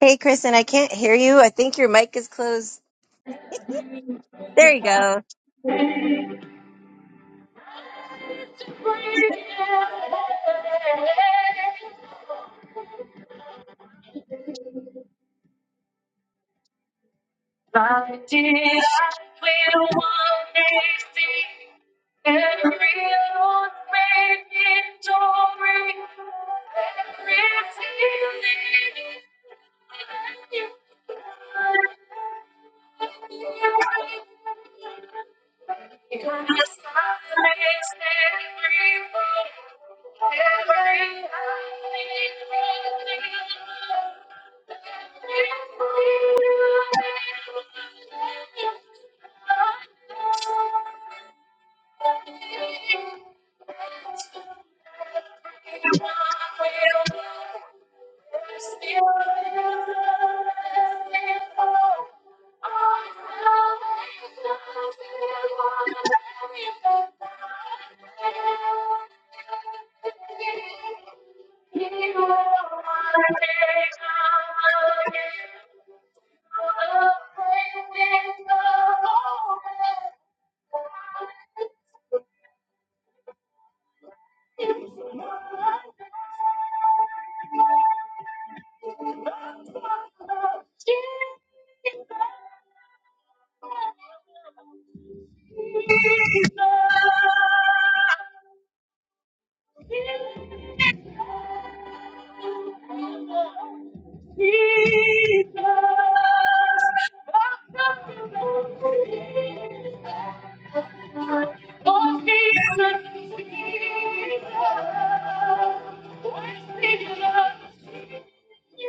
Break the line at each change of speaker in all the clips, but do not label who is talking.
Hey, Kristen, I can't hear you. I think your mic is closed. There you go.
My desire will one day see every old in glory, every feeling that you find. You're my silence, every word, every eye, You are my Oh, Jesus. Every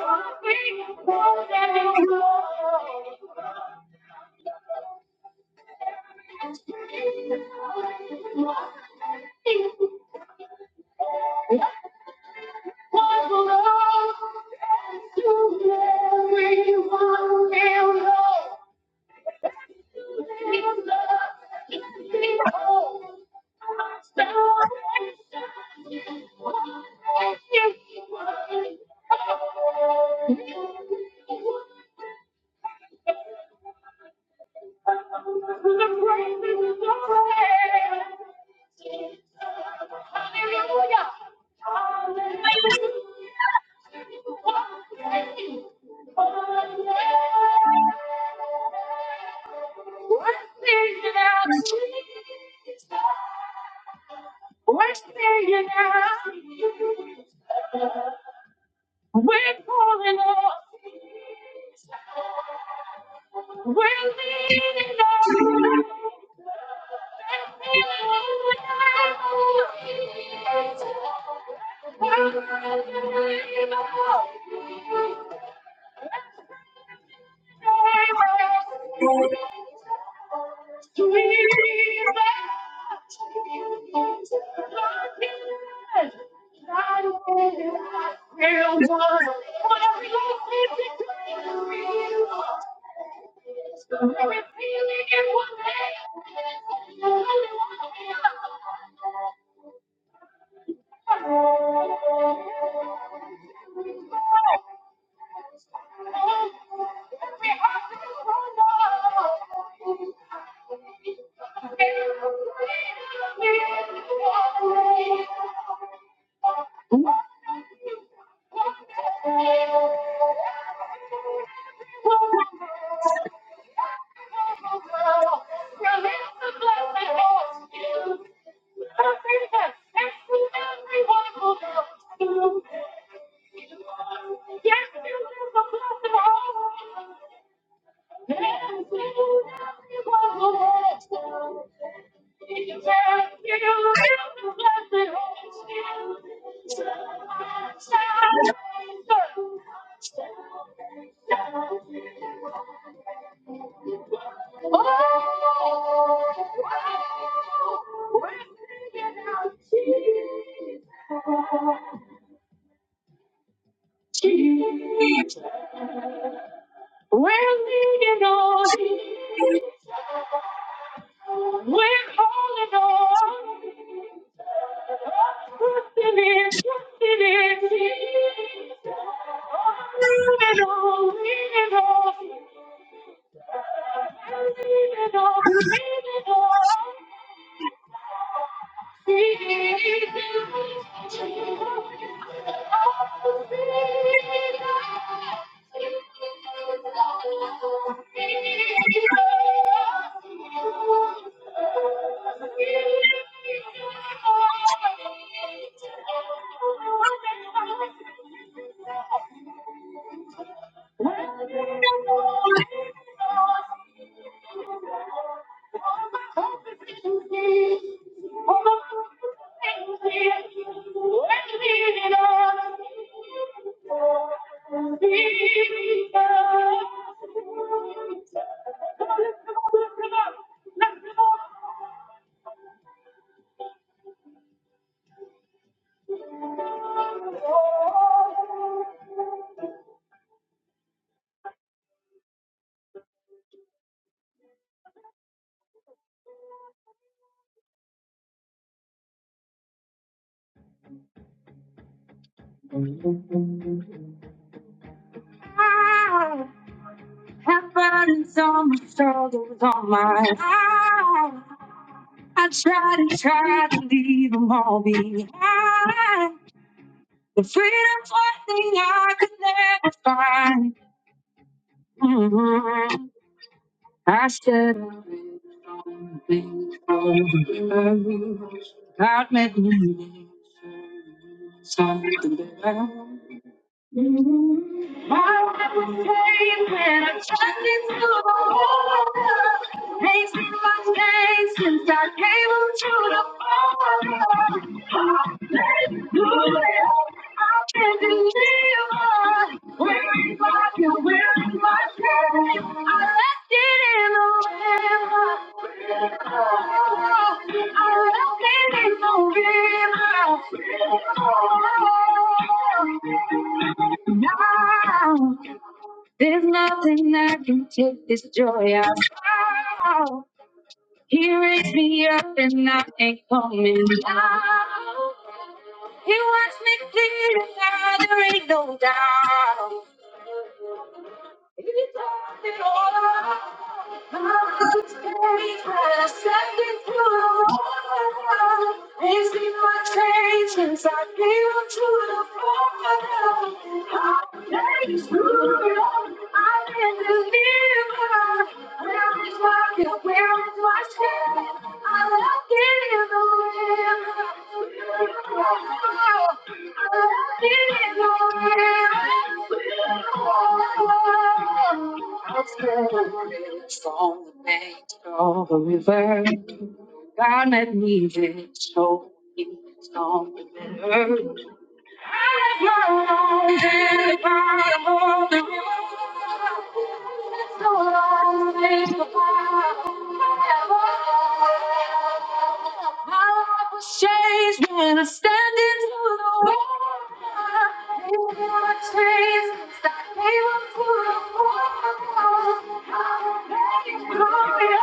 song, every song, every song. Thank you. We're seeing now. We're calling on Jesus. We're leaning on Yes, you live the blessed home. We're leaning on you. We're holding on. Trusting in, trusting in. Leaning on, leaning on, leaning on, leaning on. Thank you. I have burdens on my shoulders, on my heart. I tried and tried to leave them all behind. The freedom's one thing I could never find. Mhm. I said I read strong things from the Bible. God met me. Something better. I was saved when I turned into a woman. Ain't seen my day since I came up to the Father. Hallelujah. I've been delivered. Where is my guilt? Where is my shame? I left it in the river. I left it in the river. Now, there's nothing I can take this joy out. He raised me up and I ain't coming down. He wants me clear and now there ain't no doubt. From the banks of the river, God met me there, so he's better. changed when I stand into the wall. They were chased I came up to the world. I'm wall.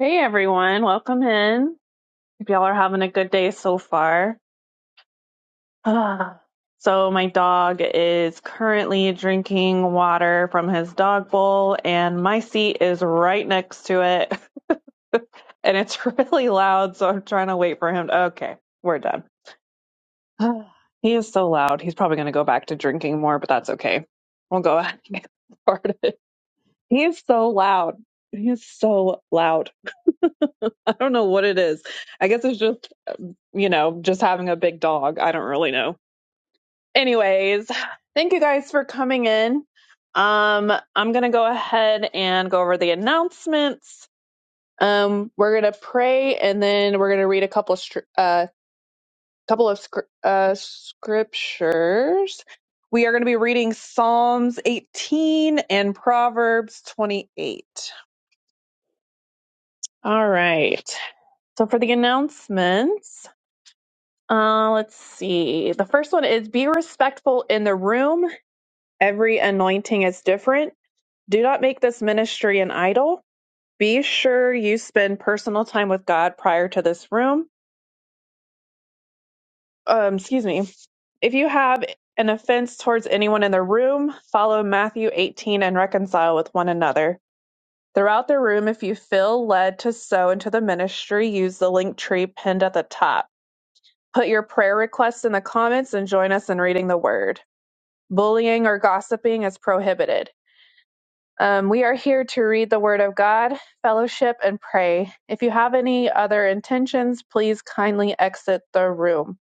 Hey everyone, welcome in. Hope y'all are having a good day so far. Ah. so my dog is currently drinking water from his dog bowl and my seat is right next to it. and it's really loud, so I'm trying to wait for him. Okay, we're done. Ah. he is so loud. He's probably going to go back to drinking more, but that's okay. We'll go ahead and get started. He is so loud. He is so loud. I don't know what it is. I guess it's just, you know, just having a big dog. I don't really know. anyways, thank you guys for coming in. Um, I'm gonna go ahead and go over the announcements. Um, we're gonna pray and then we're gonna read a couple of str- uh couple of scr- uh scriptures. We are gonna be reading Psalms 18 and Proverbs 28. All right. So for the announcements. Uh, let's see. The first one is be respectful in the room. Every anointing is different. Do not make this ministry an idol. Be sure you spend personal time with God prior to this room. Um, excuse me. If you have an offense towards anyone in the room, follow Matthew 18 and reconcile with one another. Throughout the room, if you feel led to sow into the ministry, use the link tree pinned at the top. Put your prayer requests in the comments and join us in reading the word. Bullying or gossiping is prohibited. Um, we are here to read the Word of God, fellowship, and pray. If you have any other intentions, please kindly exit the room.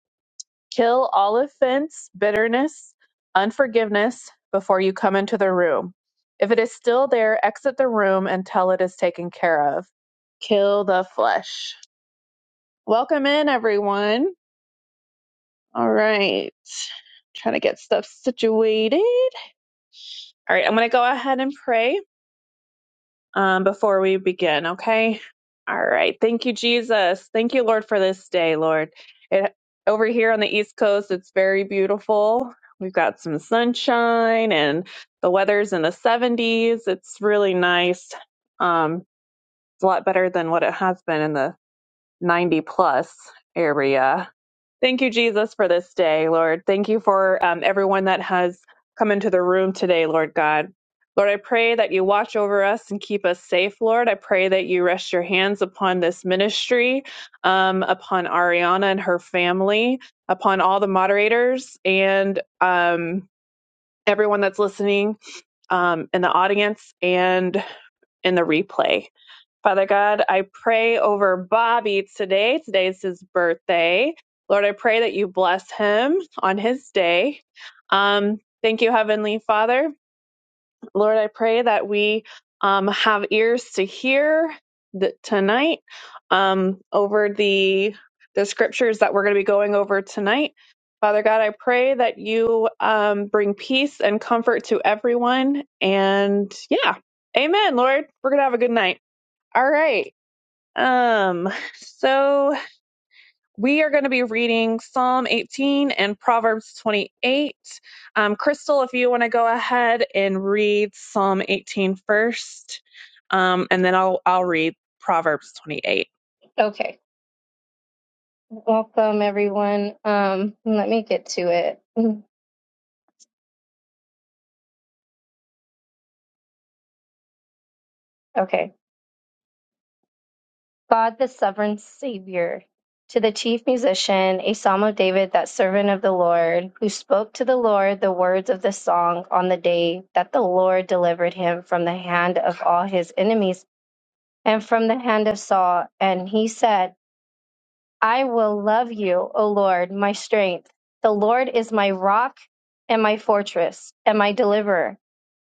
Kill all offense, bitterness, unforgiveness before you come into the room. If it is still there, exit the room until it is taken care of. Kill the flesh. Welcome in, everyone. All right. Trying to get stuff situated. All right, I'm going to go ahead and pray. um, before we begin, okay? All right. Thank you, Jesus. Thank you, Lord, for this day, Lord. It, over here on the East Coast, it's very beautiful. We've got some sunshine and the weather's in the 70s. It's really nice. Um, it's a lot better than what it has been in the 90 plus area. Thank you, Jesus, for this day, Lord. Thank you for um, everyone that has come into the room today, Lord God. Lord, I pray that you watch over us and keep us safe, Lord. I pray that you rest your hands upon this ministry, um, upon Ariana and her family, upon all the moderators and um, everyone that's listening um, in the audience and in the replay. Father God, I pray over Bobby today. Today is his birthday. Lord, I pray that you bless him on his day. Um, thank you, Heavenly Father. Lord, I pray that we um, have ears to hear th- tonight um, over the the scriptures that we're going to be going over tonight. Father God, I pray that you um, bring peace and comfort to everyone. And yeah, Amen. Lord, we're gonna have a good night. All right. Um, so we are going to be reading Psalm 18 and Proverbs 28. Um, Crystal, if you want to go ahead and read Psalm 18 first, um, and then I'll I'll read Proverbs 28.
Okay. Welcome, everyone. Um, let me get to it. Okay. God, the sovereign Savior. To the chief musician, a psalm of David, that servant of the Lord, who spoke to the Lord the words of the song on the day that the Lord delivered him from the hand of all his enemies and from the hand of Saul. And he said, I will love you, O Lord, my strength. The Lord is my rock and my fortress and my deliverer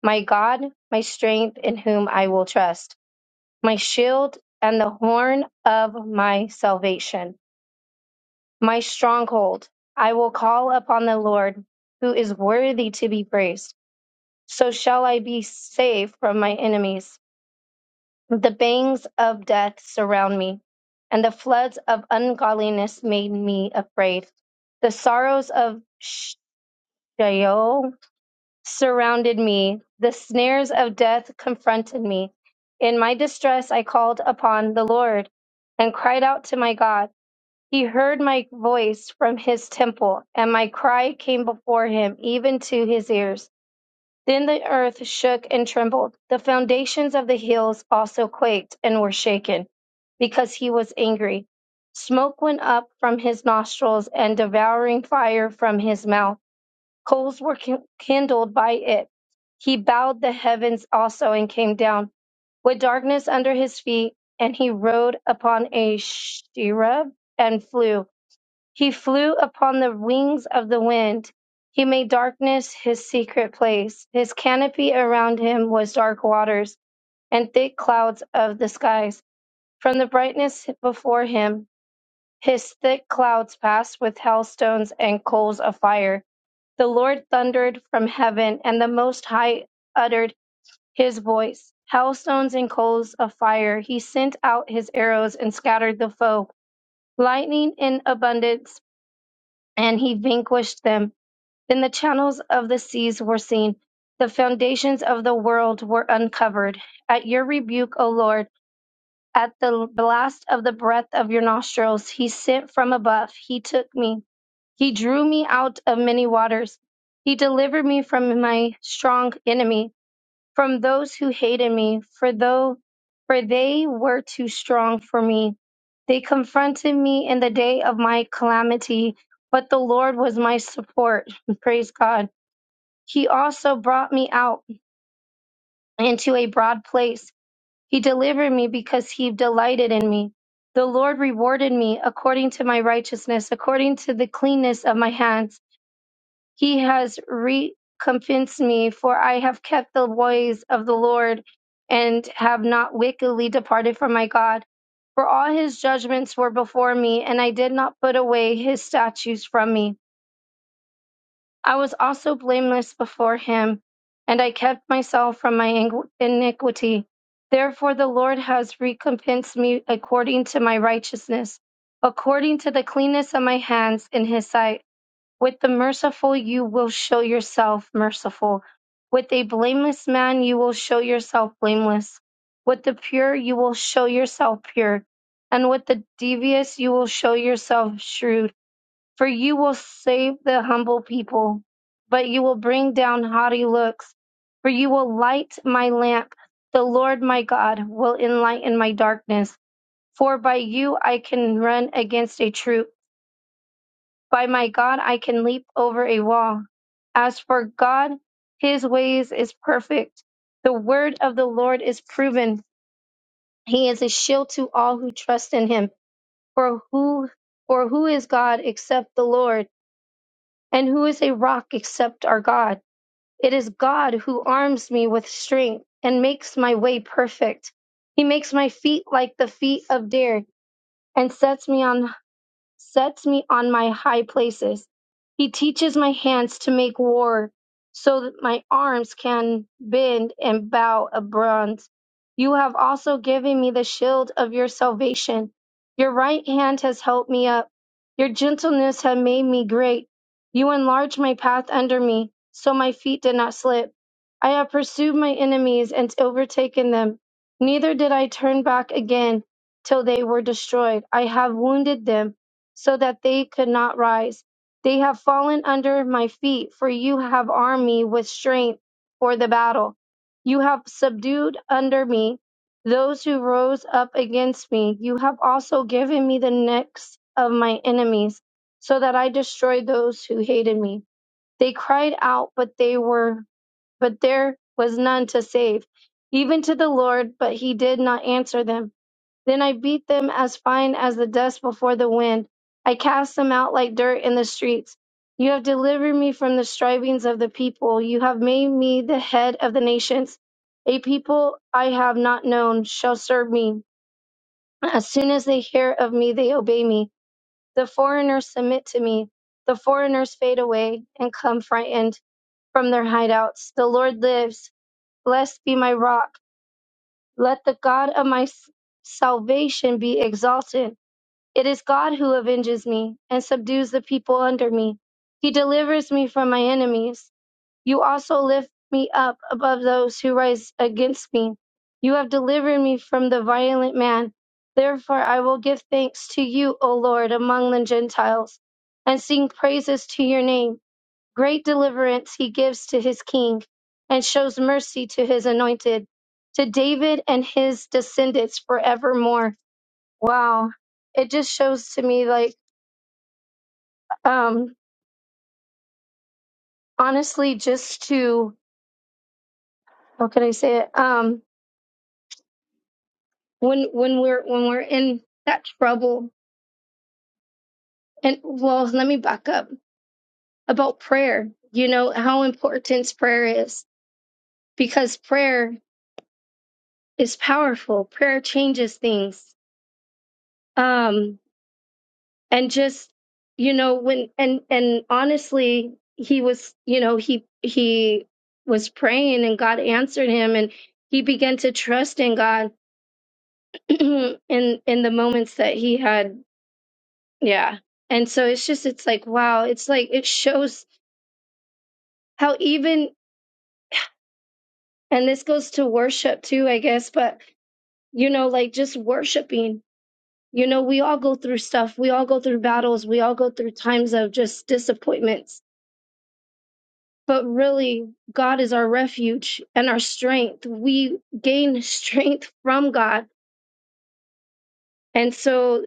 my God, my strength in whom I will trust, my shield and the horn of my salvation, my stronghold. I will call upon the Lord, who is worthy to be praised. So shall I be safe from my enemies. The bangs of death surround me, and the floods of ungodliness made me afraid. The sorrows of Sheol surrounded me. The snares of death confronted me. In my distress, I called upon the Lord and cried out to my God. He heard my voice from his temple, and my cry came before him, even to his ears. Then the earth shook and trembled. The foundations of the hills also quaked and were shaken, because he was angry. Smoke went up from his nostrils and devouring fire from his mouth. Coals were kin- kindled by it. He bowed the heavens also and came down with darkness under his feet, and he rode upon a cherub and flew. He flew upon the wings of the wind. He made darkness his secret place. His canopy around him was dark waters and thick clouds of the skies. From the brightness before him, his thick clouds passed with hailstones and coals of fire. The Lord thundered from heaven, and the Most High uttered his voice. Hailstones and coals of fire. He sent out his arrows and scattered the foe. Lightning in abundance, and he vanquished them. Then the channels of the seas were seen. The foundations of the world were uncovered. At your rebuke, O Lord, at the blast of the breath of your nostrils, he sent from above. He took me. He drew me out of many waters. He delivered me from my strong enemy, from those who hated me, for though for they were too strong for me. They confronted me in the day of my calamity, but the Lord was my support. Praise God. He also brought me out into a broad place. He delivered me because he delighted in me. The Lord rewarded me according to my righteousness, according to the cleanness of my hands. He has recompensed me, for I have kept the ways of the Lord and have not wickedly departed from my God. For all his judgments were before me, and I did not put away his statutes from me. I was also blameless before him, and I kept myself from my iniquity. Therefore, the Lord has recompensed me according to my righteousness, according to the cleanness of my hands in his sight. With the merciful, you will show yourself merciful. With a blameless man, you will show yourself blameless. With the pure, you will show yourself pure. And with the devious, you will show yourself shrewd. For you will save the humble people, but you will bring down haughty looks. For you will light my lamp. The Lord my God will enlighten my darkness. For by you I can run against a troop. By my God I can leap over a wall. As for God, his ways is perfect. The word of the Lord is proven. He is a shield to all who trust in him. For who for who is God except the Lord? And who is a rock except our God? It is God who arms me with strength and makes my way perfect. He makes my feet like the feet of deer and sets me on sets me on my high places. He teaches my hands to make war so that my arms can bend and bow a bronze. You have also given me the shield of your salvation. Your right hand has helped me up. Your gentleness has made me great. You enlarged my path under me so my feet did not slip. I have pursued my enemies and overtaken them. Neither did I turn back again till they were destroyed. I have wounded them so that they could not rise. They have fallen under my feet, for you have armed me with strength for the battle. You have subdued under me those who rose up against me. You have also given me the necks of my enemies, so that I destroyed those who hated me. They cried out, but they were but there was none to save, even to the Lord, but he did not answer them. Then I beat them as fine as the dust before the wind. I cast them out like dirt in the streets. You have delivered me from the strivings of the people. You have made me the head of the nations. A people I have not known shall serve me. As soon as they hear of me, they obey me. The foreigners submit to me. The foreigners fade away and come frightened from their hideouts. The Lord lives. Blessed be my rock. Let the God of my s- salvation be exalted. It is God who avenges me and subdues the people under me. He delivers me from my enemies. You also lift me up above those who rise against me. You have delivered me from the violent man. Therefore, I will give thanks to you, O Lord, among the Gentiles, and sing praises to your name. Great deliverance he gives to his king, and shows mercy to his anointed, to David and his descendants forevermore. Wow. It just shows to me like um honestly just to how can I say it? Um when when we're when we're in that trouble and well let me back up about prayer. You know how important prayer is because prayer is powerful. Prayer changes things. Um and just you know when and and honestly he was you know he he was praying and God answered him and he began to trust in God in in the moments that he had yeah and so it's just it's like wow it's like it shows how even and this goes to worship too I guess but you know like just worshiping you know we all go through stuff we all go through battles we all go through times of just disappointments But really, God is our refuge and our strength. We gain strength from God. And so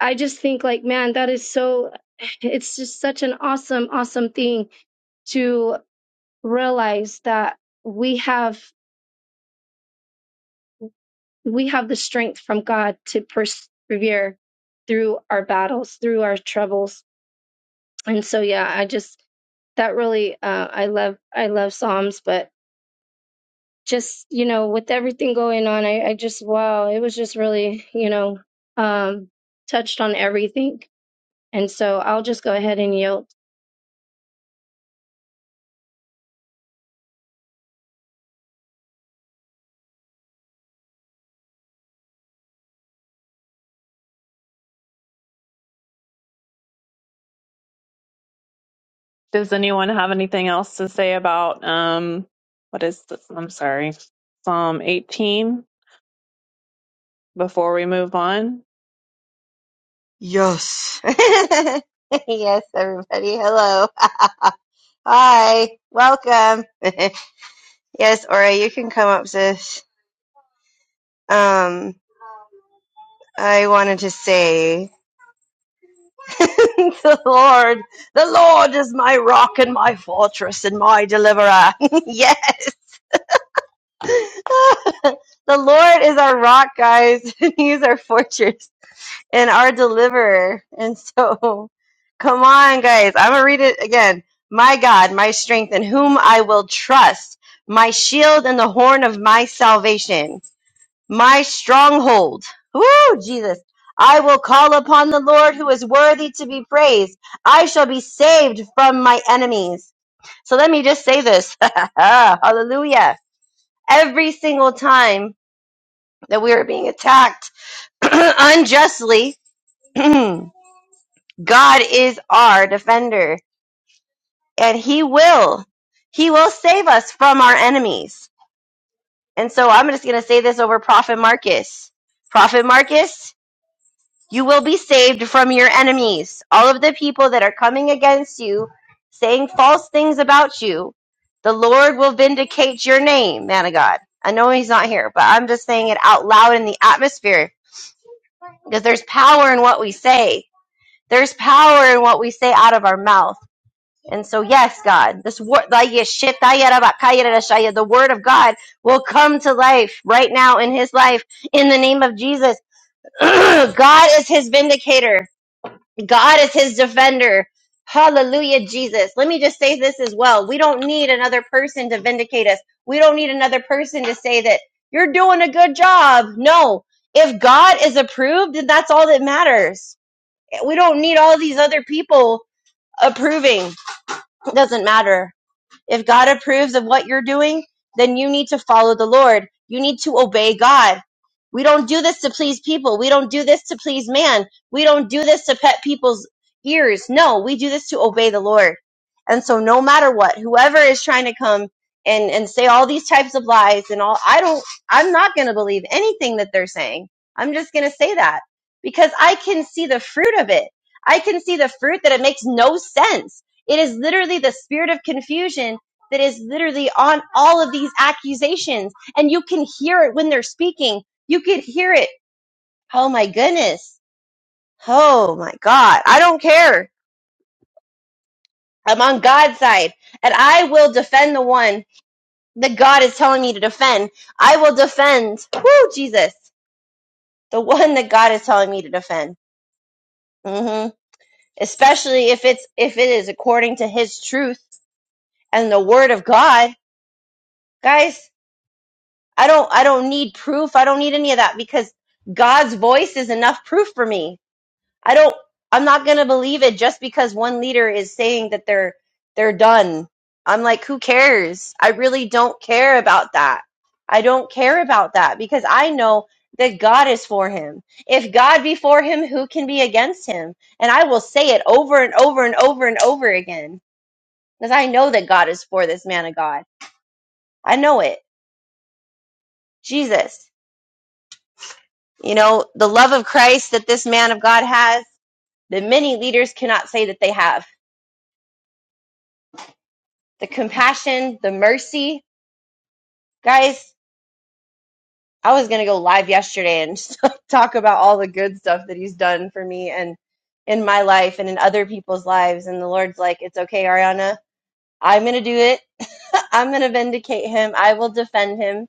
I just think, like, man, that is so, it's just such an awesome, awesome thing to realize that we have we have the strength from God to persevere through our battles, through our troubles. And so yeah, I just that really uh, I love I love Psalms, but just you know with everything going on I, I just wow it was just really you know um touched on everything and so i'll just go ahead and yield
Does anyone have anything else to say about um what is this? I'm sorry. Psalm 18. before we move on?
Yes. yes, everybody. Hello. Hi. Welcome. yes, Ora, you can come up, sis. Um, I wanted to say, the Lord, the Lord is my rock and my fortress and my deliverer. yes. The Lord is our rock, guys. He's our fortress. and our deliverer. And so, come on, guys. I'm going to read it again. My God, my strength, in whom I will trust, my shield and the horn of my salvation, my stronghold. Woo, Jesus. I will call upon the Lord who is worthy to be praised. I shall be saved from my enemies. So let me just say this. Hallelujah. Every single time that we are being attacked unjustly, God is our defender and he will. He will save us from our enemies. And so I'm just going to say this over Prophet Marcus. Prophet Marcus, you will be saved from your enemies. All of the people that are coming against you, saying false things about you, the Lord will vindicate your name, man of God. I know he's not here, but I'm just saying it out loud in the atmosphere because there's power in what we say. There's power in what we say out of our mouth And so, yes, God, this word, the word of God will come to life right now in his life in the name of Jesus. God is his vindicator. God is his defender. Hallelujah, Jesus. Let me just say this as well. We don't need another person to vindicate us. We don't need another person to say that you're doing a good job. No. If God is approved, then that's all that matters. We don't need all these other people approving. It doesn't matter if God approves of what you're doing, then you need to follow the Lord. You need to obey God. We don't do this to please people. We don't do this to please man. We don't do this to pet people's ears. No, we do this to obey the Lord. And so no matter what, whoever is trying to come and, and say all these types of lies and all, I don't, I'm not going to believe anything that they're saying. I'm just going to say that because I can see the fruit of it. I can see the fruit that it makes no sense. It is literally the spirit of confusion that is literally on all of these accusations. And you can hear it when they're speaking. You can hear it. Oh my goodness. Oh my God. I don't care. I'm on God's side and I will defend the one that God is telling me to defend. I will defend, whoo, Jesus, the one that God is telling me to defend. hmm Especially if it's, if it is according to his truth and the word of God. Guys, I don't I don't need proof. I don't need any of that because God's voice is enough proof for me. I don't I'm not going to believe it just because one leader is saying that they're they're done. I'm like who cares? I really don't care about that. I don't care about that because I know that God is for him. If God be for him, who can be against him? And I will say it over and over and over and over again because I know that God is for this man of God. I know it. Jesus. You know, the love of Christ that this man of God has, that many leaders cannot say that they have. The compassion, the mercy. Guys, I was going to go live yesterday and talk about all the good stuff that he's done for me and in my life and in other people's lives. And the Lord's like, it's okay, Ariana. I'm going to do it. I'm going to vindicate him. I will defend him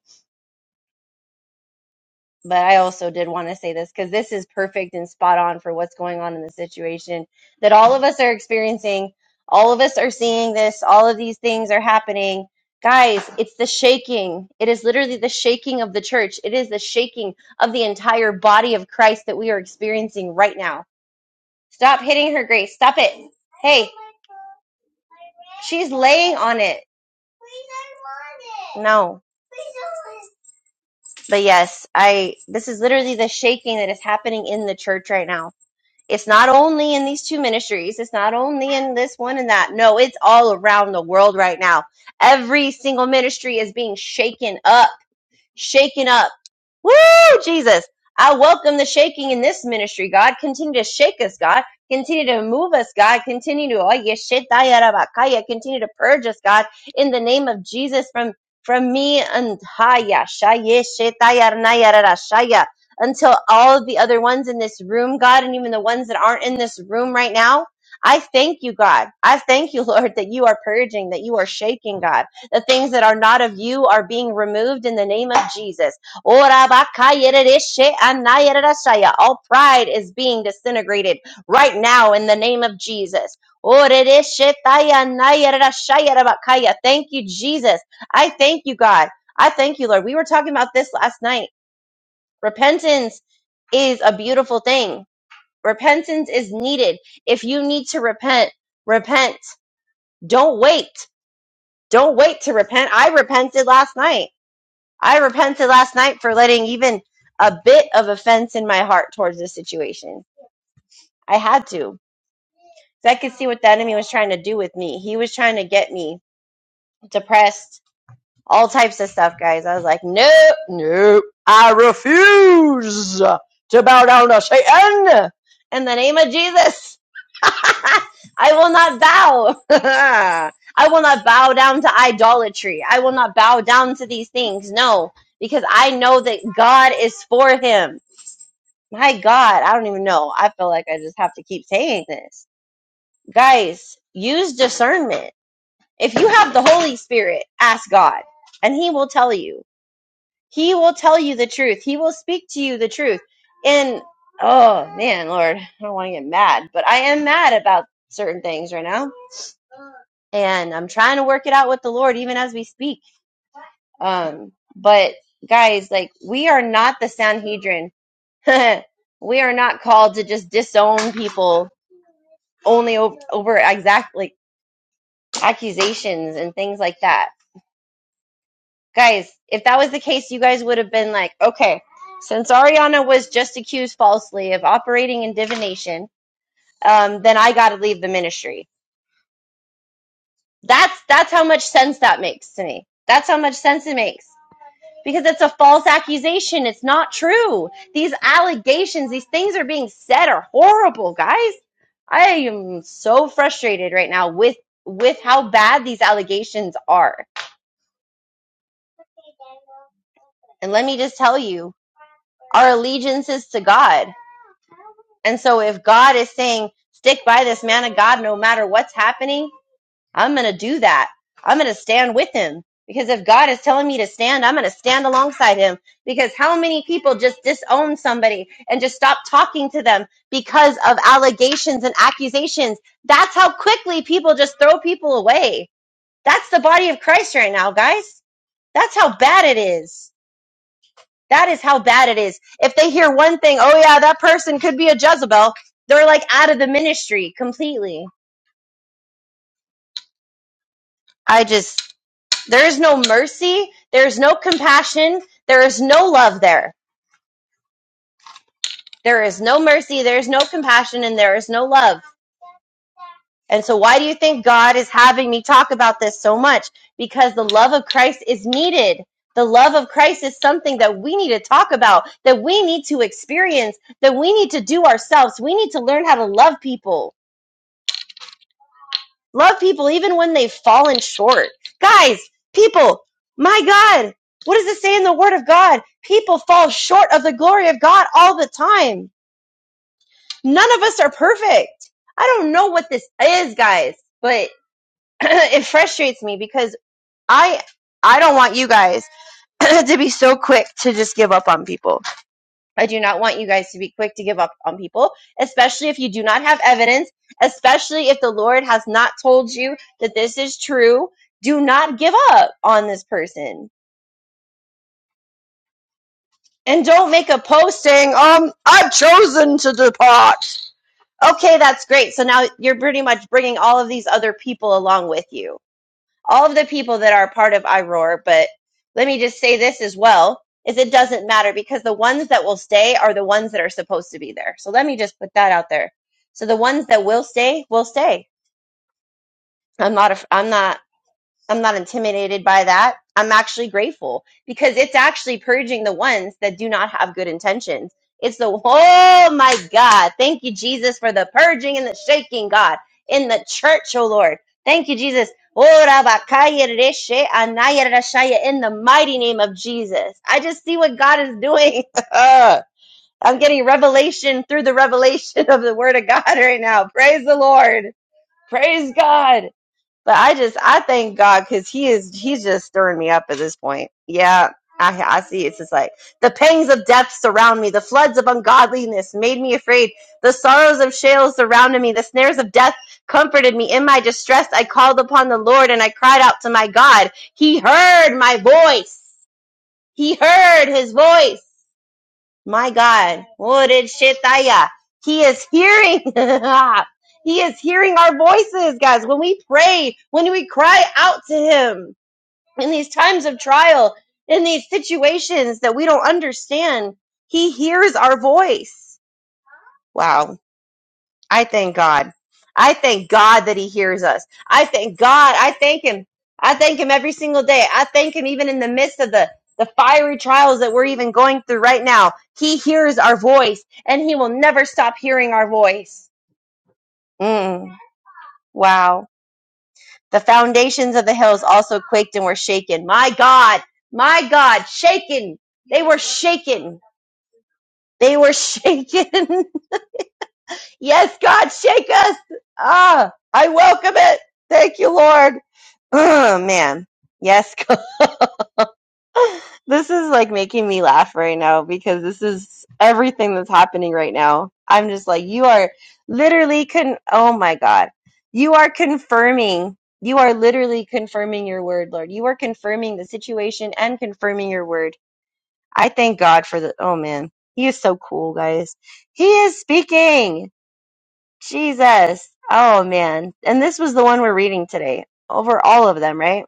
but I also did want to say this because this is perfect and spot on for what's going on in the situation that all of us are experiencing. All of us are seeing this. All of these things are happening. Guys, it's the shaking. It is literally the shaking of the church. It is the shaking of the entire body of Christ that we are experiencing right now. Stop hitting her, Grace. Stop it. Hey, she's laying on it. No. But yes, I this is literally the shaking that is happening in the church right now It's not only in these two ministries, it's not only in this one and that. No, it's all around the world right now. Every single ministry is being shaken up shaken up. Woo, Jesus. I welcome the shaking in this ministry, God. Continue to shake us, God. Continue to move us, God. Continue to, oh, yeshetayarabakaya. continue to purge us, God, in the name of Jesus from, from me and haya, shaya, shetayarnayarara, shaya, until all of the other ones in this room, God, and even the ones that aren't in this room right now, I thank you, God. I thank you, Lord, that you are purging, that you are shaking, God. The things that are not of you are being removed in the name of Jesus. All pride is being disintegrated right now in the name of Jesus. Thank you, Jesus. I thank you, God. I thank you, Lord. We were talking about this last night. Repentance is a beautiful thing. Repentance is needed. If you need to repent, repent. Don't wait. Don't wait to repent. I repented last night. I repented last night for letting even a bit of offense in my heart towards this situation. I had to. 'Cause I could see what the enemy was trying to do with me. He was trying to get me depressed all types of stuff, guys. I was like, no, no, I refuse to bow down to Satan in the name of Jesus. I will not bow. I will not bow down to idolatry. I will not bow down to these things. No, because I know that God is for him. My God, I don't even know. I feel like I just have to keep saying this. Guys, use discernment. If you have the Holy Spirit, ask God and he will tell you he will tell you the truth. He will speak to you the truth. And oh man, Lord, I don't want to get mad, but I am mad about certain things right now. And I'm trying to work it out with the Lord even as we speak. Um, but guys, like we are not the Sanhedrin. we are not called to just disown people only over, over exact like accusations and things like that Guys, if that was the case, you guys would have been like, okay, since Ariana was just accused falsely of operating in divination, um, then I got to leave the ministry. That's that's how much sense that makes to me. That's how much sense it makes because it's a false accusation. It's not true. These allegations, these things are being said are horrible, guys. I am so frustrated right now with with how bad these allegations are. And let me just tell you, our allegiance is to God. And so if God is saying, stick by this man of God no matter what's happening, I'm going to do that. I'm going to stand with him. Because if God is telling me to stand, I'm going to stand alongside him. Because how many people just disown somebody and just stop talking to them because of allegations and accusations? That's how quickly people just throw people away. That's the body of Christ right now, guys. That's how bad it is. That is how bad it is. If they hear one thing, oh yeah, that person could be a Jezebel, they're like out of the ministry completely. I just, there is no mercy. There is no compassion. There is no love there. There is no mercy. There is no compassion and there is no love. And so why do you think God is having me talk about this so much? Because the love of Christ is needed. The love of Christ is something that we need to talk about, that we need to experience, that we need to do ourselves. We need to learn how to love people Love people even when they've fallen short. Guys, people, my God, what does it say in the Word of God? People fall short of the glory of God all the time. None of us are perfect. I don't know what this is, guys, but it frustrates me because I I don't want you guys to be so quick to just give up on people. I do not want you guys to be quick to give up on people, especially if you do not have evidence, especially if the Lord has not told you that this is true. Do not give up on this person. And don't make a post saying, um, I've chosen to depart. Okay, that's great. So now you're pretty much bringing all of these other people along with you all of the people that are part of iRoar, but let me just say this as well is it doesn't matter because the ones that will stay are the ones that are supposed to be there. So let me just put that out there. So the ones that will stay will stay. I'm not i I'm not I'm not intimidated by that. I'm actually grateful because it's actually purging the ones that do not have good intentions. It's the, oh my God. Thank you, Jesus, for the purging and the shaking, God, in the church, oh Lord. Thank you, Jesus. Ora bakaya reshe anaya rashaya, In the mighty name of Jesus. I just see what God is doing. I'm getting revelation through the revelation of the word of God right now. Praise the Lord. Praise God. But I just I thank God because he is he's just stirring me up at this point. Yeah, I I see it's just like the pangs of death surround me, the floods of ungodliness made me afraid, the sorrows of Sheol surrounded me, the snares of death comforted me. In my distress I called upon the Lord and I cried out to my God. He heard my voice. He heard his voice. My God. Oreshetaya. He is hearing. he is hearing our voices, guys. When we pray, when we cry out to him in these times of trial, in these situations that we don't understand, he hears our voice. Wow. I thank God. I thank God that He hears us. I thank God. I thank Him. I thank Him every single day. I thank Him even in the midst of the, the fiery trials that we're even going through right now. He hears our voice and He will never stop hearing our voice. Mm, wow. The foundations of the hills also quaked and were shaken. My God, my God, shaken. They were shaken. They were shaken. Yes, God, shake us. Ah, I welcome it. Thank you, Lord. Oh, man. Yes, God. This is like making me laugh right now because this is everything that's happening right now. I'm just like, you are literally con, oh my God. You are confirming. You are literally confirming your word, Lord. You are confirming the situation and confirming your word. I thank God for the, oh man. He is so cool, guys. He is speaking. Jesus. Oh man. And this was the one we're reading today. Over all of them, right?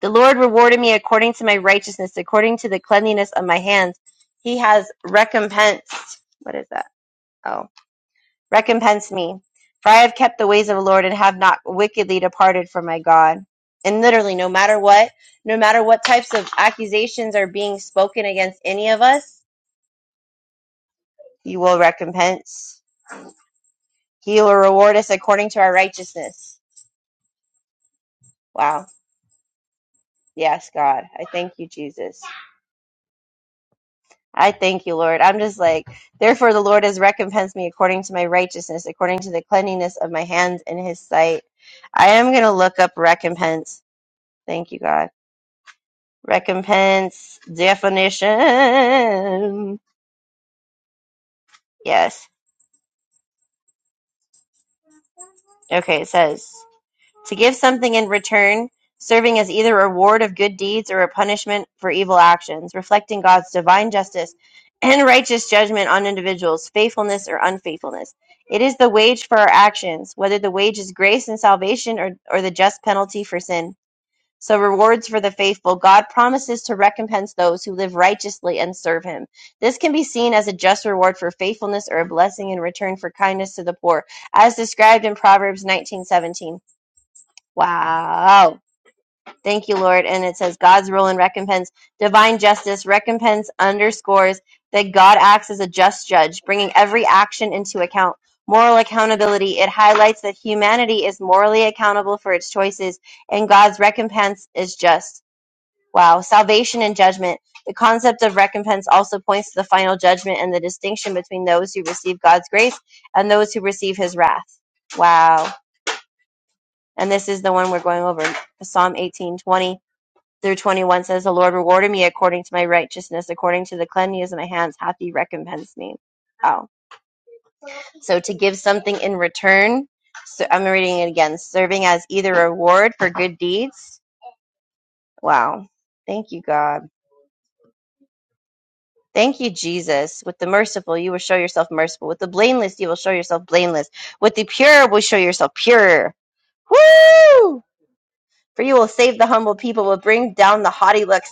The Lord rewarded me according to my righteousness, according to the cleanliness of my hands. He has recompensed. What is that? Oh, recompensed me. For I have kept the ways of the Lord and have not wickedly departed from my God. And literally, no matter what, no matter what types of accusations are being spoken against any of us, He will recompense. He will reward us according to our righteousness. Wow Yes, God. I thank you, Jesus. I thank you, Lord. I'm just like, therefore, the Lord has recompensed me according to my righteousness, according to the cleanliness of my hands in his sight. I am going to look up recompense. Thank you, God. Recompense definition. Yes. Okay, it says. To give something in return, serving as either a reward of good deeds or a punishment for evil actions, reflecting God's divine justice and righteous judgment on individuals' faithfulness or unfaithfulness. It is the wage for our actions, whether the wage is grace and salvation or, or the just penalty for sin. So, rewards for the faithful. God promises to recompense those who live righteously and serve Him. This can be seen as a just reward for faithfulness or a blessing in return for kindness to the poor, as described in Proverbs 19:17. Wow. Thank you, Lord. And it says God's rule and recompense, divine justice, recompense underscores that God acts as a just judge, bringing every action into account. Moral accountability, it highlights that humanity is morally accountable for its choices, and God's recompense is just. Wow. Salvation and judgment. The concept of recompense also points to the final judgment and the distinction between those who receive God's grace and those who receive his wrath. Wow. And this is the one we're going over. Psalm eighteen twenty through 21 says, The Lord rewarded me according to my righteousness, according to the cleanness of my hands hath he recompensed me. Oh. So to give something in return, so I'm reading it again, serving as either a reward for good deeds. Wow. Thank you, God. Thank you, Jesus. With the merciful, you will show yourself merciful. With the blameless, you will show yourself blameless. With the pure, will show yourself pure. Woo! For you will save the humble people, will bring down the haughty looks.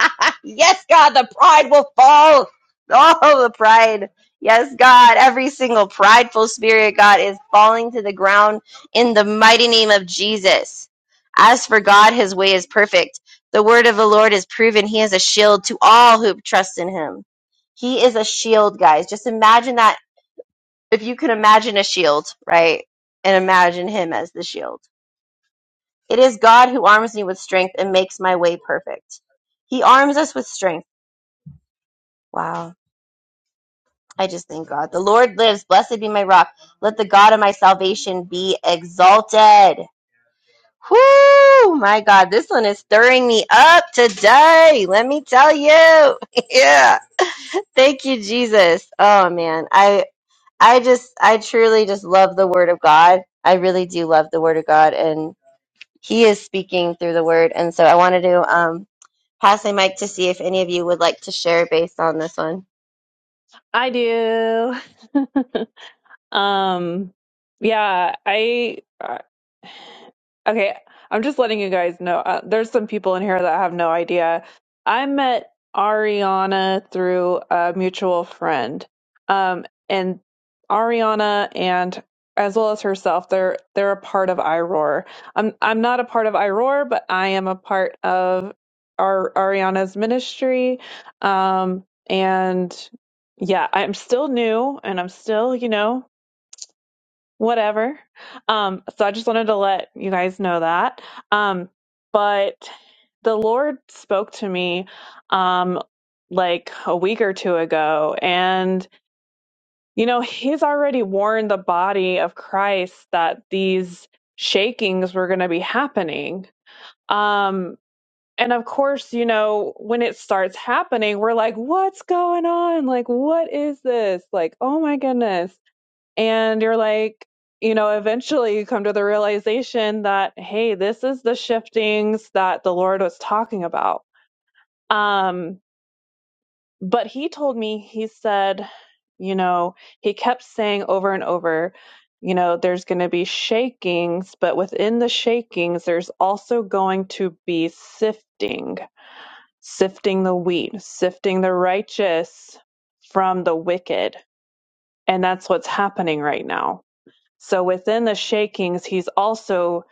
yes, God, the pride will fall. Oh, the pride. Yes, God, every single prideful spirit, God, is falling to the ground in the mighty name of Jesus. As for God, his way is perfect. The word of the Lord is proven. He is a shield to all who trust in him. He is a shield, guys. Just imagine that if you could imagine a shield, right? And imagine him as the shield it is God who arms me with strength and makes my way perfect. He arms us with strength. Wow. I just thank God. The Lord lives. Blessed be my rock. Let the God of my salvation be exalted. Whoo! My God, this one is stirring me up today. Let me tell you. yeah. Thank you, Jesus. Oh man. I I just I truly just love the word of God. I really do love the word of God and He is speaking through the word. And so I wanted to um, pass my mic to see if any of you would like to share based on this one.
I do. Um, yeah, I uh, okay. I'm just letting you guys know. Uh, there's some people in here that have no idea. I met Ariana through a mutual friend, um, and Ariana and as well as herself, they're they're a part of iRoar. I'm I'm not a part of iRoar, but I am a part of our Ariana's ministry. Um, and yeah, I'm still new, and I'm still you know whatever. Um, so I just wanted to let you guys know that. Um, but the Lord spoke to me um, like a week or two ago, and you know, He's already warned the body of Christ that these shakings were going to be happening. Um, and of course, you know, when it starts happening, we're like, what's going on? Like, what is this? Like, oh my goodness and you're like you know eventually you come to the realization that hey this is the shiftings that the lord was talking about um but he told me he said you know he kept saying over and over you know there's going to be shakings but within the shakings there's also going to be sifting sifting the wheat sifting the righteous from the wicked and that's what's happening right now So within the shakings, he's also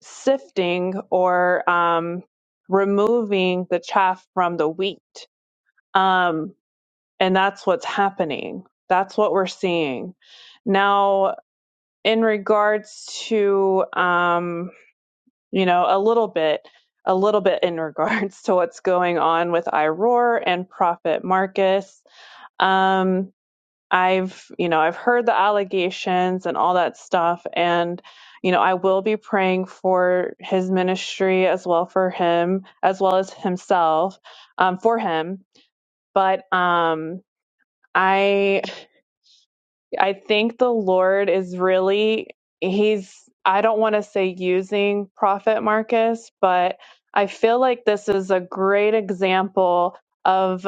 sifting or um, removing the chaff from the wheat. Um, and that's what's happening. That's what we're seeing. Now, in regards to, um, you know, a little bit, a little bit in regards to what's going on with Iroar and Prophet Marcus, um, I've, you know, I've heard the allegations and all that stuff. And, you know, I will be praying for his ministry as well for him, as well as himself, um, for him. But um, I I think the Lord is really, he's, I don't want to say using Prophet Marcus, but I feel like this is a great example of,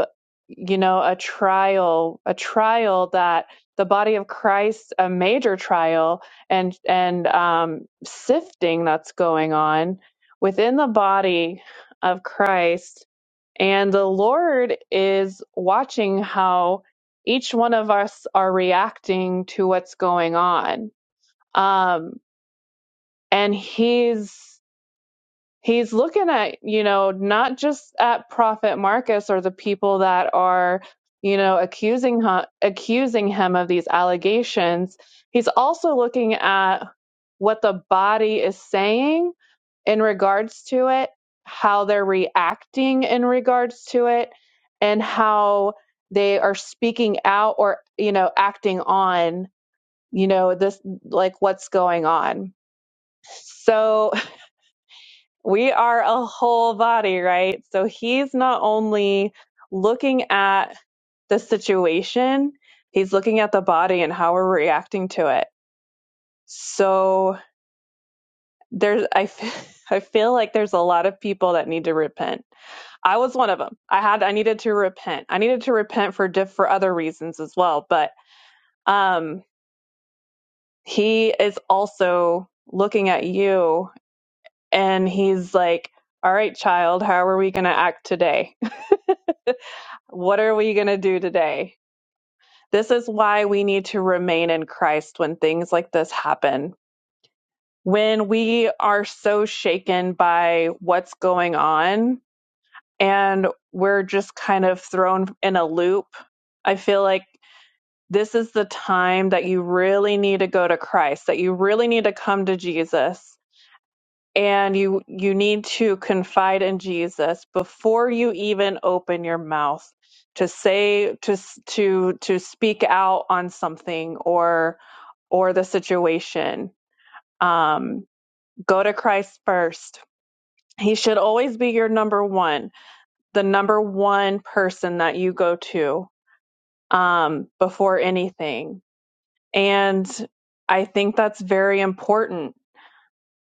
you know, a trial, a trial that the body of Christ, a major trial and, and, um, sifting that's going on within the body of Christ and the Lord is watching how each one of us are reacting to what's going on. Um, and He's he's looking at you know not just at prophet marcus or the people that are you know accusing him, accusing him of these allegations he's also looking at what the body is saying in regards to it how they're reacting in regards to it and how they are speaking out or you know acting on you know this like what's going on so we are a whole body, right? So he's not only looking at the situation, he's looking at the body and how we're reacting to it. So there's, I, f- I feel like there's a lot of people that need to repent. I was one of them. I had, I needed to repent. I needed to repent for diff- for other reasons as well. But um, he is also looking at you, and he's like, "All right, child, how are we going to act today?" What are we going to do today? This is why we need to remain in Christ when things like this happen. When we are so shaken by what's going on and we're just kind of thrown in a loop, I feel like this is the time that you really need to go to Christ, that you really need to come to Jesus and you you need to confide in Jesus before you even open your mouth to say to s- to to speak out on something or or the situation um go to Christ first he should always be your number one the number one person that you go to um before anything and i think that's very important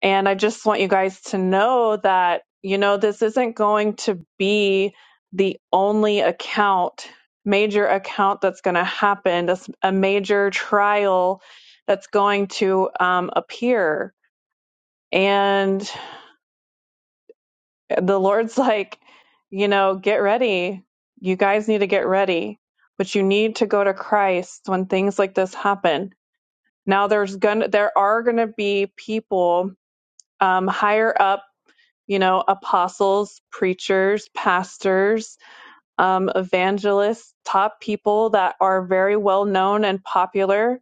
And I just want you guys to know that, you know, this isn't going to be the only account, major account that's going to happen. That's a major trial that's going to um, appear. And the Lord's like, you know, get ready. You guys need to get ready, but you need to go to Christ when things like this happen. Now there's gonna there are gonna be people um, higher up you know, apostles, preachers, pastors, um, evangelists, top people that are very well known and popular,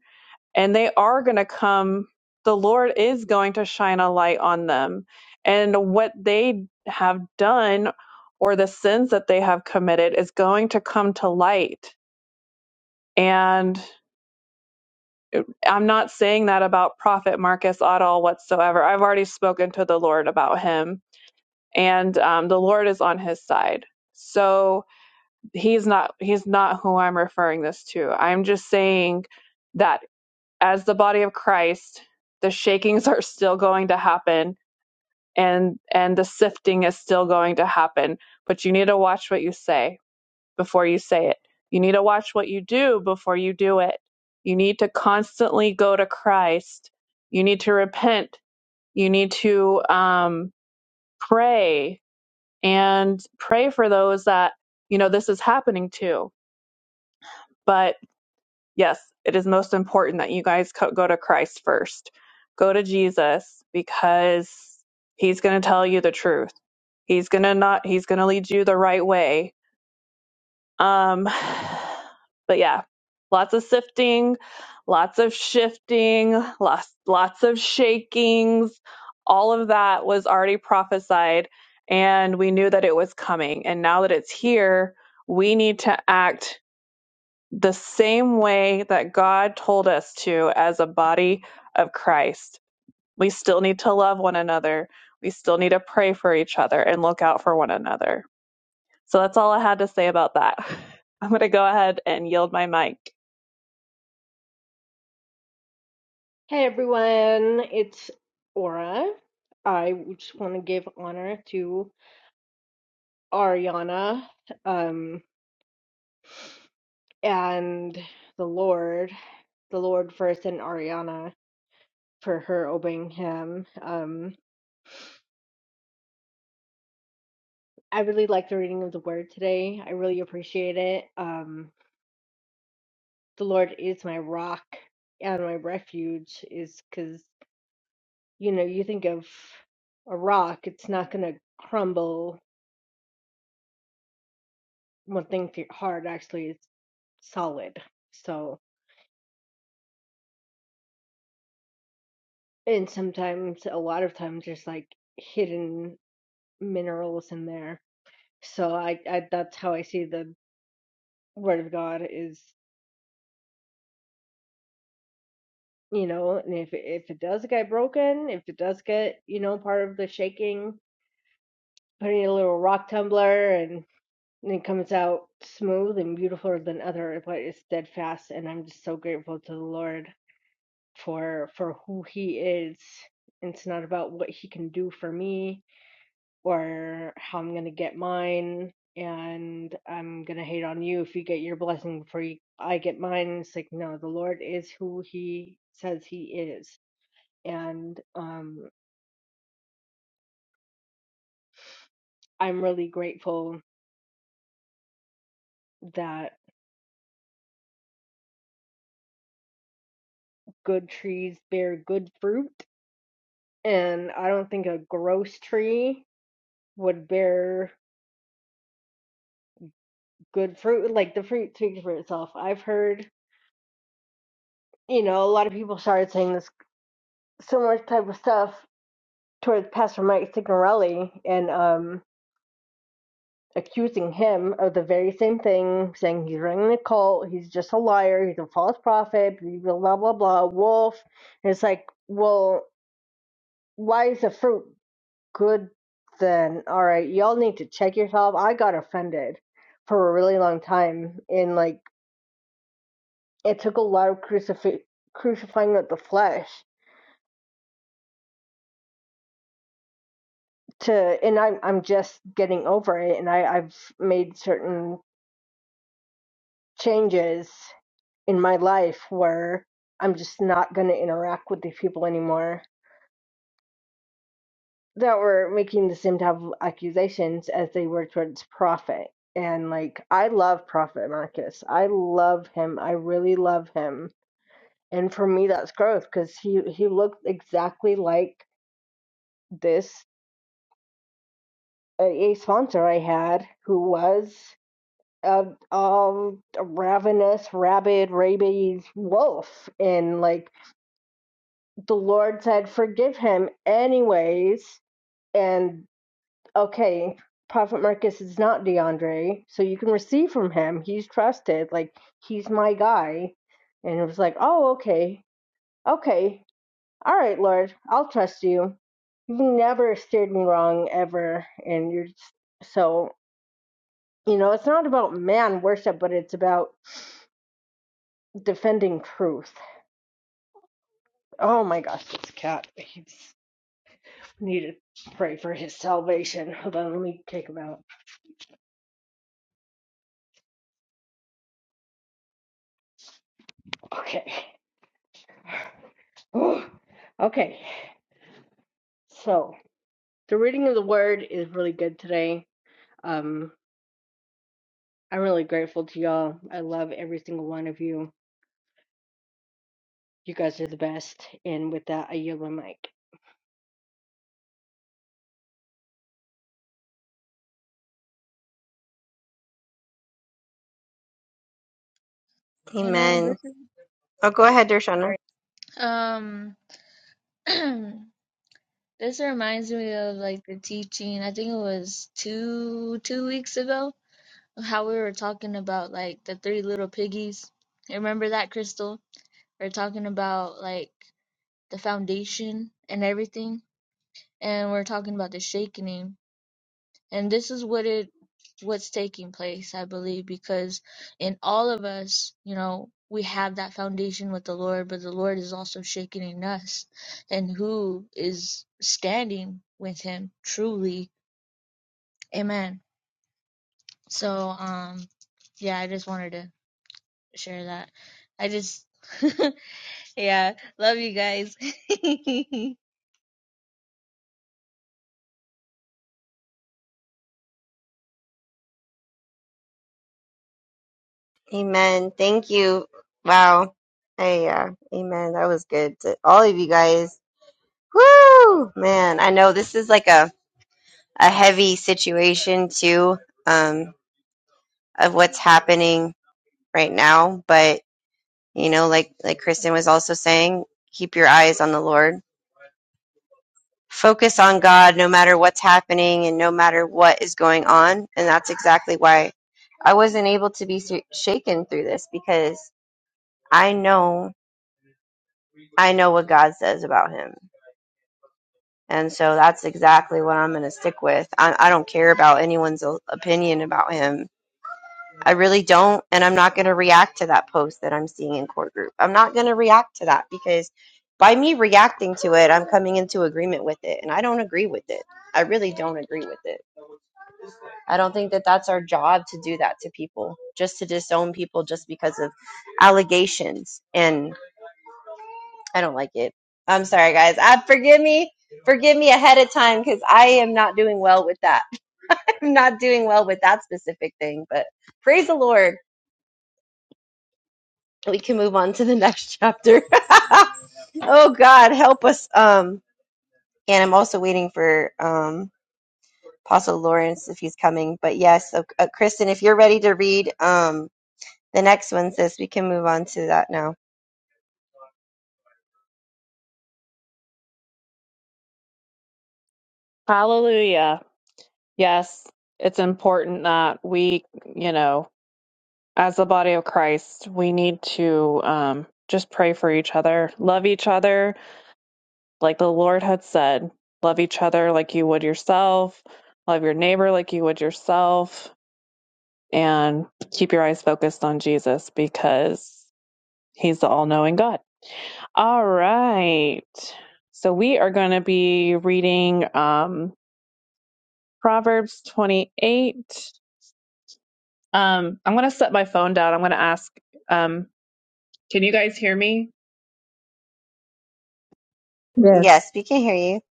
and they are going to come. The Lord is going to shine a light on them. And what they have done or the sins that they have committed is going to come to light. And I'm not saying that about Prophet Marcus at all whatsoever. I've already spoken to the Lord about him and um, the Lord is on his side. So he's not he's not who I'm referring this to. I'm just saying that as the body of Christ, the shakings are still going to happen and and the sifting is still going to happen, but you need to watch what you say before you say it. You need to watch what you do before you do it. You need to constantly go to Christ. You need to repent. You need to um, pray and pray for those that you know this is happening to but yes it is most important that you guys co- go to christ first go to jesus because he's going to tell you the truth he's going to not he's going to lead you the right way um, but yeah, lots of sifting, lots of shifting, lots lots of shakings. All of that was already prophesied, and we knew that it was coming. And now that it's here, we need to act the same way that God told us to as a body of Christ. We still need to love one another. We still need to pray for each other and look out for one another. So that's all I had to say about that. I'm going to go ahead and yield my mic.
Hey everyone, it's Aura. I just want to give honor to Ariana, um, and the Lord, the Lord first, and Ariana for her obeying him. Um, I really like the reading of the word today. I really appreciate it. Um, the Lord is my rock and my refuge is because, you know, you think of a rock, it's not gonna crumble when things get hard actually is solid. So and sometimes a lot of times there's like hidden minerals in there. So I, I that's how I see the word of God is, you know, and if if it does get broken, if it does get, you know, part of the shaking, putting a little rock tumbler and and it comes out smooth and beautiful than other, but it's steadfast. And I'm just so grateful to the Lord for for who he is. And it's not about what he can do for me or how I'm gonna get mine. And I'm gonna hate on you if you get your blessing before you, I get mine. It's like no, the Lord is who He says He is, and um, I'm really grateful that good trees bear good fruit, and I don't think a gross tree would bear good fruit. Like the fruit speaks for itself. I've heard you know, a lot of people started saying this similar type of stuff towards Pastor Mike Signorelli and um, accusing him of the very same thing, saying he's running a cult, he's just a liar, he's a false prophet, blah blah blah, blah wolf. And it's like, well, why is the fruit good then? All right, y'all need to check yourself. I got offended for a really long time, and like it took a lot of crucif- crucifying of the flesh to and I'm I'm just getting over it and I, I've made certain changes in my life where I'm just not gonna interact with these people anymore that were making the same type of accusations as they were towards Prophet. And like I love Prophet Marcus. I love him. I really love him. And for me that's growth because he, he looked exactly like this a a sponsor I had who was a, a ravenous, rabid, rabies wolf. And like the Lord said, forgive him anyways. And okay, Prophet Marcus is not DeAndre, so you can receive from him. He's trusted. Like he's my guy. And it was like, oh, okay, okay, all right, Lord, I'll trust you. You've never steered me wrong ever, and you're just, so you know it's not about man worship, but it's about defending truth. Oh my gosh, this cat. He's need to pray for his salvation. Hold on, let me take him out. Okay. Whew. okay. So the reading of the word is really good today. Um I'm really grateful to y'all. I love every single one of you. You guys are the best. And with that I yield my mic.
You know,
Amen.
this is
Oh, go
oh,
ahead, Dershana.
sorry. Um, this reminds me of like the teaching. I think it was two two weeks ago how we were talking about like the three little piggies. You Remember that, Crystal? We are talking about like the foundation and everything, and we are talking about the shaking. and this is what it what's taking place i believe because in all of us you know we have that foundation with the lord but the lord is also shaking us and who is standing with him truly amen so um yeah i just wanted to share that i just yeah love you guys
Amen. Thank you. Wow. Hey, yeah. amen. That was good to all of you guys. Woo! Man, I know this is like a, a heavy situation too, um, of what's happening right now. But, you know, like, like Kristen was also saying, keep your eyes on the Lord focus on God no matter what's happening and no matter what is going on. And that's exactly why I wasn't able to be sh- shaken through this because I know I know what God says about him. And so that's exactly what I'm going to stick with. I, I don't care about anyone's o- opinion about him. I really don't. And I'm not going to react to that post that I'm seeing in court group. I'm not going to react to that because by me reacting to it, I'm coming into agreement with it. And I don't agree with it. I really don't agree with it. I don't think that that's our job to do that to people, just to disown people just because of allegations. And I don't like it. I'm sorry, guys. I forgive me, forgive me ahead of time because I am not doing well with that. I'm not doing well with that specific thing. But praise the Lord, we can move on to the next chapter. oh God, help us. Um, and I'm also waiting for um Apostle Lawrence if he's coming. But yes, uh, uh, Kristen, if you're ready to read, um The next one says we can move on to that now.
Hallelujah. Yes, it's important that we, you know, as the body of Christ, we need to um, just pray for each other, love each other, like the Lord had said, love each other like you would yourself, love your neighbor like you would yourself, and keep your eyes focused on Jesus because he's the all knowing God. All right. So we are going to be reading um, Proverbs 28. Um, I'm going to set my phone down. I'm going to ask, um, can you guys hear me?
Yes.
Yes, we can hear you.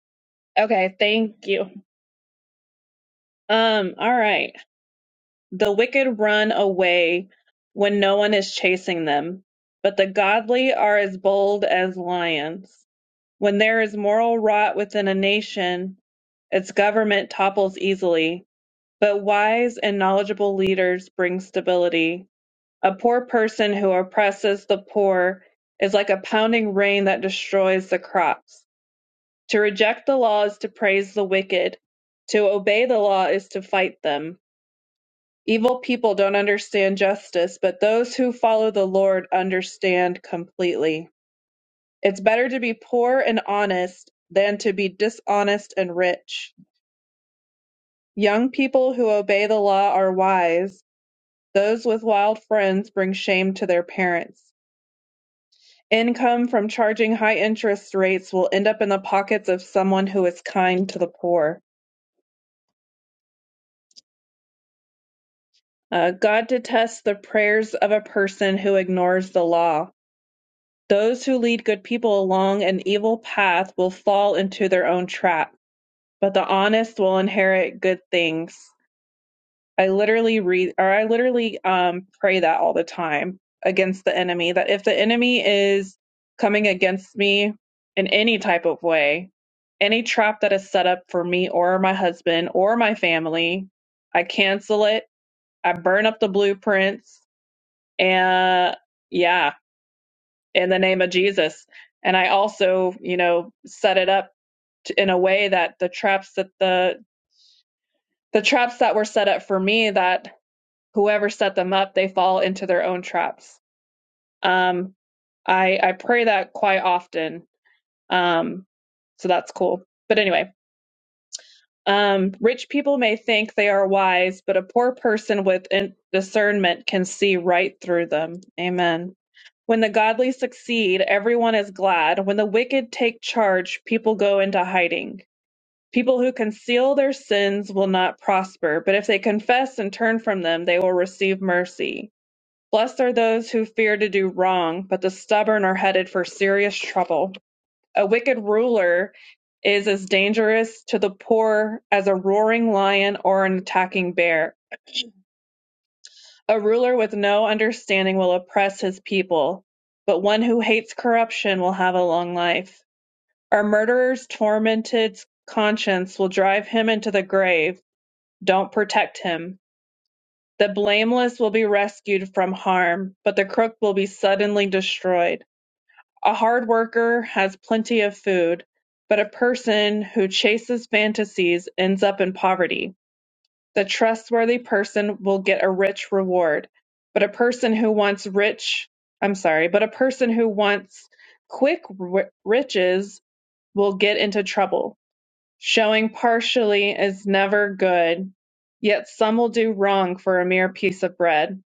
Okay, thank you. Um, all right. The wicked run away when no one is chasing them, but the godly are as bold as lions. When there is moral rot within a nation, its government topples easily. But wise and knowledgeable leaders bring stability. A poor person who oppresses the poor is like a pounding rain that destroys the crops. To reject the law is to praise the wicked. To obey the law is to fight them. Evil people don't understand justice, but those who follow the Lord understand completely. It's better to be poor and honest than to be dishonest and rich. Young people who obey the law are wise Those with wild friends bring shame to their parents. Income from charging high interest rates will end up in the pockets of someone who is kind to the poor. Uh, God detests the prayers of a person who ignores the law. Those who lead good people along an evil path will fall into their own trap, but the honest will inherit good things. I literally read or I literally um pray that all the time against the enemy that if the enemy is coming against me in any type of way, any trap that is set up for me or my husband or my family, I cancel it. I burn up the blueprints and yeah, in the name of Jesus. And I also, you know, set it up t- in a way that the traps that the the traps that were set up for me that whoever set them up, they fall into their own traps. Um, I I pray that quite often. Um, so that's cool. But anyway, um, rich people may think they are wise, but a poor person with in- discernment can see right through them. Amen. When the godly succeed, everyone is glad. When the wicked take charge, people go into hiding. People who conceal their sins will not prosper, but if they confess and turn from them, they will receive mercy. Blessed are those who fear to do wrong, but the stubborn are headed for serious trouble. A wicked ruler is as dangerous to the poor as a roaring lion or an attacking bear. A ruler with no understanding will oppress his people, but one who hates corruption will have a long life. A murderer's tormented conscience will drive him into the grave. Don't protect him. The blameless will be rescued from harm, but the crook will be suddenly destroyed. A hard worker has plenty of food, but a person who chases fantasies ends up in poverty. The trustworthy person will get a rich reward, but a person who wants rich, I'm sorry, but a person who wants quick ri- riches will get into trouble. Showing partially is never good, yet some will do wrong for a mere piece of bread.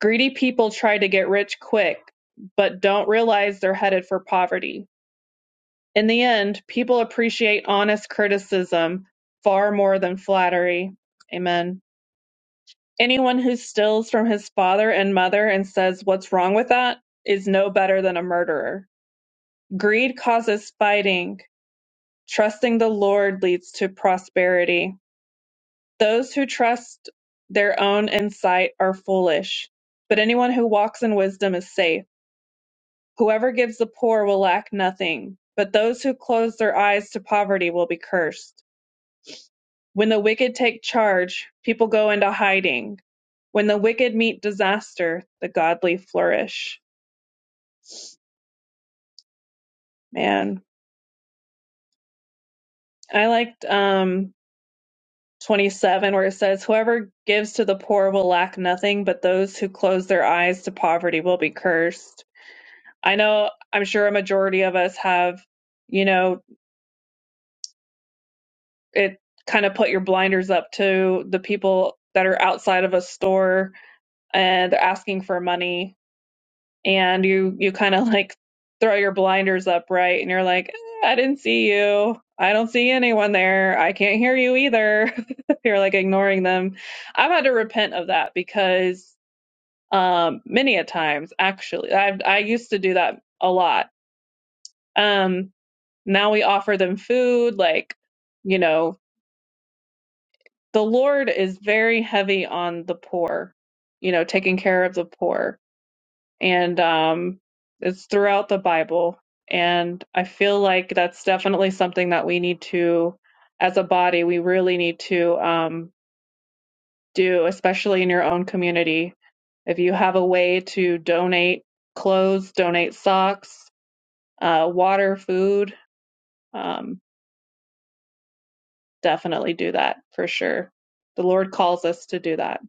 Greedy people try to get rich quick, but don't realize they're headed for poverty in the end, people appreciate honest criticism far more than flattery. Amen. Anyone who steals from his father and mother and says, What's wrong with that? is no better than a murderer. Greed causes fighting. Trusting the Lord leads to prosperity. Those who trust their own insight are foolish, but anyone who walks in wisdom is safe. Whoever gives the poor will lack nothing, but those who close their eyes to poverty will be cursed. When the wicked take charge, people go into hiding. When the wicked meet disaster, the godly flourish. Man, I liked um 27 where it says whoever gives to the poor will lack nothing, but those who close their eyes to poverty will be cursed. I know I'm sure a majority of us have, you know, it kind of put your blinders up to the people that are outside of a store and they're asking for money and you you kind of like throw your blinders up right and you're like "Eh, i didn't see you i don't see anyone there i can't hear you either you're like ignoring them i've had to repent of that because um many a times actually i i used to do that a lot um now we offer them food like you know the lord is very heavy on the poor you know taking care of the poor and um, it's throughout the Bible. And I feel like that's definitely something that we need to, as a body, we really need to um, do, especially in your own community. If you have a way to donate clothes, donate socks, uh, water, food, um, definitely do that for sure. The Lord calls us to do that.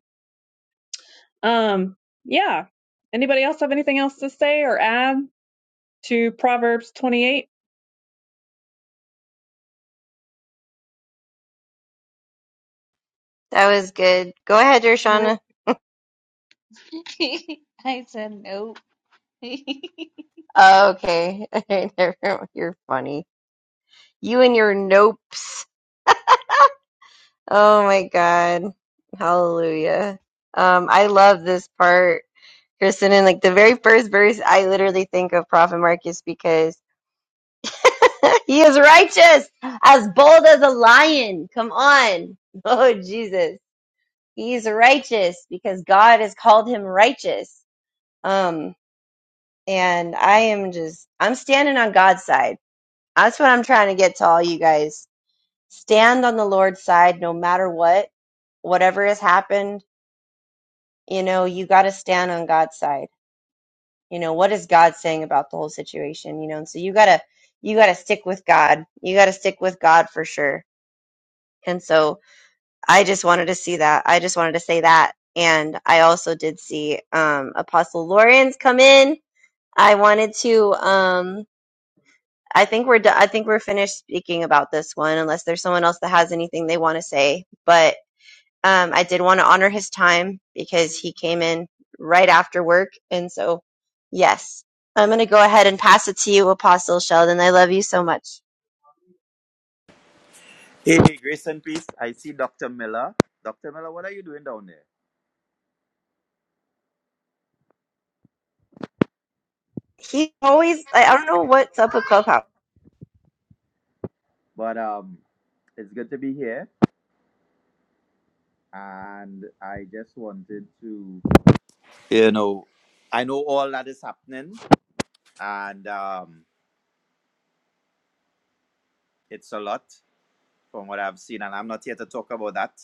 Um, yeah. Anybody else have anything else to say or add to Proverbs 28?
That was good. Go ahead,
Nope,
Dershana.
i said nope
Oh, okay. Never mind. You're funny. You and your nopes. Oh my God. Hallelujah. Um, I love this part, Kristen. And like the very first verse, I literally think of Prophet Marcus because he is righteous, as bold as a lion. Come on. Oh, Jesus. He's righteous because God has called him righteous. Um, and I am just I'm standing on God's side. That's what I'm trying to get to all you guys. Stand on the Lord's side no matter what, whatever has happened, you know, you got to stand on God's side. You know, what is God saying about the whole situation, you know? And so you got to you got to stick with God. You got to stick with God for sure. And so I just wanted to see that. I just wanted to say that. And I also did see um Apostle Lawrence come in. I wanted to um I think we're do- I think we're finished speaking about this one, unless there's someone else that has anything they want to say. But um, I did want to honor his time because he came in right after work, and so yes, I'm going to go ahead and pass it to you, Apostle Sheldon. I love you so much.
Hey, hey, grace and peace. I see Dr. Miller. Dr. Miller, what are you doing down there?
He always I, I don't know what's up with Clubhouse.
But um, it's good to be here, and I just wanted to, you know, I know all that is happening, and um, it's a lot from what I've seen, and I'm not here to talk about that.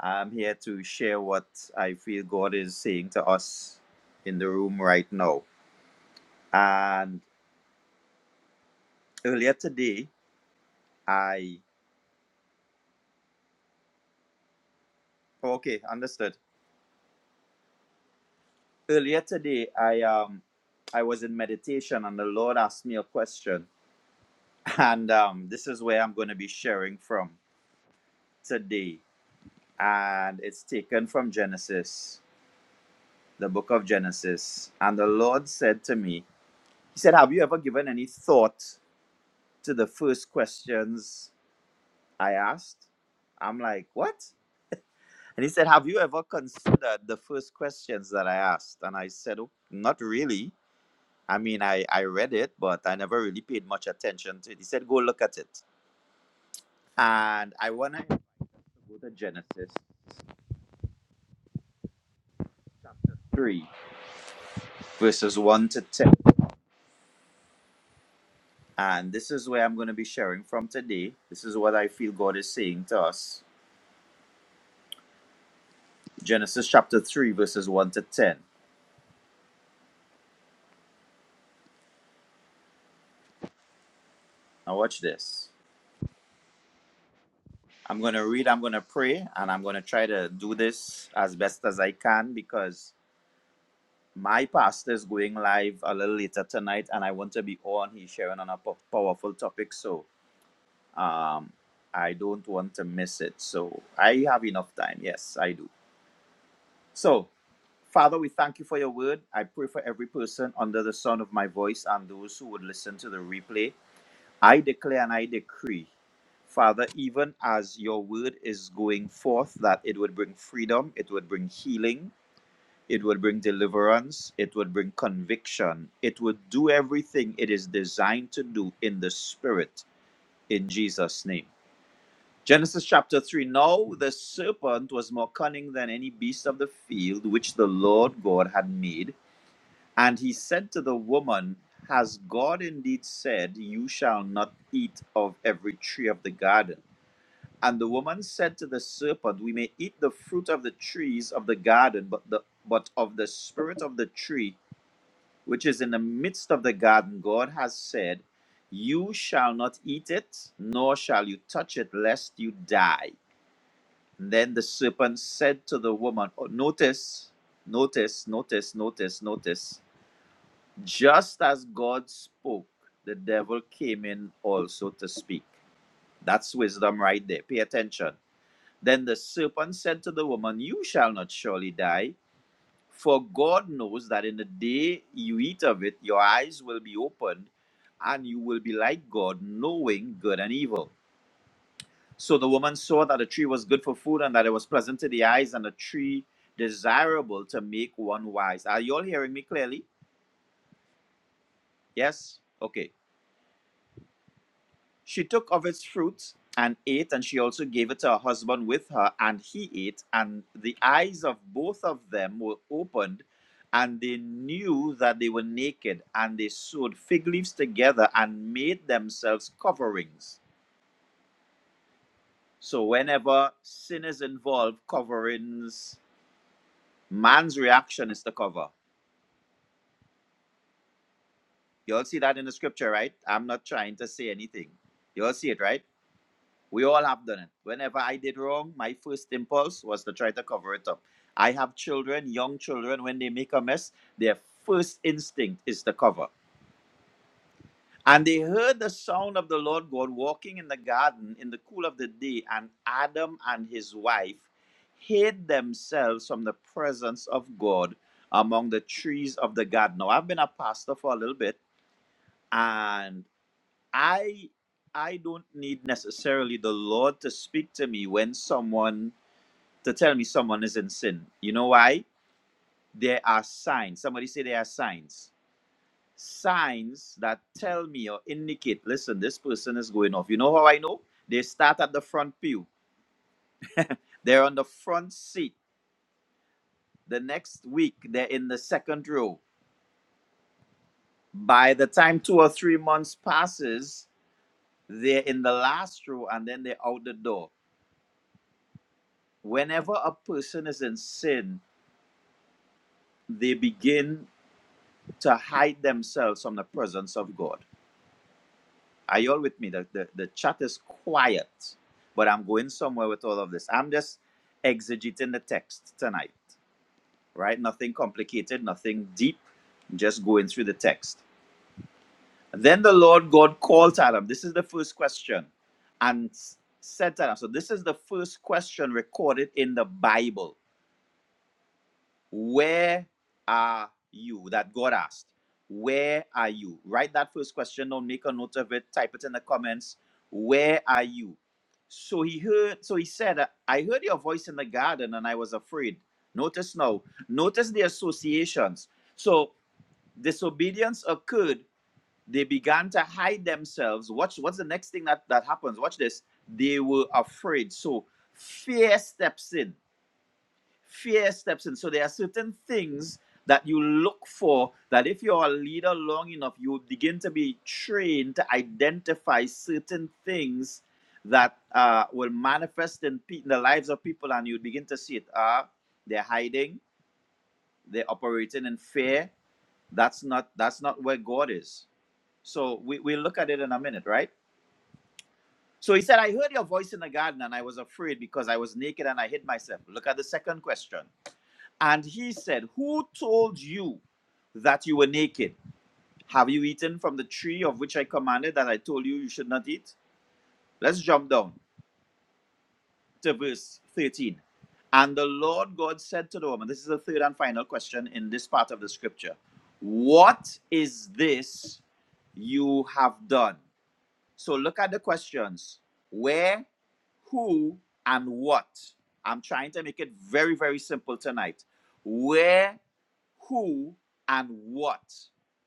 I'm here to share what I feel God is saying to us in the room right now. And earlier today, I okay, understood. earlier today i um i was in meditation and the lord asked me a question and um this is where i'm going to be sharing from today and it's taken from genesis the book of genesis and the lord said to me he said have you ever given any thought to the first questions i asked i'm like what and he said have you ever considered the first questions that i asked and i said oh, not really I mean, I, I read it, but I never really paid much attention to it. He said, go look at it. And I want to go to Genesis chapter 3, verses 1 to 10. And this is where I'm going to be sharing from today. This is what I feel God is saying to us. Genesis chapter 3, verses 1 to 10. Now, watch this. I'm going to read, I'm going to pray, and I'm going to try to do this as best as I can because my pastor is going live a little later tonight and I want to be on. He's sharing on a po- powerful topic. So Um, I don't want to miss it. So I have enough time. Yes, I do. So, Father, we thank you for your word. I pray for every person under the sound of my voice and those who would listen to the replay. I declare and I decree, Father, even as your word is going forth, that it would bring freedom, it would bring healing, it would bring deliverance, it would bring conviction, it would do everything it is designed to do in the spirit, in Jesus' name. Genesis chapter 3 Now the serpent was more cunning than any beast of the field which the Lord God had made. And he said to the woman, Has God indeed said, You shall not eat of every tree of the garden? And the woman said to the serpent, We may eat the fruit of the trees of the garden, but, the, but of the spirit of the tree which is in the midst of the garden, God has said, You shall not eat it, nor shall you touch it, lest you die. And Then the serpent said to the woman, oh, Notice, notice, notice, notice, notice. Just as God spoke, the devil came in also to speak. That's wisdom right there. Pay attention. Then the serpent said to the woman, You shall not surely die, for God knows that in the day you eat of it, your eyes will be opened, and you will be like God, knowing good and evil. So the woman saw that the tree was good for food and that it was pleasant to the eyes and a tree desirable to make one wise. Are you all hearing me clearly? Yes? Okay. She took of its fruit and ate, and she also gave it to her husband with her, and he ate. And the eyes of both of them were opened, and they knew that they were naked, and they sewed fig leaves together and made themselves coverings. So, whenever sin is involved, coverings Man's reaction is the cover. You all see that in the scripture, right? I'm not trying to say anything. You all see it, right? We all have done it. Whenever I did wrong, my first impulse was to try to cover it up. I have children, young children, when they make a mess, their first instinct is to cover. And they heard the sound of the Lord God walking in the garden in the cool of the day, and Adam and his wife hid themselves from the presence of God among the trees of the garden. Now, I've been a pastor for a little bit and i i don't need necessarily the lord to speak to me when someone to tell me someone is in sin you know why there are signs somebody say there are signs signs that tell me or indicate listen this person is going off you know how i know they start at the front pew they're on the front seat the next week they're in the second row by the time two or three months passes they're in the last row and then they're out the door whenever a person is in sin, they begin to hide themselves from the presence of God. Are you all with me? The, the, the chat is quiet, but I'm going somewhere with all of this. I'm just exegeting the text tonight, right? Nothing complicated, nothing deep, just going through the text. Then the Lord God called to Adam. This is the first question. And said to Adam, so this is the first question recorded in the Bible Where are you? That God asked. Where are you? Write that first question down, make a note of it, type it in the comments. Where are you? So he heard, so he said, I heard your voice in the garden and I was afraid. Notice now, notice the associations. So disobedience occurred. They began to hide themselves. Watch what's the next thing that, that happens. Watch this. They were afraid. So fear steps in fear steps in. So there are certain things that you look for that if you're a leader long enough, you begin to be trained to identify certain things that uh, will manifest in, pe- in the lives of people, and you begin to see it. Ah, they're hiding, they're operating in fear. That's not that's not where God is. So we, we look at it in a minute, right? So he said, I heard your voice in the garden and I was afraid because I was naked and I hid myself. Look at the second question. And he said, Who told you that you were naked? Have you eaten from the tree of which I commanded that I told you you should not eat? Let's jump down to verse 13. And the Lord God said to the woman, This is the third and final question in this part of the scripture. What is this you have done? So look at the questions where, who, and what. I'm trying to make it very, very simple tonight. Where, who, and what.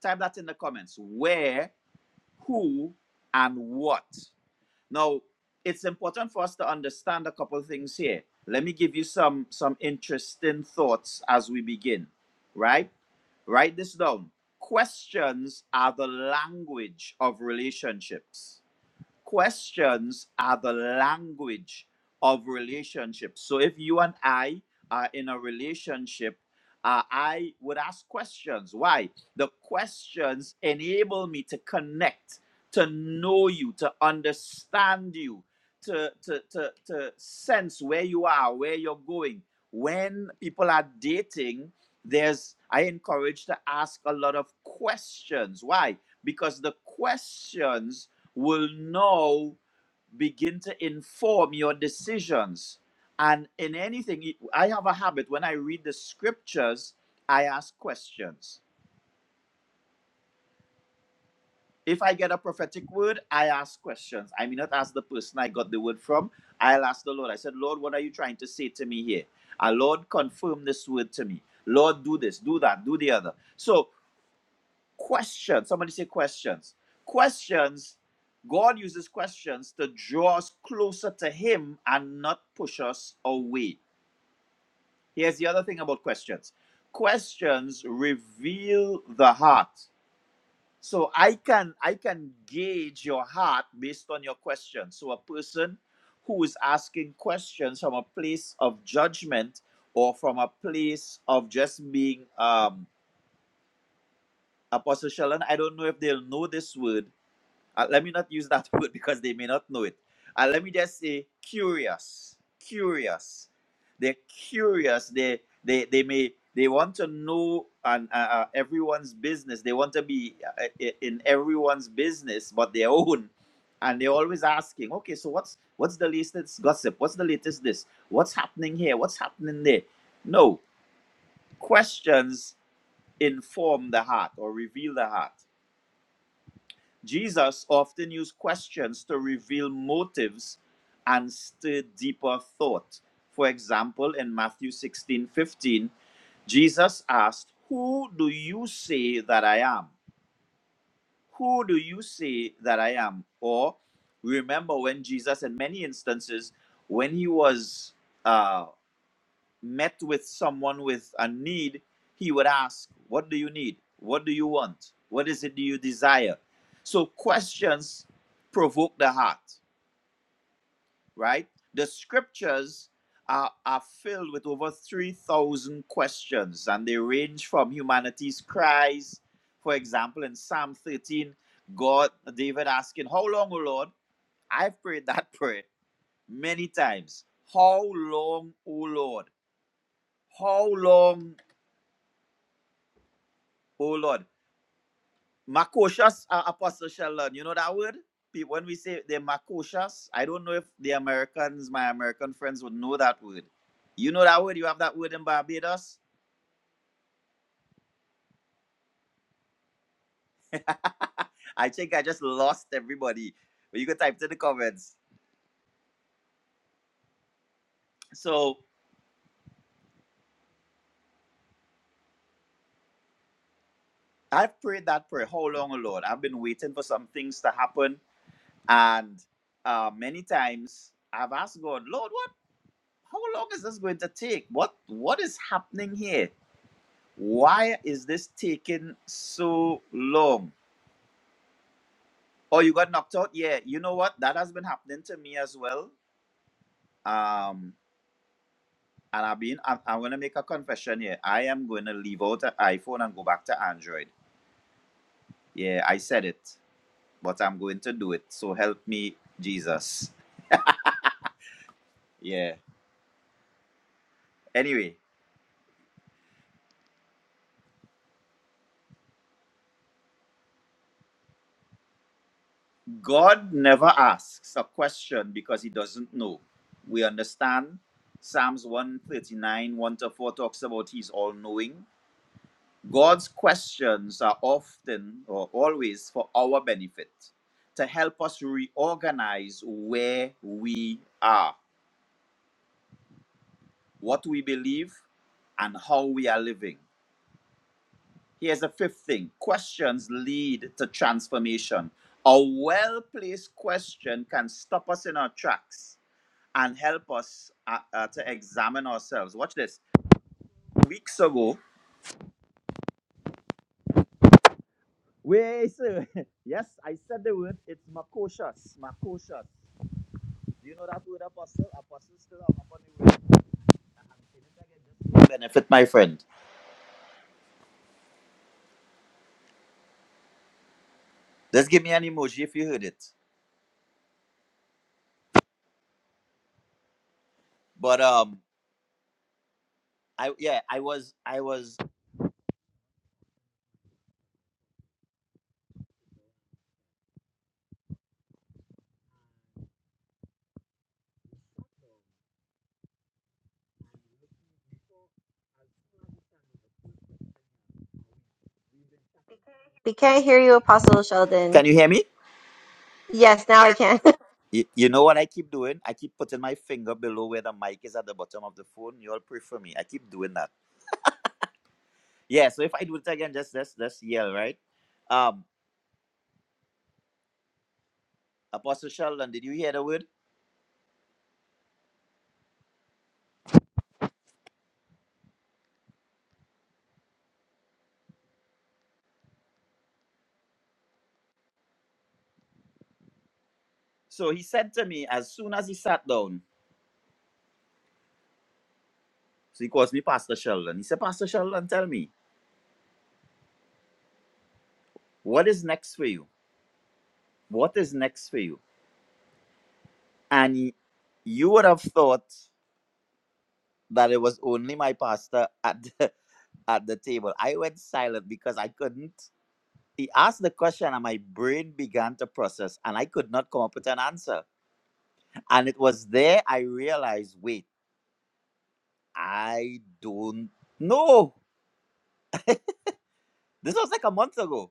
Type that in the comments. Where, who, and what. Now, it's important for us to understand a couple of things here. Let me give you some some interesting thoughts as we begin, right? Write this down. Questions are the language of relationships questions are the language of relationships. So if you and I are in a relationship, uh, I would ask questions. Why? The questions enable me to connect, to know you, to understand you, to, to, to, to sense where you are, where you're going. When people are dating, there's I encourage to ask a lot of questions. Why? Because the questions will now begin to inform your decisions. And in anything, I have a habit when I read the scriptures, I ask questions. If I get a prophetic word, I ask questions. I may not ask the person I got the word from. I'll ask the Lord. I said, Lord, what are you trying to say to me here? Ah, Lord, confirm this word to me. Lord, do this, do that, do the other. So Questions. Somebody say questions. Questions. God uses questions to draw us closer to Him and not push us away. Here's the other thing about questions. Questions reveal the heart. So I can I can gauge your heart based on your questions. So a person who is asking questions from a place of judgment or from a place of just being um apostle Sheldon, I don't know if they'll know this word, Uh, let me not use that word because they may not know it. Uh, let me just say curious, curious. They're curious. They they they may they want to know and uh, uh, everyone's business. They want to be uh, uh, in everyone's business, but their own. And they're always asking, okay, so what's what's the latest gossip? What's the latest this? What's happening here? What's happening there? No questions inform the heart or reveal the heart. Jesus often used questions to reveal motives and stir deeper thought. For example, in Matthew 16:15, Jesus asked, Who do you say that I am? Who do you say that I am? Or remember when Jesus, in many instances, when he was uh, met with someone with a need, he would ask, What do you need? What do you want? What is it do you desire? So questions provoke the heart, right? The scriptures are, are filled with over 3,000 questions, and they range from humanity's cries. For example, in Psalm 13, God, David asking, How long, O Lord? I've prayed that prayer many times. How long, O Lord? How long Oh Lord. Makoshas are apostle shall learn. You know that word? Pe- When we say they're makoshas, I don't know if the Americans, my American friends, would know that word. You know that word? You have that word in Barbados? I think I just lost everybody. But you can type to the comments. So I've prayed that prayer. How long, oh Lord? I've been waiting for some things to happen. And uh, many times I've asked God, Lord, what how long is this going to take? What what is happening here? Why is this taking so long? Oh, you got knocked out? Yeah, you know what? That has been happening to me as well. Um, and I've been, I'm, I'm going to make a confession here. I am going to leave out an iPhone and go back to Android. Yeah, I said it, but I'm going to do it. So help me, Jesus. Yeah. Anyway, God never asks a question because he doesn't know. We understand Psalms 139, 1 to 4 talks about he's all knowing. God's questions are often or always for our benefit, to help us reorganize where we are, what we believe, and how we are living. Here's the fifth thing questions lead to transformation. A well placed question can stop us in our tracks and help us uh, uh, to examine ourselves. Watch this. Weeks ago, we, yes, I said the word, it's macocious, macocious. Do you know that word apostle? Apostle still up on the word. I'm saying it again just for benefit, my friend. Just give me an emoji if you heard it. But um, I yeah, I was I was.
We can't hear you, Apostle Sheldon.
Can you hear me?
Yes, now I
Yes.
can.
You, you know what I keep doing? I keep putting my finger below where the mic is at the bottom of the phone. You all pray for me. I keep doing that. Yeah. So if I do it again, just just just yell, right? Um, Apostle Sheldon, did you hear the word? So he said to me as soon as he sat down. So he calls me Pastor Sheldon. He said, Pastor Sheldon, tell me what is next for you what is next for you? And y- you would have thought that it was only my pastor at the, at the table. I went silent because I couldn't. He asked the question, and my brain began to process, and I could not come up with an answer. And it was there I realized wait, I don't know. This was like a month ago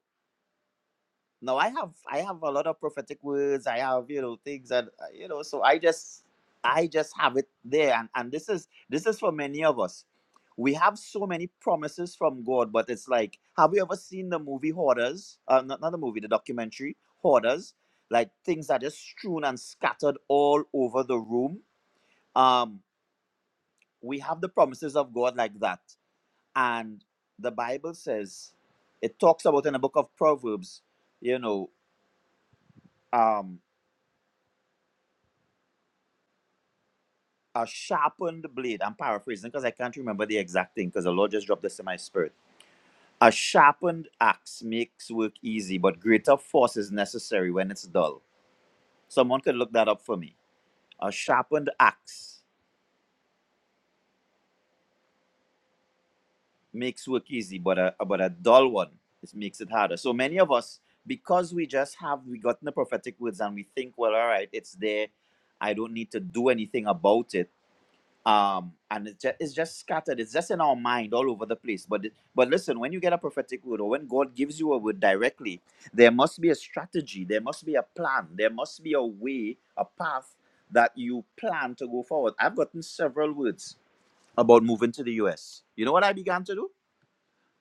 No, I have I have a lot of prophetic words. I have you know things that uh, you know. So I just I just have it there, and and this is this is for many of us. We have so many promises from God, but it's like, have you ever seen the movie Hoarders? Uh, not not the movie, the documentary Hoarders. Like things are just strewn and scattered all over the room. Um, we have the promises of God like that, and the Bible says, it talks about in the book of Proverbs. You know, um a sharpened blade. I'm paraphrasing because I can't remember the exact thing because the Lord just dropped this in my spirit. A sharpened axe makes work easy, but greater force is necessary when it's dull. Someone could look that up for me. A sharpened axe makes work easy, but a but a dull one it makes it harder. So many of us, because we just have we gotten the prophetic words and we think, well, all right, it's there. I don't need to do anything about it um and it's just, it's just scattered it's just in our mind all over the place but it- but listen when you get a prophetic word or when god gives you a word directly there must be a strategy there must be a plan there must be a way a path that you plan to go forward i've gotten several words about moving to the us you know what i began to do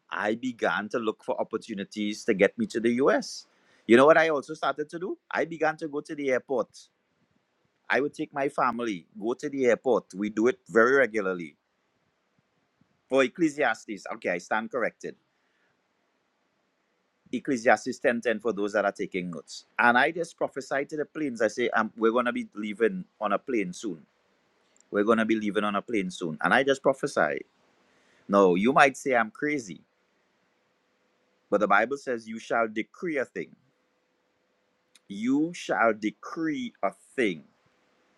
i began to look for opportunities to get me to the us you know what i also started to do i began to go to the airport i would take my family go to the airport we do it very regularly for Ecclesiastes. Okay, I stand corrected. Ecclesiastes 10:10 for those that are taking notes. And I just prophesied to the planes. I say, um, we're gonna be leaving on a plane soon. We're gonna be leaving on a plane soon. And I just prophesied. No, you might say I'm crazy, but the Bible says you shall decree a thing. You shall decree a thing.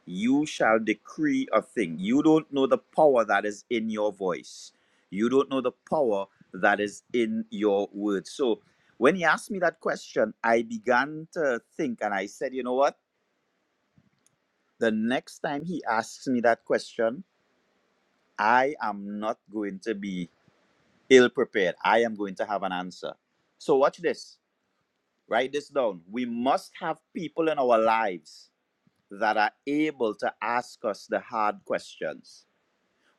you shall decree a thing. You don't know the power that is in your voice. You don't know the power that is in your words. So when he asked me that question, I began to think and I said, you know what? The next time he asks me that question, I am not going to be ill prepared. I am going to have an answer. So watch this. Write this down. We must have people in our lives that are able to ask us the hard questions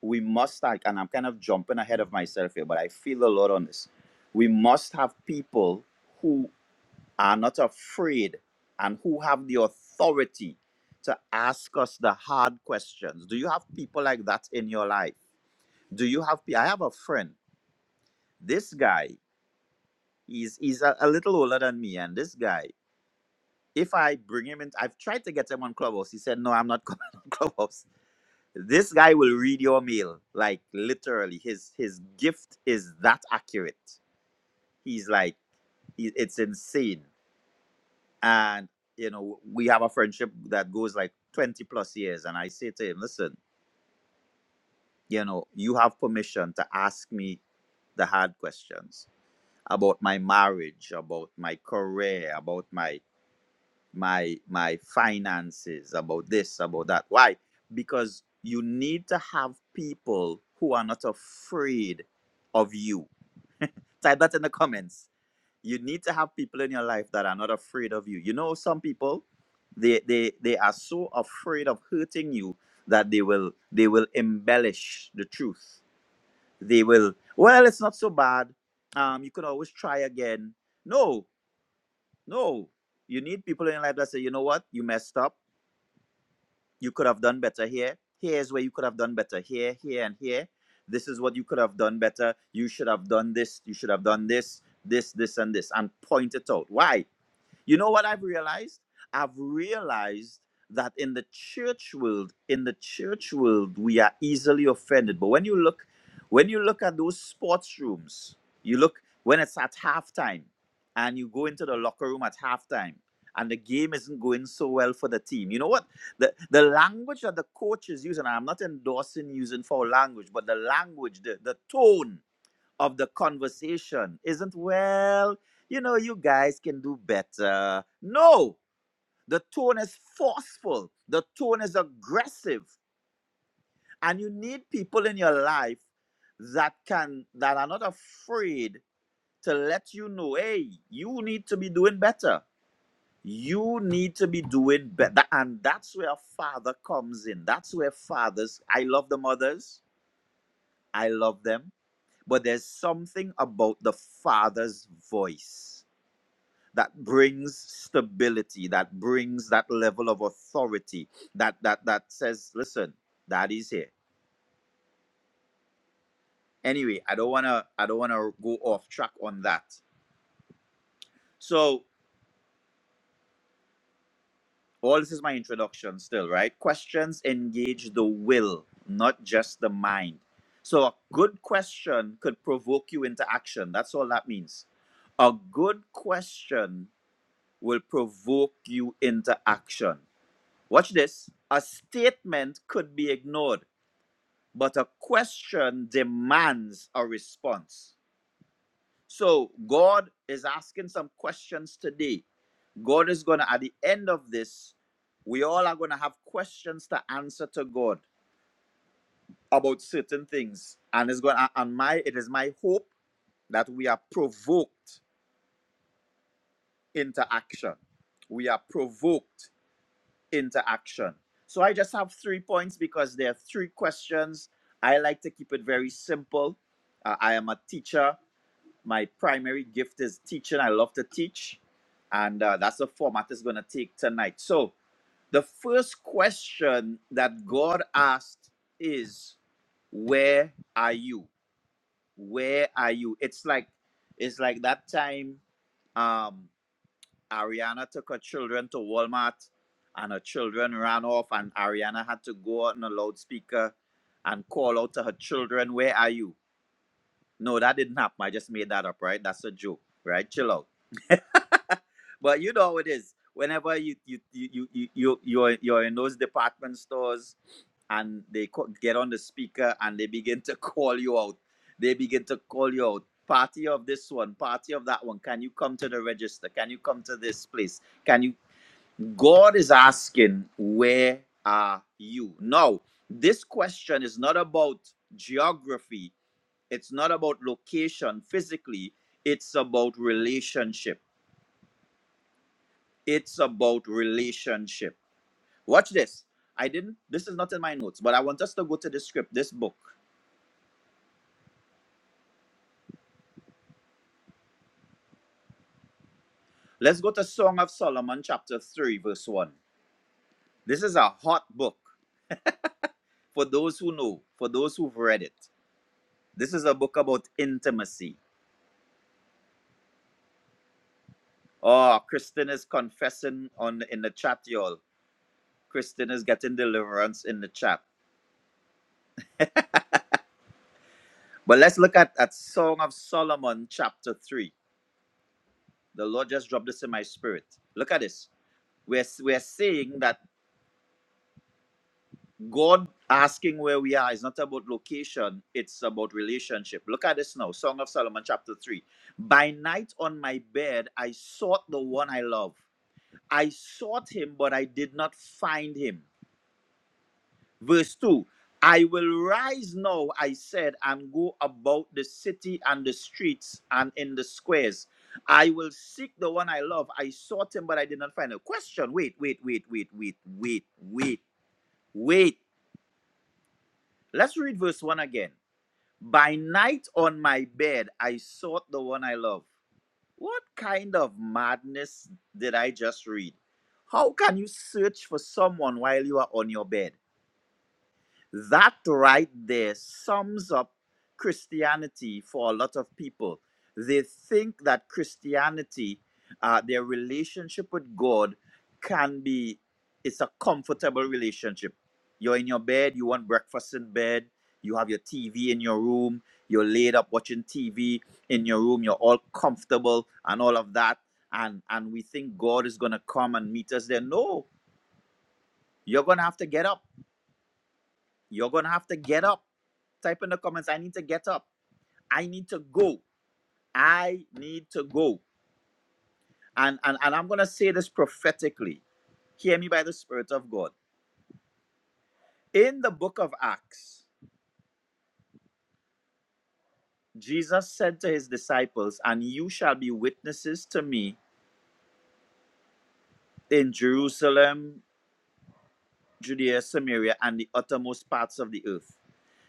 we must start, and I'm kind of jumping ahead of myself here, but I feel a lot on this. We must have people who are not afraid and who have the authority to ask us the hard questions. Do you have people like that in your life? Do you have? pe- I have a friend. This guy, he's he's a, a little older than me, and this guy, if I bring him in, I've tried to get him on Clubhouse. He said, "No, I'm not coming on Clubhouse." This guy will read your mail like literally. His his gift is that accurate. He's like he, it's insane. And you know we have a friendship that goes like twenty plus years. And I say to him, listen, you know you have permission to ask me the hard questions about my marriage, about my career, about my my my finances about this about that why because you need to have people who are not afraid of you type that in the comments you need to have people in your life that are not afraid of you you know some people they they they are so afraid of hurting you that they will they will embellish the truth they will well it's not so bad um you could always try again no no you need people in your life that say you know what you messed up you could have done better here. Here's where you could have done better. Here, here, and here. This is what you could have done better. You should have done this. You should have done this, this, this, and this, and point it out. Why? You know what I've realized? I've realized that in the church world, in the church world, we are easily offended. But when you look, when you look at those sports rooms, you look when it's at halftime, and you go into the locker room at halftime, and the game isn't going so well for the team. You know what? The the language that the coach is using, and I'm not endorsing using foul language, but the language, the, the tone of the conversation isn't, well, you know, you guys can do better. No, the tone is forceful, the tone is aggressive, and you need people in your life that can that are not afraid to let you know, hey, you need to be doing better. You need to be doing better. And that's where a father comes in. That's where fathers, I love the mothers, I love them, but there's something about the father's voice that brings stability that brings that level of authority that that that says listen daddy's here anyway i don't want to i don't want to go off track on that so all this is my introduction still right questions engage the will not just the mind so a good question could provoke you into action that's all that means a good question will provoke you into action watch this a statement could be ignored but a question demands a response. So God is asking some questions today. God is going to, at the end of this, we all are going to have questions to answer to God about certain things. And it's going to, and my, it is my hope that we are provoked into action. We are provoked into action. So I just have three points because there are three questions. I like to keep it very simple. Uh, I am a teacher. my primary gift is teaching. I love to teach, and uh, that's the format it's going to take tonight. So, the first question that God asked is, "Where are you? Where are you?" It's like it's like that time um, Ariana took her children to Walmart, and her children ran off, and Ariana had to go out on a loudspeaker and call out to her children, "Where are you?" No, that didn't happen. I just made that up, right? That's a joke, right? Chill out. but you know how it is. Whenever you you you you you you- you're you're in those department stores and they co- get on the speaker and they begin to call you out. They begin to call you out. Party of this one, party of that one. Can you come to the register? Can you come to this place? Can you? God is asking, where are you? Now, this question is not about geography it's not about location physically, it's about relationship. It's about relationship. Watch this. I didn't, this is not in my notes, but I want us to go to the script, this book. Let's go to Song of Solomon, chapter 3, verse 1. This is a hot book for those who know, for those who've read it. This is a book about intimacy. Oh, Kristen is confessing on in the chat, y'all. Kristen is getting deliverance in the chat. But let's look at, at Song of Solomon, chapter 3. The Lord just dropped this in my spirit. Look at this. We're, we're saying that God asking where we are is not about location, it's about relationship. Look at this now Song of Solomon, chapter 3. By night on my bed, I sought the one I love. I sought him, but I did not find him. Verse 2 I will rise now, I said, and go about the city and the streets and in the squares. I will seek the one I love. I sought him, but I did not find him. Question wait, wait, wait, wait, wait, wait, wait, wait. Let's read verse 1 again. By night on my bed, I sought the one I love. What kind of madness did I just read? How can you search for someone while you are on your bed? That right there sums up Christianity for a lot of people. They think that Christianity, uh, their relationship with God, can be, it's a comfortable relationship. You're in your bed, you want breakfast in bed, you have your TV in your room, you're laid up watching TV in your room, you're all comfortable and all of that. And, and we think God is going to come and meet us there. No, you're going to have to get up you're gonna have to get up. Type in the comments, I need to get up. I need to go. I need to go. And and, and I'm gonna say this prophetically. Hear me by the Spirit of God. In the book of Acts, Jesus said to his disciples, And you shall be witnesses to me in Jerusalem, Judea, Samaria, and the uttermost parts of the earth.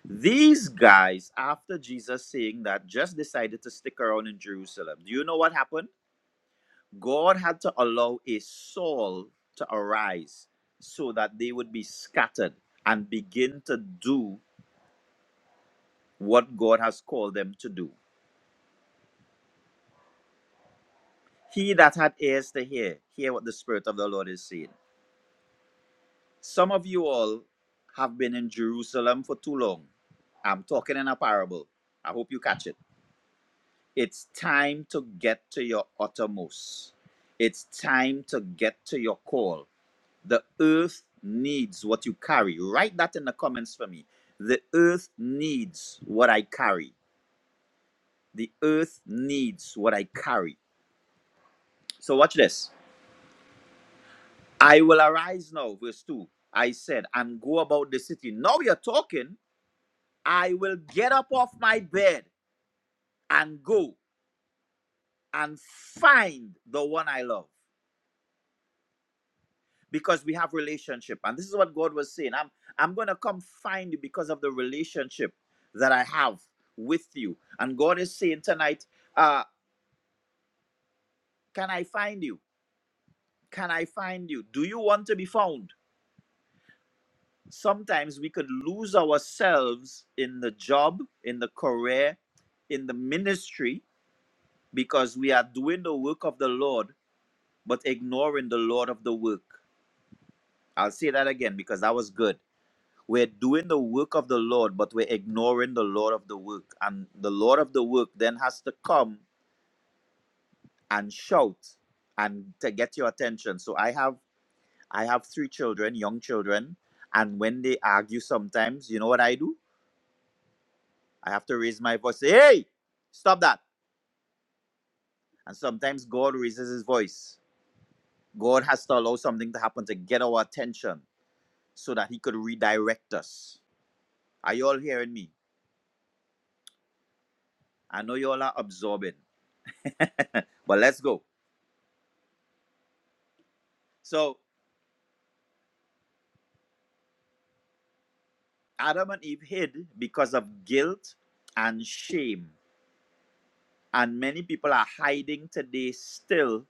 These guys, after Jesus saying that, just decided to stick around in Jerusalem. Do you know what happened? God had to allow a Saul to arise so that they would be scattered and begin to do what God has called them to do. He that had ears to hear, hear what the Spirit of the Lord is saying. Some of you all have been in Jerusalem for too long. I'm talking in a parable. I hope you catch it. It's time to get to your uttermost. It's time to get to your call. The earth needs what you carry. Write that in the comments for me. The earth needs what I carry. The earth needs what I carry. So watch this. I will arise now, verse 2. I said, and go about the city. Now you're talking. I will get up off my bed and go and find the one I love. because we have relationship and this is what god was saying i'm i'm going to come find you because of the relationship that i have with you and god is saying tonight uh can i find you can i find you do you want to be found sometimes we could lose ourselves in the job in the career in the ministry because we are doing the work of the lord but ignoring the lord of the work i'll say that again because that was good We're doing the work of the Lord, but we're ignoring the Lord of the work. And the Lord of the work then has to come and shout and to get your attention. So I have I have three children, young children, and when they argue sometimes, you know what I do? I have to raise my voice, say, hey, stop that. And sometimes God raises his voice. God has to allow something to happen to get our attention so that he could redirect us. Are you all hearing me? I know you all are absorbing, but let's go. So Adam and Eve hid because of guilt and shame. And many people are hiding today still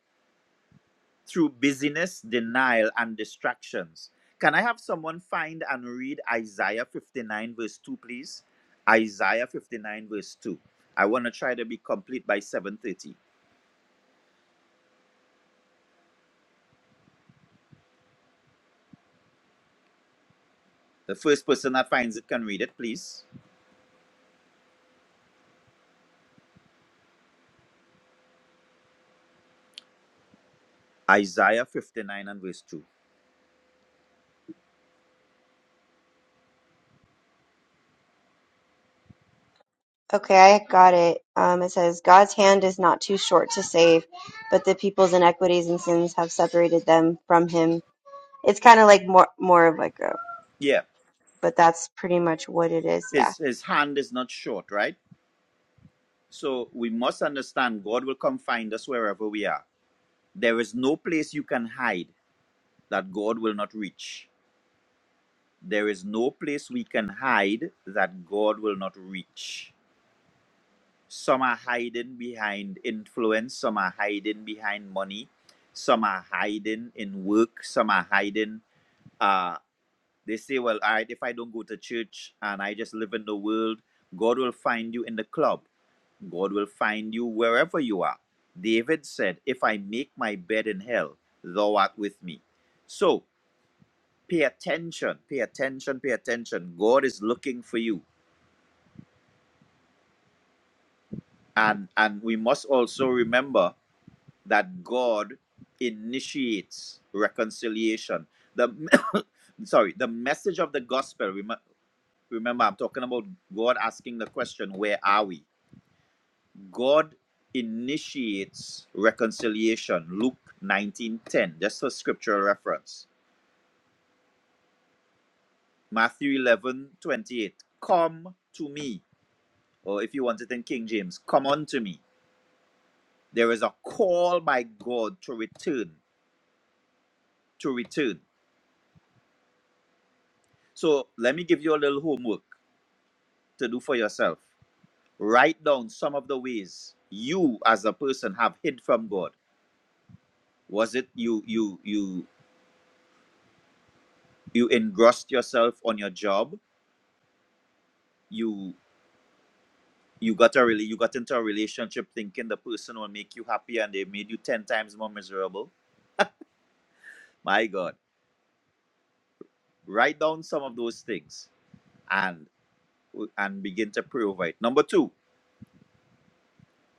through busyness, denial, and distractions. Can I have someone find and read Isaiah 59, verse 2, please? Isaiah 59, verse 2. I want to try to be complete by 7:30. The first person that finds it can read it, please. Isaiah 59 and verse 2.
okay, I got it. Um, it says God's hand is not too short to save, but the people's inequities and sins have separated them from Him It's kind of like more more of like a,
Yeah.
but that's pretty much what it is. Yeah,
His his hand is not short, right? So we must understand God will come find us wherever we are. There is no place you can hide that God will not reach. There is no place we can hide that God will not reach. Some are hiding behind influence, some are hiding behind money, some are hiding in work, some are hiding. uh, They say, well, all right, if I don't go to church and I just live in the world, God will find you in the club. God will find you wherever you are. David said, If I make my bed in hell, thou art with me. So pay attention, pay attention, pay attention. God is looking for you. And and we must also remember that God initiates reconciliation. The sorry, the message of the gospel. rem- Remember, I'm talking about God asking the question, Where are we? God initiates reconciliation. Luke 19:10, just for scriptural reference. Matthew 11:28, Come to me. Or if you want it in King James, come unto me. There is a call by God to return, to return. So let me give you a little homework to do for yourself. Write down some of the ways you as a person have hid from God was it you you you you engrossed yourself on your job you you got a really you got into a relationship thinking the person will make you happy and they made you 10 times more miserable my god write down some of those things and and begin to pray over it number two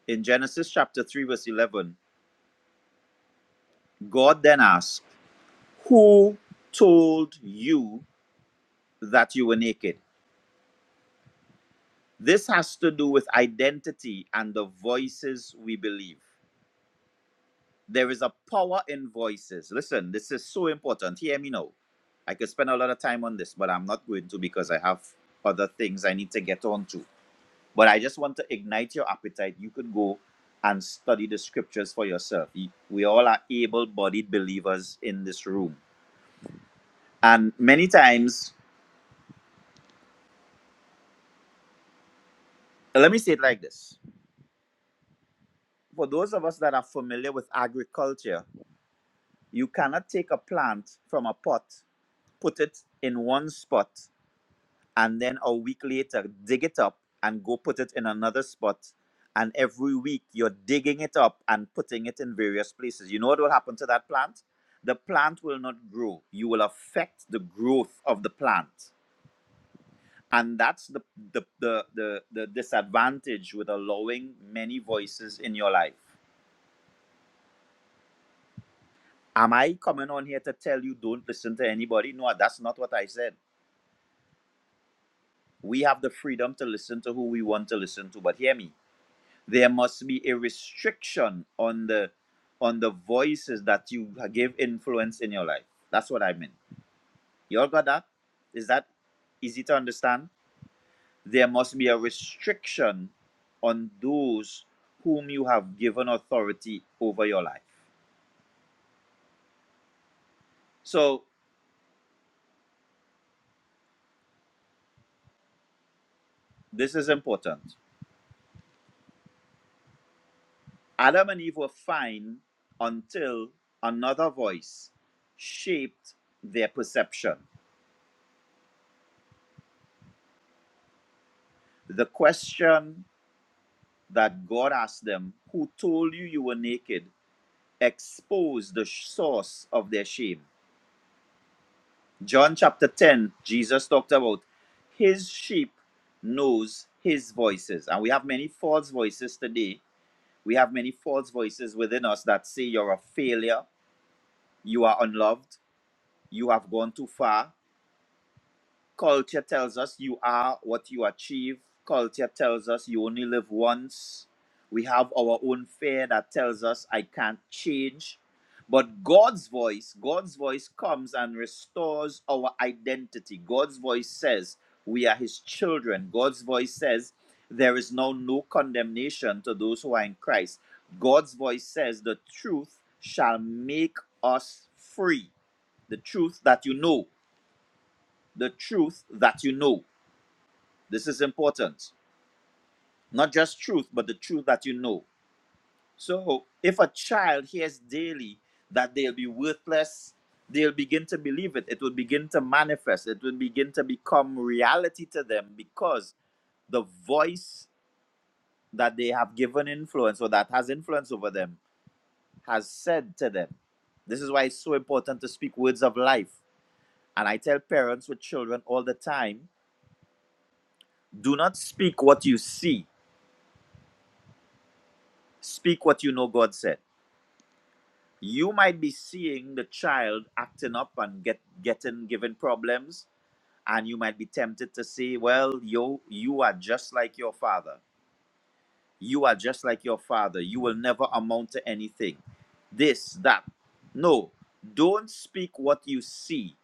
in genesis chapter 3 verse 11 god then asked who told you that you were naked this has to do with identity and the voices we believe There is a power in voices. Listen, this is so important. Hear me now. I could spend a lot of time on this, but I'm not going to because I have other things I need to get on to. But I just want to ignite your appetite. You could go and study the scriptures for yourself. You- We all are able bodied believers in this room. And many times, let me say it like this for those of us that are familiar with agriculture, you cannot take a plant from a pot, put it in one spot, and then a week later dig it up and go put it in another spot and every week you're digging it up and putting it in various places you know what will happen to that plant the plant will not grow you will affect the growth of the plant and that's the the the, the, the disadvantage with allowing many voices in your life am i coming on here to tell you don't listen to anybody no that's not what i said we have the freedom to listen to who we want to listen to but hear me there must be a restriction on the on the voices that you give influence in your life that's what i mean you all got that is that easy to understand there must be a restriction on those whom you have given authority over your life so this is important adam and eve were fine until another voice shaped their perception the question that God asked them, Who told you you were naked? Expose the source of their shame. John chapter 10, Jesus talked about his sheep knows his voices. And we have many false voices today. We have many false voices within us that say you're a failure, you are unloved, you have gone too far, Culture tells us you are what you achieve. Culture tells us you only live once. We have our own fear that tells us I can't change. But God's voice, God's voice comes and restores our identity. God's voice says we are his children. God's voice says there is now no condemnation to those who are in Christ. God's voice says the truth shall make us free. The truth that you know, the truth that you know. This is important. Not just truth, but the truth that you know. So if a child hears daily that they'll be worthless, they'll begin to believe it. It will begin to manifest. It will begin to become reality to them because the voice that they have given influence or that has influence over them has said to them. This is why it's so important to speak words of life. And I tell parents with children all the time do not speak what you see, speak what you know God said you might be seeing the child acting up and get getting given problems and you might be tempted to say well yo you are just like your father you are just like your father you will never amount to anything this that no don't speak what you see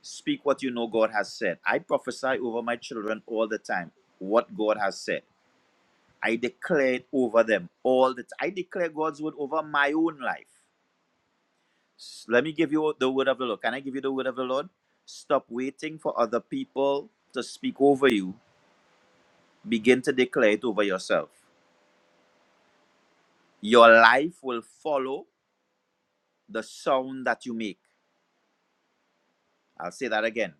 speak what you know god has said i prophesy over my children all the time what god has said i declare it over them all the time i declare god's word over my own life S- Let me give you the word of the Lord. Can I give you the word of the Lord? Stop waiting for other people to speak over you. Begin to declare it over yourself. Your life will follow the sound that you make. I'll say that again.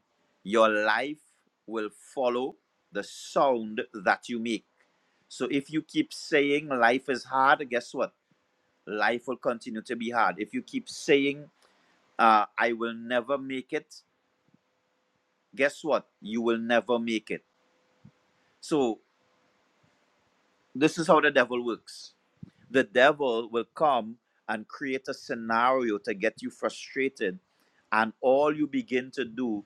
Your life will follow the sound that you make. So if you keep saying life is hard, guess what? Life will continue to be hard. If you keep saying, uh, I will never make it, guess what? You will never make it. So This is how the devil works. The devil will come and create a scenario to get you frustrated, and all you begin to do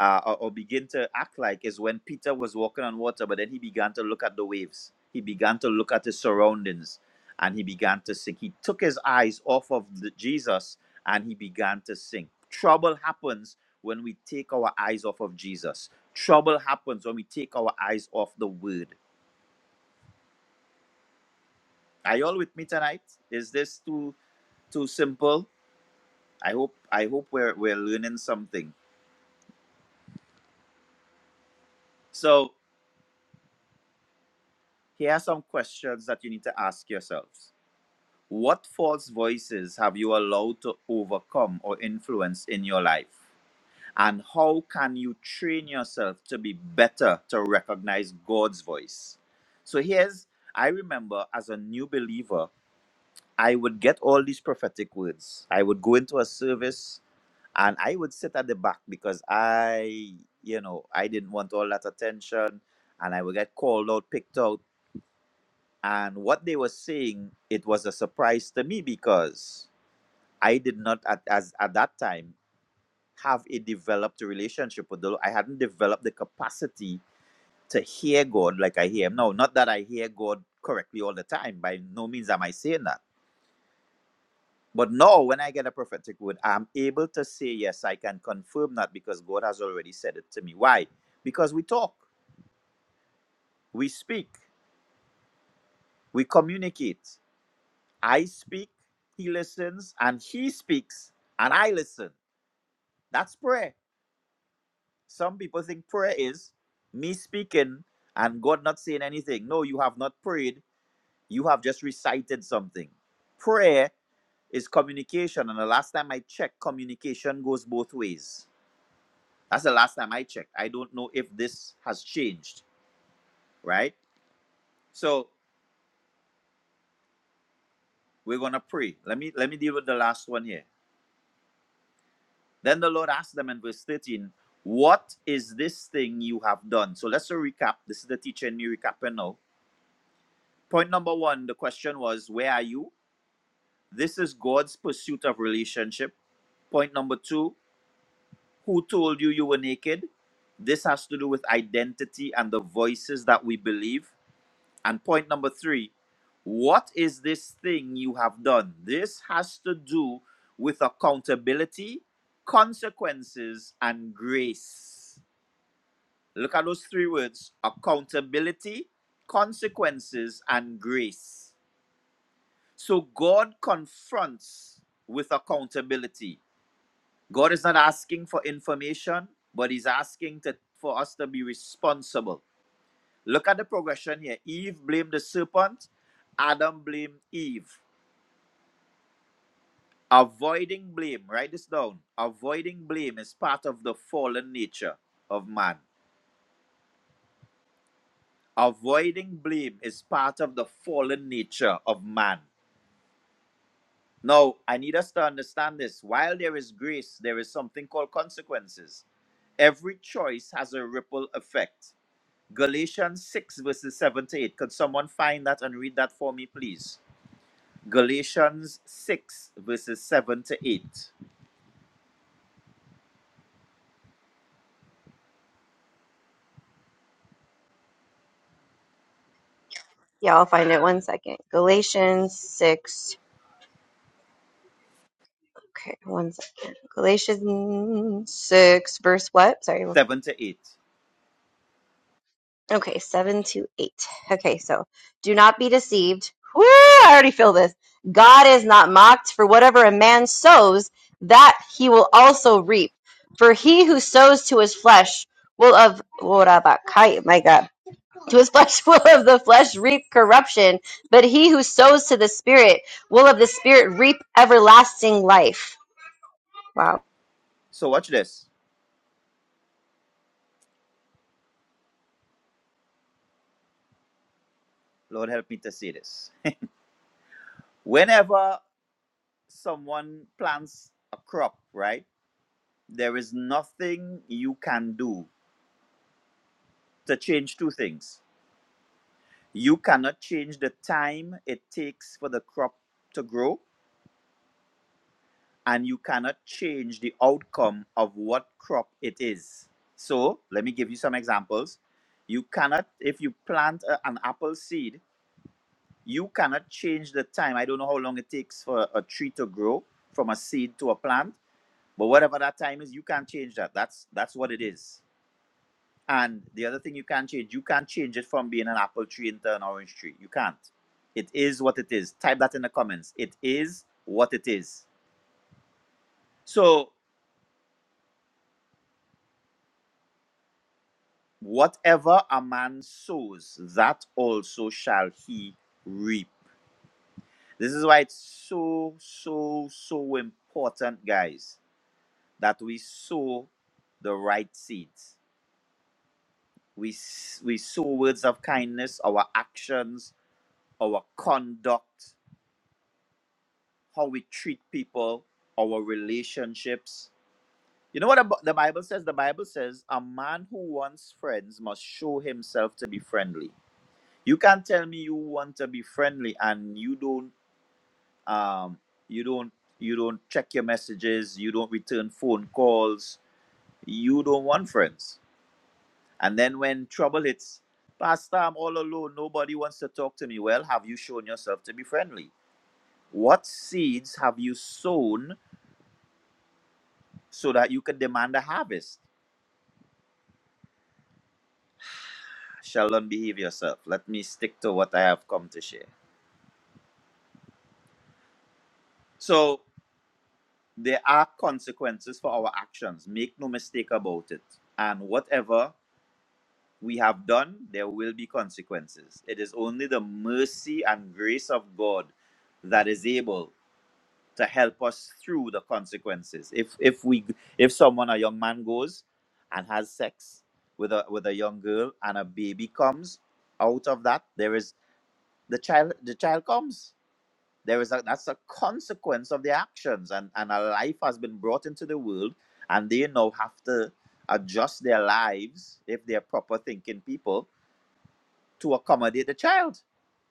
uh, or, or begin to act like is when Peter was walking on water, but then he began to look at the waves. He began to look at his surroundings, and he began to sink. He took his eyes off of the, Jesus, and he began to sink. Trouble happens when we take our eyes off of Jesus. Trouble happens when we take our eyes off the Word are you all with me tonight? Is this too too simple? I hope I hope we're we're learning something. So here are some questions that you need to ask yourselves. What false voices have you allowed to overcome or influence in your life? And how can you train yourself to be better to recognize God's voice? So here's I remember as a new believer, I would get all these prophetic words. I would go into a service and I would sit at the back because I, you know, I didn't want all that attention, and I would get called out, picked out, and what they were saying, it was a surprise to me because I did not at as at that time have a developed relationship with the Lord. I hadn't developed the capacity to hear God like I hear Him now. Not that I hear God correctly all the time. By no means am I saying that But now, when I get a prophetic word, I'm able to say, yes, I can confirm that because God has already said it to me. Why? Because we talk, we speak, we communicate. I speak, He listens, and He speaks, and I listen. That's prayer. Some people think prayer is me speaking and God not saying anything. No, you have not prayed, you have just recited something. Prayer is communication, and the last time I checked, communication goes both ways That's the last time I checked. I don't know if this has changed, right? So we're gonna pray. Let me let me deal with the last one here. Then the Lord asked them in verse 13, What is this thing you have done? So let's recap. This is the teacher and me recapping now. Point number one, the question was, Where are you? This is God's pursuit of relationship. Point number two, who told you you were naked? This has to do with identity and the voices that we believe. And point number three, what is this thing you have done? This has to do with accountability, consequences, and grace. Look at those three words accountability, consequences, and grace. So God confronts with accountability. God is not asking for information, but He's asking to, for us to be responsible. Look at the progression here. Eve blamed the serpent, Adam blamed Eve. Avoiding blame, write this down. Avoiding blame is part of the fallen nature of man. Avoiding blame is part of the fallen nature of man. Now, I need us to understand this. While there is grace, there is something called consequences. Every choice has a ripple effect. Galatians 6, verses 7 to 8. Could someone find that and read that for me, please? Galatians 6, verses 7 to 8.
yeah. I'll find it. One second. Galatians six. Okay, one second. Galatians six, verse what? Sorry.
7 to 8.
Okay, seven to eight. Okay, so do not be deceived. Woo! I already feel this. God is not mocked. For whatever a man sows, that he will also reap. For he who sows to his flesh will of my God, To his flesh will of the flesh reap corruption, but he who sows to the Spirit will of the Spirit reap everlasting life. Wow.
So watch this. Lord help me to say this. Whenever someone plants a crop, right, there is nothing you can do to change two things. You cannot change the time it takes for the crop to grow, and you cannot change the outcome of what crop it is. So let me give you some examples. You cannot, if you plant a- an apple seed, You cannot change the time. I don't know how long it takes for a tree to grow from a seed to a plant, but whatever that time is, you can't change that. That's that's what it is. And the other thing you can't change, you can't change it from being an apple tree into an orange tree. You can't. It is what it is. Type that in the comments. It is what it is. So whatever a man sows, that also shall he reap. This is why it's so, so, so important, guys that we sow the right seeds. We, s- we sow words of kindness, our actions, our conduct, how we treat people, our relationships. You know what the Bi- the Bible says? The Bible says a man who wants friends must show himself to be friendly. You can't tell me you want to be friendly and you don't um you don't you don't check your messages, you don't return phone calls, you don't want friends And then when trouble hits, Pastor, I'm all alone. Nobody wants to talk to me. Well, have you shown yourself to be friendly? What seeds have you sown so that you can demand a harvest? Sheldon, behave yourself. Let me stick to what I have come to share. So, there are consequences for our actions. Make no mistake about it. And whatever we have done, there will be consequences. It is only the mercy and grace of God that is able. to help us through the consequences. If if we if someone a young man goes and has sex with a with a young girl and a baby comes out of that, there is the child the child comes. There is a that's a consequence of the actions and and a life has been brought into the world and they now have to adjust their lives if they're proper thinking people to accommodate the child.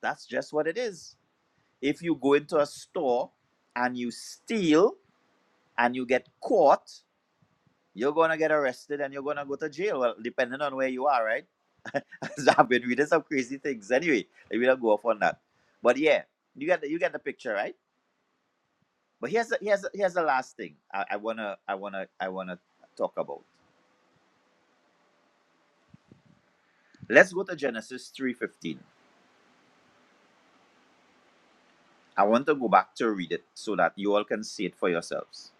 That's just what it is. If you go into a store and you steal and you get caught, you're gonna get arrested and you're gonna go to jail. Well, depending on where you are, right? so I've been reading some crazy things. Anyway, we don't go off on that. But yeah, you get the, you get the picture, right? But here's the, here's the, here's the last thing I, I wanna I wanna I wanna talk about. Let's go to Genesis three fifteen. I want to go back to read it so that you all can see it for yourselves.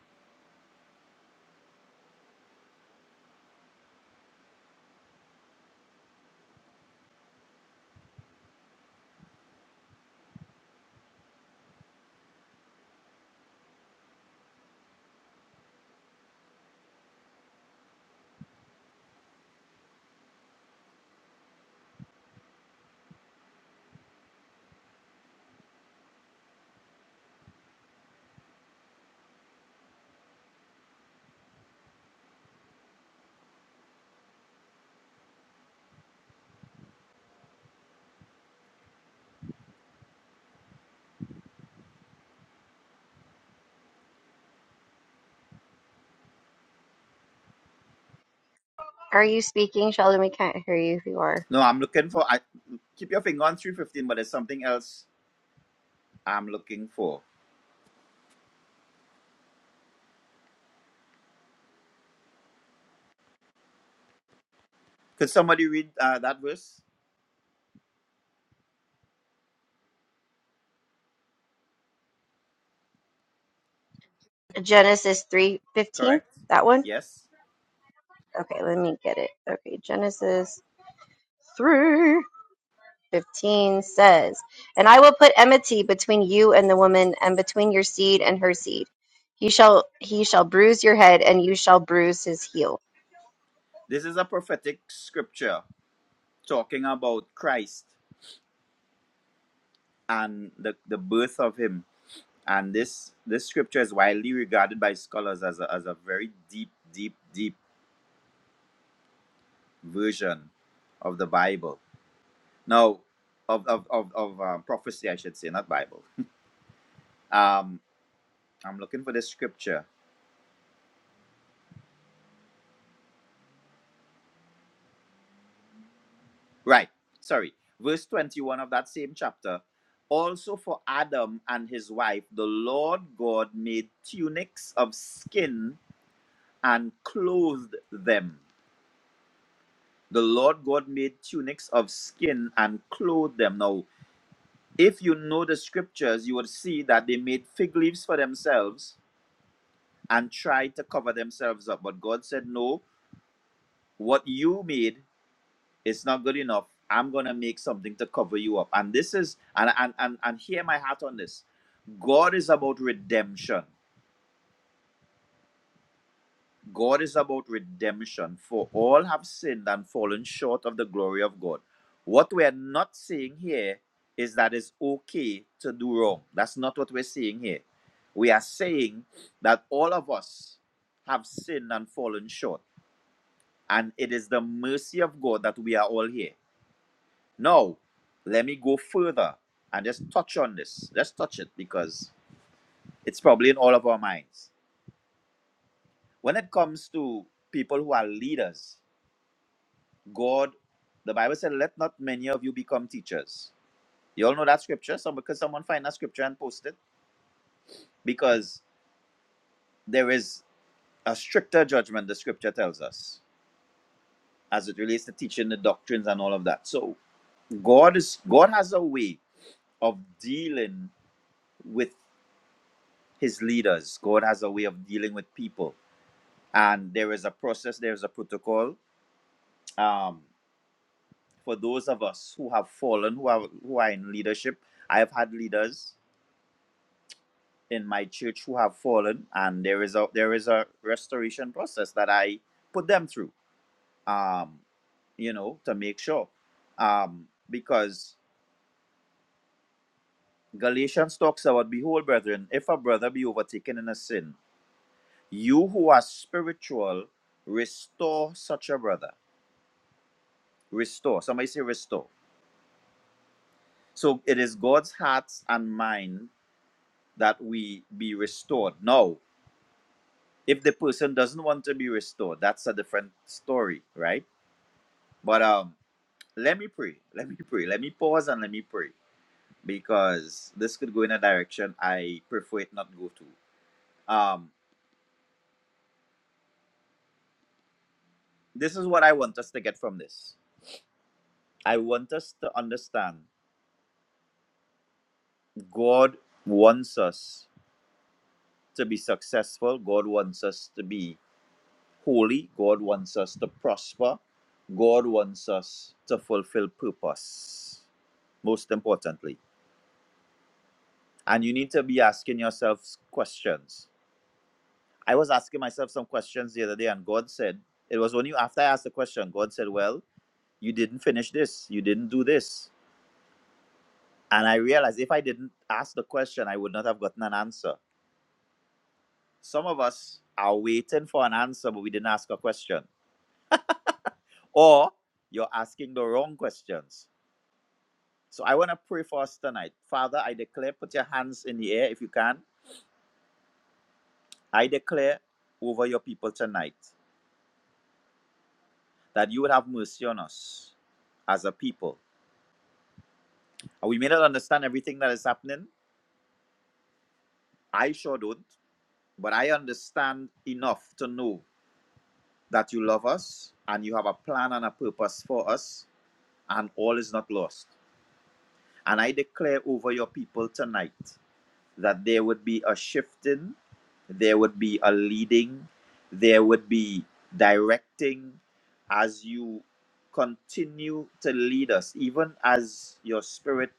Are you speaking, Sheldon? We can't hear you if you are.
No, I'm looking for. I keep your finger on three fifteen, but there's something else I'm looking for. Could somebody read uh, that verse?
Genesis three fifteen.
Correct.
That one?
Yes.
Okay, let me get it. Okay, Genesis three fifteen says, And I will put enmity between you and the woman, and between your seed and her seed. He shall he shall bruise your head, and you shall bruise his heel.
This is a prophetic scripture talking about Christ and the, the birth of him. And this, this scripture is widely regarded by scholars as a, as a very deep, deep, deep version of the Bible. Now, of, of, of, of um, prophecy, I should say, not Bible. Um, I'm looking for the scripture. Right, sorry. Verse 21 of that same chapter. Also for Adam and his wife, the Lord God made tunics of skin and clothed them. The Lord God made tunics of skin and clothed them. Now, if you know the scriptures, you would see that they made fig leaves for themselves and tried to cover themselves up. But God said, No, what you made is not good enough. I'm going to make something to cover you up. And this is, and, and, and, and hear my heart on this God is about redemption. God is about redemption, for all have sinned and fallen short of the glory of God. What we are not saying here is that it's okay to do wrong. That's not what we're saying here. We are saying that all of us have sinned and fallen short, and it is the mercy of God that we are all here. Now, let me go further and just touch on this. Let's touch it because it's probably in all of our minds. When it comes to people who are leaders, God, the Bible said, let not many of you become teachers. You all know that scripture? Some because someone find that scripture and post it. Because there is a stricter judgment, the scripture tells us, as it relates to teaching the doctrines and all of that. So God is God has a way of dealing with his leaders. God has a way of dealing with people. And there is a process, there is a protocol. Um, for those of us who have fallen, who are who are in leadership, I have had leaders in my church who have fallen, and there is a there is a restoration process that I put them through. Um, you know, to make sure, um, because Galatians talks about, behold, brethren, if a brother be overtaken in a sin, you who are spiritual, restore such a brother. Restore. Somebody say restore. So it is God's heart and mind that we be restored. Now, if the person doesn't want to be restored, that's a different story, right? But um, let me pray. Let me pray. Let me pause and let me pray because this could go in a direction I prefer it not go to. Um, this is what I want us to get from this. I want us to understand God wants us to be successful. God wants us to be holy. God wants us to prosper. God wants us to fulfill purpose, most importantly. And you need to be asking yourselves questions I was asking myself some questions the other day, and God said, It was only after I asked the question, God said, Well, you didn't finish this, you didn't do this. And I realized if I didn't ask the question, I would not have gotten an answer. Some of us are waiting for an answer, but we didn't ask a question, or you're asking the wrong questions. So I want to pray for us tonight. Father, I declare, put your hands in the air if you can. I declare over your people tonight that you would have mercy on us as a people And we may not understand everything that is happening. I sure don't. But I understand enough to know that you love us and you have a plan and a purpose for us, and all is not lost. And I declare over your people tonight that there would be a shifting, there would be a leading, there would be directing as you continue to lead us, even as your spirit,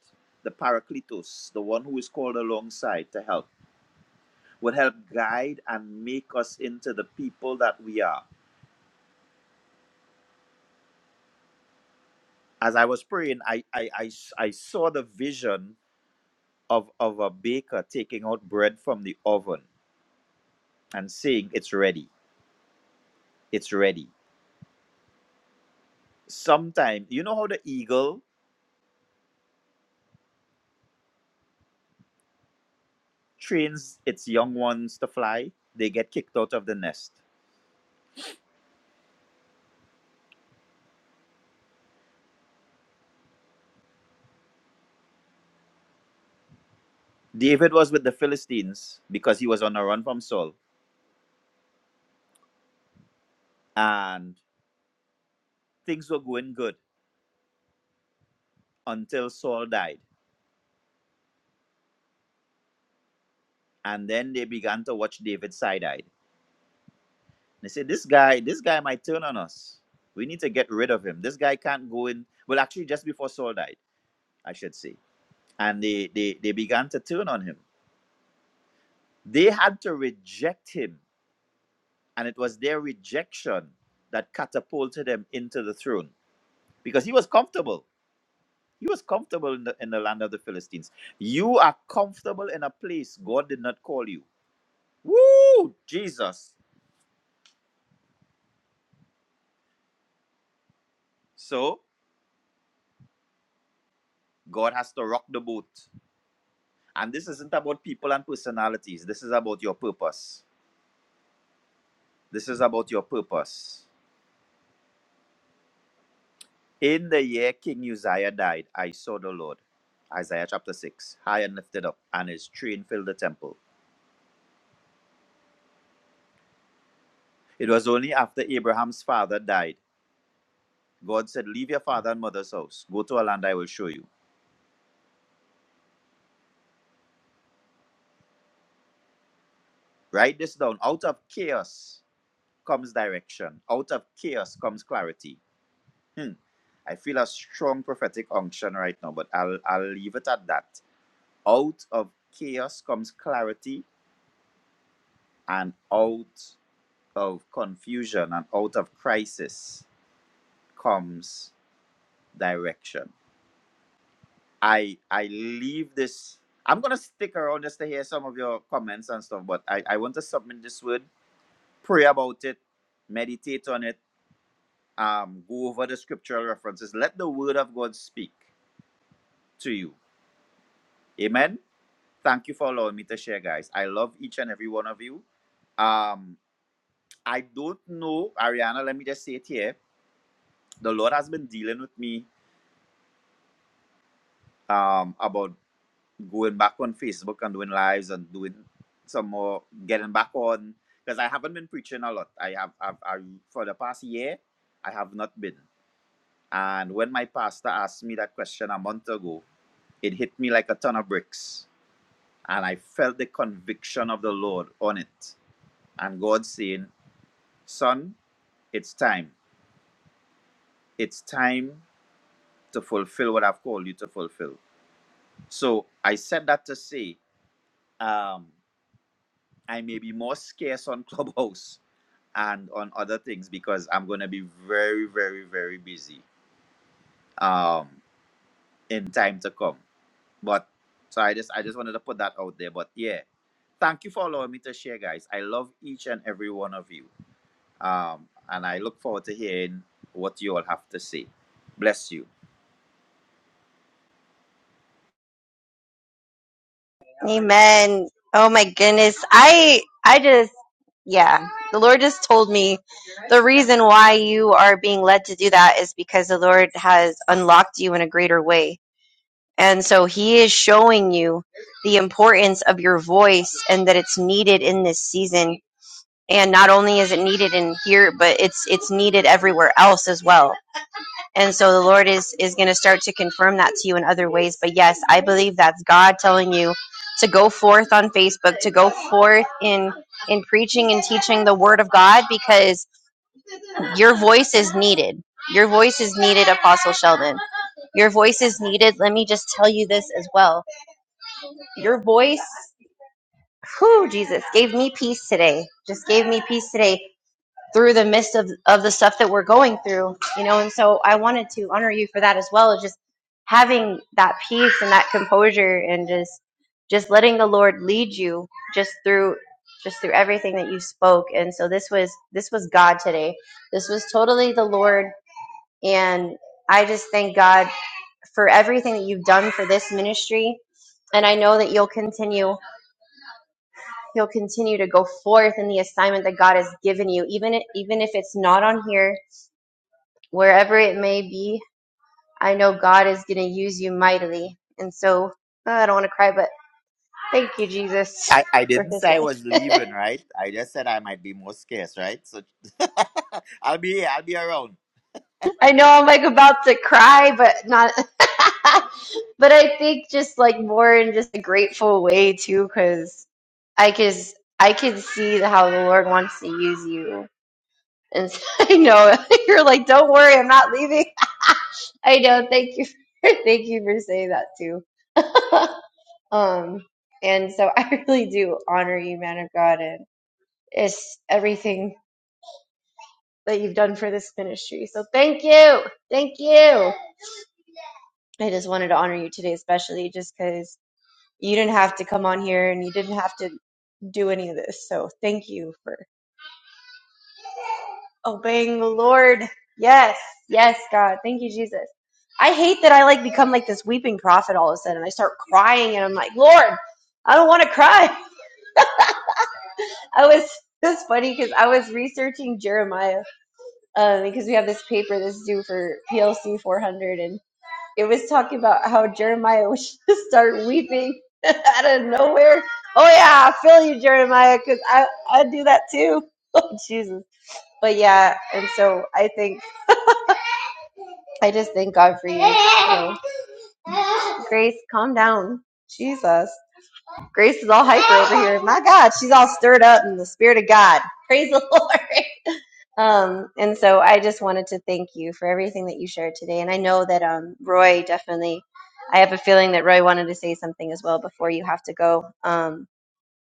the Paracletos, the one who is called alongside to help would help guide and make us into the people that we are. As I was praying, I I I I saw the vision of, of a baker taking out bread from the oven and saying, It's ready, it's ready. Sometime, you know how the eagle trains its young ones to fly? They get kicked out of the nest. David was with the Philistines because he was on a run from Saul, and things were going good until Saul died. And then they began to watch David side eyed They say this guy, this guy might turn on us. We need to get rid of him. This guy can't go in. Well, actually, just before Saul died, I should say, and they they they began to turn on him. They had to reject him, and it was their rejection that catapulted him into the throne because he was comfortable. He was comfortable in the in the land of the Philistines. You are comfortable in a place God did not call you. Woo, Jesus! So God has to rock the boat. And this isn't about people and personalities. This is about your purpose. This is about your purpose. In the year King Uzziah died, I saw the Lord. Isaiah chapter 6, high and lifted up, and his train filled the temple. It was only after Abraham's father died. God said, Leave your father and mother's house. Go to a land I will show you. Write this down. Out of chaos comes direction, out of chaos comes clarity. Hmm. I feel a strong prophetic unction right now, but I'll, I'll leave it at that out of chaos comes clarity, and out of confusion and out of crisis comes direction. I I leave this. I'm gonna stick around just to hear some of your comments and stuff, but I, I want to submit this word, pray about it, meditate on it, um, go over the scriptural references. Let the word of God speak to you. Amen. Thank you for allowing me to share, guys. I love each and every one of you. Um, I don't know, Ariana, let me just say it here. The Lord has been dealing with me um, about going back on Facebook and doing lives and doing some more, getting back on, because I haven't been preaching a lot. I have, I've, I, for the past year, I have not been. And when my pastor asked me that question a month ago, it hit me like a ton of bricks. And I felt the conviction of the Lord on it. And God saying, Son, it's time. It's time to fulfill what I've called you to fulfill. So I said that to say, um, I may be more scarce on Clubhouse and on other things because I'm going to be very, very, very busy um, in time to come. But so I just, I just wanted to put that out there. But yeah, thank you for allowing me to share, guys. I love each and every one of you, um, and I look forward to hearing what you all have to say. Bless you.
Amen. Oh my goodness. I I just yeah, the Lord just told me the reason why you are being led to do that is because the Lord has unlocked you in a greater way. And so he is showing you the importance of your voice and that it's needed in this season. And not only is it needed in here, but it's it's needed everywhere else as well and so the lord is is going to start to confirm that to you in other ways but yes i believe that's god telling you to go forth on facebook to go forth in in preaching and teaching the word of god because your voice is needed your voice is needed apostle sheldon your voice is needed let me just tell you this as well your voice who jesus gave me peace today just gave me peace today through the midst of, of the stuff that we're going through, you know. And so I wanted to honor you for that as well, just having that peace and that composure, and just just letting the Lord lead you just through just through everything that you spoke. And so this was this was God today. This was totally the Lord, and I just thank God for everything that you've done for this ministry. And I know that you'll continue you'll continue to go forth in the assignment that God has given you, even even if it's not on here wherever it may be, I know God is going to use you mightily. And so uh, I don't want to cry, but thank you, Jesus,
I, I
for
didn't
his
say I
life.
was leaving, right? I just said I might be more scarce, right? So I'll be here, I'll be around.
I know I'm like about to cry, but not. but I think just like more in just a grateful way too, because I can I can see how the Lord wants to use you. And so I know you're like, don't worry, I'm not leaving. I know. Thank you. For, thank you for saying that too. Um, and so I really do honor you, man of God, and it's everything that you've done for this ministry. So thank you. Thank you. I just wanted to honor you today, especially just because you didn't have to come on here and you didn't have to do any of this. So thank you for obeying the Lord. Yes. Yes, God. Thank you, Jesus. I hate that I like become like this weeping prophet all of a sudden. I start crying and I'm like, Lord, I don't want to cry. I was it was funny because I was researching Jeremiah um, because we have this paper that's due for PLC 400, and it was talking about how Jeremiah would just start weeping out of nowhere. Oh yeah, I feel you, Jeremiah, because I I do that too. Oh Jesus, but yeah, and so I think I just thank God for you. you Grace, calm down. Jesus, Grace is all hyper over here. My God, she's all stirred up in the spirit of God. Praise the Lord. Um, and so I just wanted to thank you for everything that you shared today. And I know that um, Roy definitely, I have a feeling that Roy wanted to say something as well before you have to go. Um,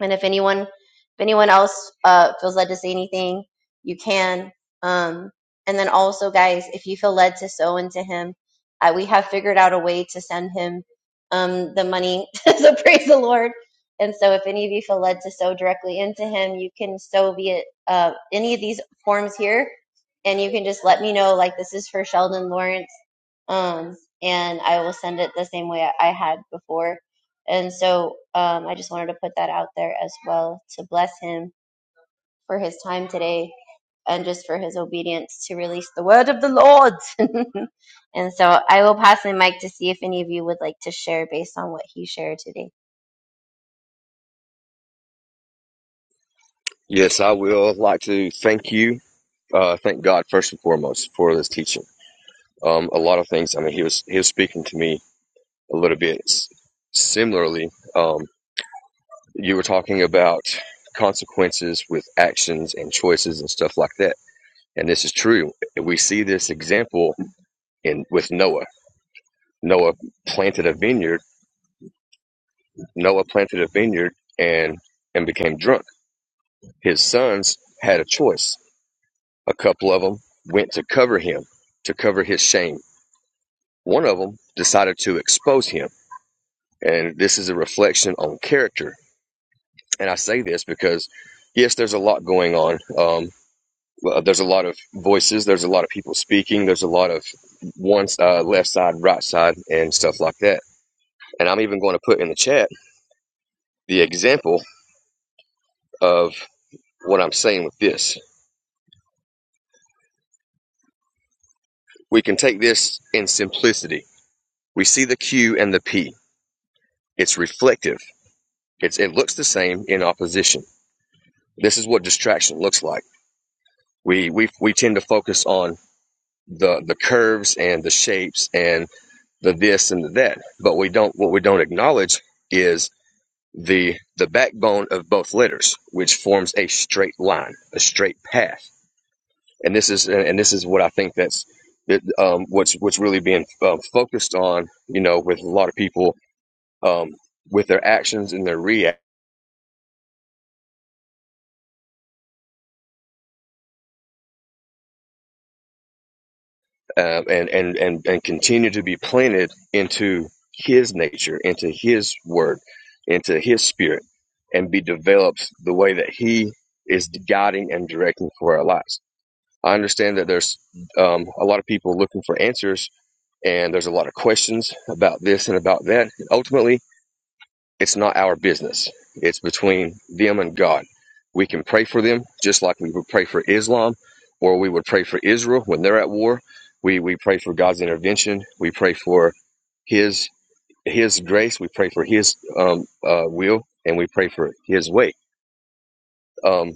and if anyone, if anyone else uh, feels led to say anything, you can. Um, and then also, guys, if you feel led to sow into him, uh, we have figured out a way to send him um, the money. so praise the Lord. And so, if any of you feel led to sow directly into him, you can sow via uh, any of these forms here, and you can just let me know. Like this is for Sheldon Lawrence, um, and I will send it the same way I I had before and so um, I just wanted to put that out there as well to bless him for his time today and just for his obedience to release the word of the Lord. and so I will pass the mic to see if any of you would like to share based on what he shared today.
Yes, I will like to thank you. Uh, thank God first and foremost for this teaching. Um, a lot of things. I mean, he was he was speaking to me a little bit s- similarly. Um, you were talking about consequences with actions and choices and stuff like that, and this is true. We see this example in with Noah. Noah planted a vineyard. Noah planted a vineyard and and became drunk. His sons had a choice. A couple of them went to cover him to cover his shame One of them decided to expose him. And this is a reflection on character. And I say this because, yes, there's a lot going on. Um, well, there's a lot of voices, there's a lot of people speaking, there's a lot of one uh, left side, right side, and stuff like that. And I'm even going to put in the chat the example of what I'm saying with this. We can take this in simplicity. We see the Q and the P. It's reflective. It's it looks the same in opposition. This is what distraction looks like We we we tend to focus on the the curves and the shapes and the this and the that, but we don't what we don't acknowledge is the the backbone of both letters, which forms a straight line, a straight path. And this is and this is what I think that's that, um, what's what's really being um, focused on, you know, with a lot of people um, with their actions and their reactions um, and, and and and continue to be planted into His nature, into His Word, into His Spirit, and be developed the way that He is guiding and directing for our lives. I understand that there's um, a lot of people looking for answers, and there's a lot of questions about this and about that. And Ultimately, it's not our business. It's between them and God. We can pray for them just like we would pray for Islam or we would pray for Israel when they're at war. We, we pray for God's intervention. We pray for His His grace. We pray for His um, uh, will and we pray for His way. Um,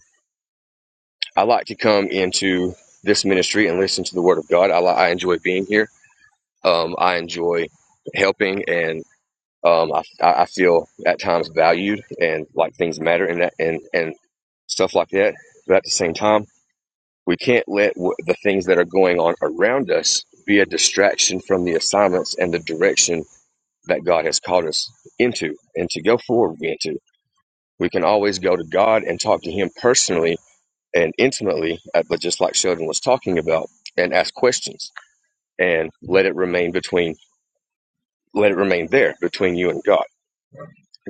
I like to come into this ministry and listen to the Word of God. I, I enjoy being here. Um, I enjoy helping and um, I, I feel at times valued and like things matter and that and and stuff like that. But at the same time, we can't let w- the things that are going on around us be a distraction from the assignments and the direction that God has called us into and to go forward into. We can always go to God and talk to Him personally and intimately, uh, but just like Sheldon was talking about, and ask questions and let it remain between let it remain there between you and God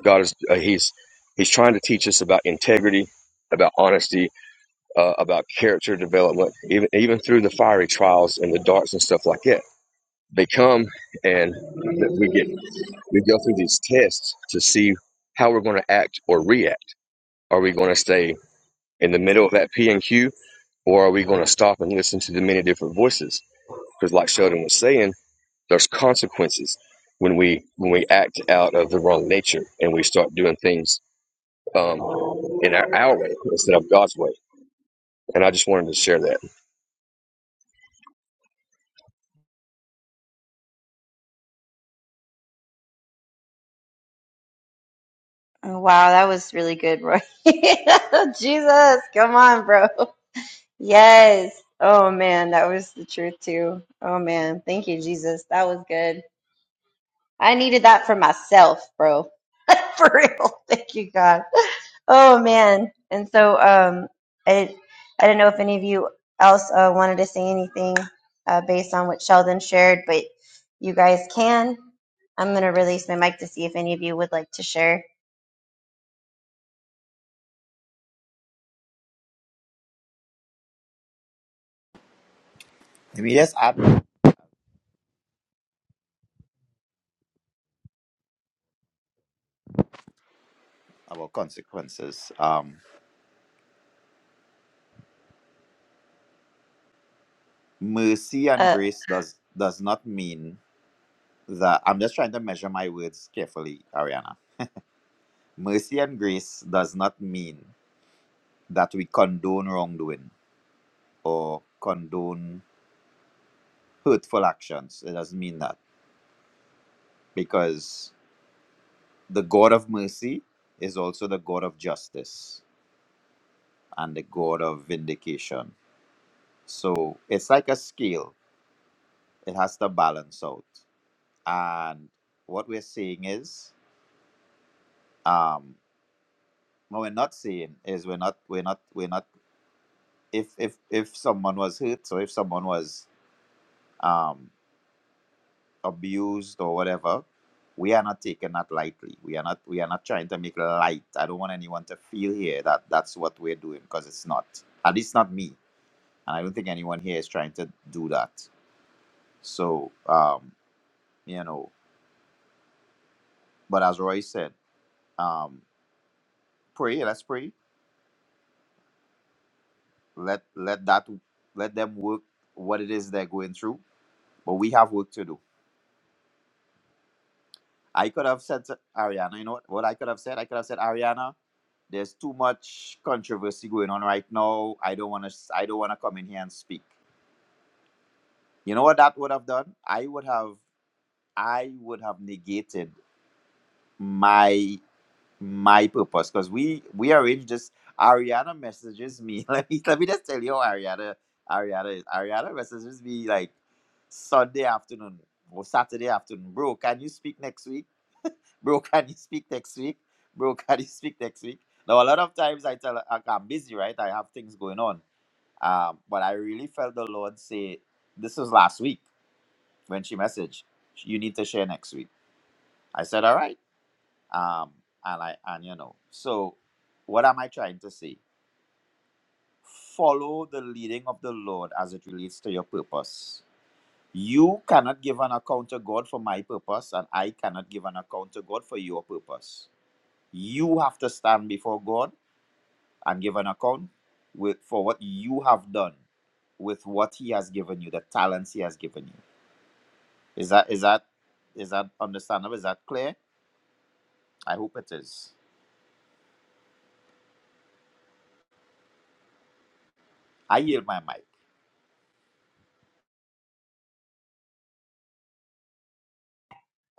God is uh, he's he's trying to teach us about integrity, about honesty, uh, about character development, even even through the fiery trials and the darts and stuff like that. They come and we get we go through these tests to see how we're going to act or react. Are we going to stay in the middle of that P and Q, or are we going to stop and listen to the many different voices? Because, like Sheldon was saying, there's consequences when we when we act out of the wrong nature and we start doing things um, in our, our way instead of God's way. And I just wanted to share that.
Oh, wow, that was really good, Roy. Jesus, come on, bro. Yes. Oh man, that was the truth too. Oh man, thank you, Jesus. That was good. I needed that for myself, bro. For real. Thank you, God. Oh man. And so, um, I I don't know if any of you else uh, wanted to say anything uh, based on what Sheldon shared, but you guys can. I'm gonna release my mic to see if any of you would like to share.
Let me just add about consequences. Um, mercy and
Uh,
grace does does not mean that I'm just trying to measure my words carefully, Ariana. Mercy and grace does not mean that we condone wrongdoing or condone hurtful actions. It doesn't mean that because the God of mercy is also the God of justice and the god of vindication. So it's like a scale, it has to balance out. And what we're seeing is, um, what we're not seeing is we're not, we're not, we're not, if, if, if someone was hurt or if someone was um, abused or whatever, we are not taking that lightly. We are not, we are not trying to make light. I don't want anyone to feel here that that's what we're doing because it's not, at least not me. And I don't think anyone here is trying to do that. So, um, you know but as roy said um pray let's pray let let that let them work what it is they're going through but we have work to do i could have said to ariana you know what, what i could have said i could have said ariana there's too much controversy going on right now i don't want to i don't want to come in here and speak you know what that would have done i would have i would have negated my my purpose because we we already just Ariana messages me. Let me let me just tell you how Ariana Ariana is. Ariana messages me like Sunday afternoon or Saturday afternoon. Bro, can you speak next week? Bro, can you speak next week? Bro, can you speak next week? Now a lot of times I tell her "Okay, I'm busy, right? I have things going on. Um, but I really felt the Lord say this was last week when she messaged. You need to share next week. I said, all right um, and I like, and you know, so what am I trying to say? Follow the leading of the Lord as it relates to your purpose. You cannot give an account to God for my purpose, and I cannot give an account to God for your purpose. You have to stand before God and give an account with for what you have done with what He has given you, the talents He has given you. Is that is that is that understandable? Is that clear? I hope it is. I yield my mic.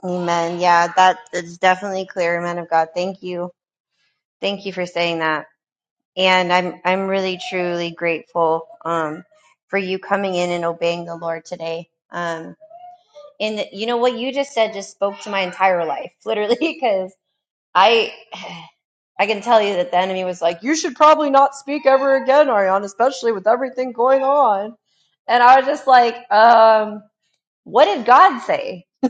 amen. Yeah, that is definitely clear, man of God. Thank you. Thank you for saying that. and I'm I'm really truly grateful um, for you coming in and obeying the Lord today. Um, and you know what you just said just spoke to my entire life, literally, because I I can tell you that the enemy was like, you should probably not speak ever again, Ariane, especially with everything going on. And I was just like, um what did God say?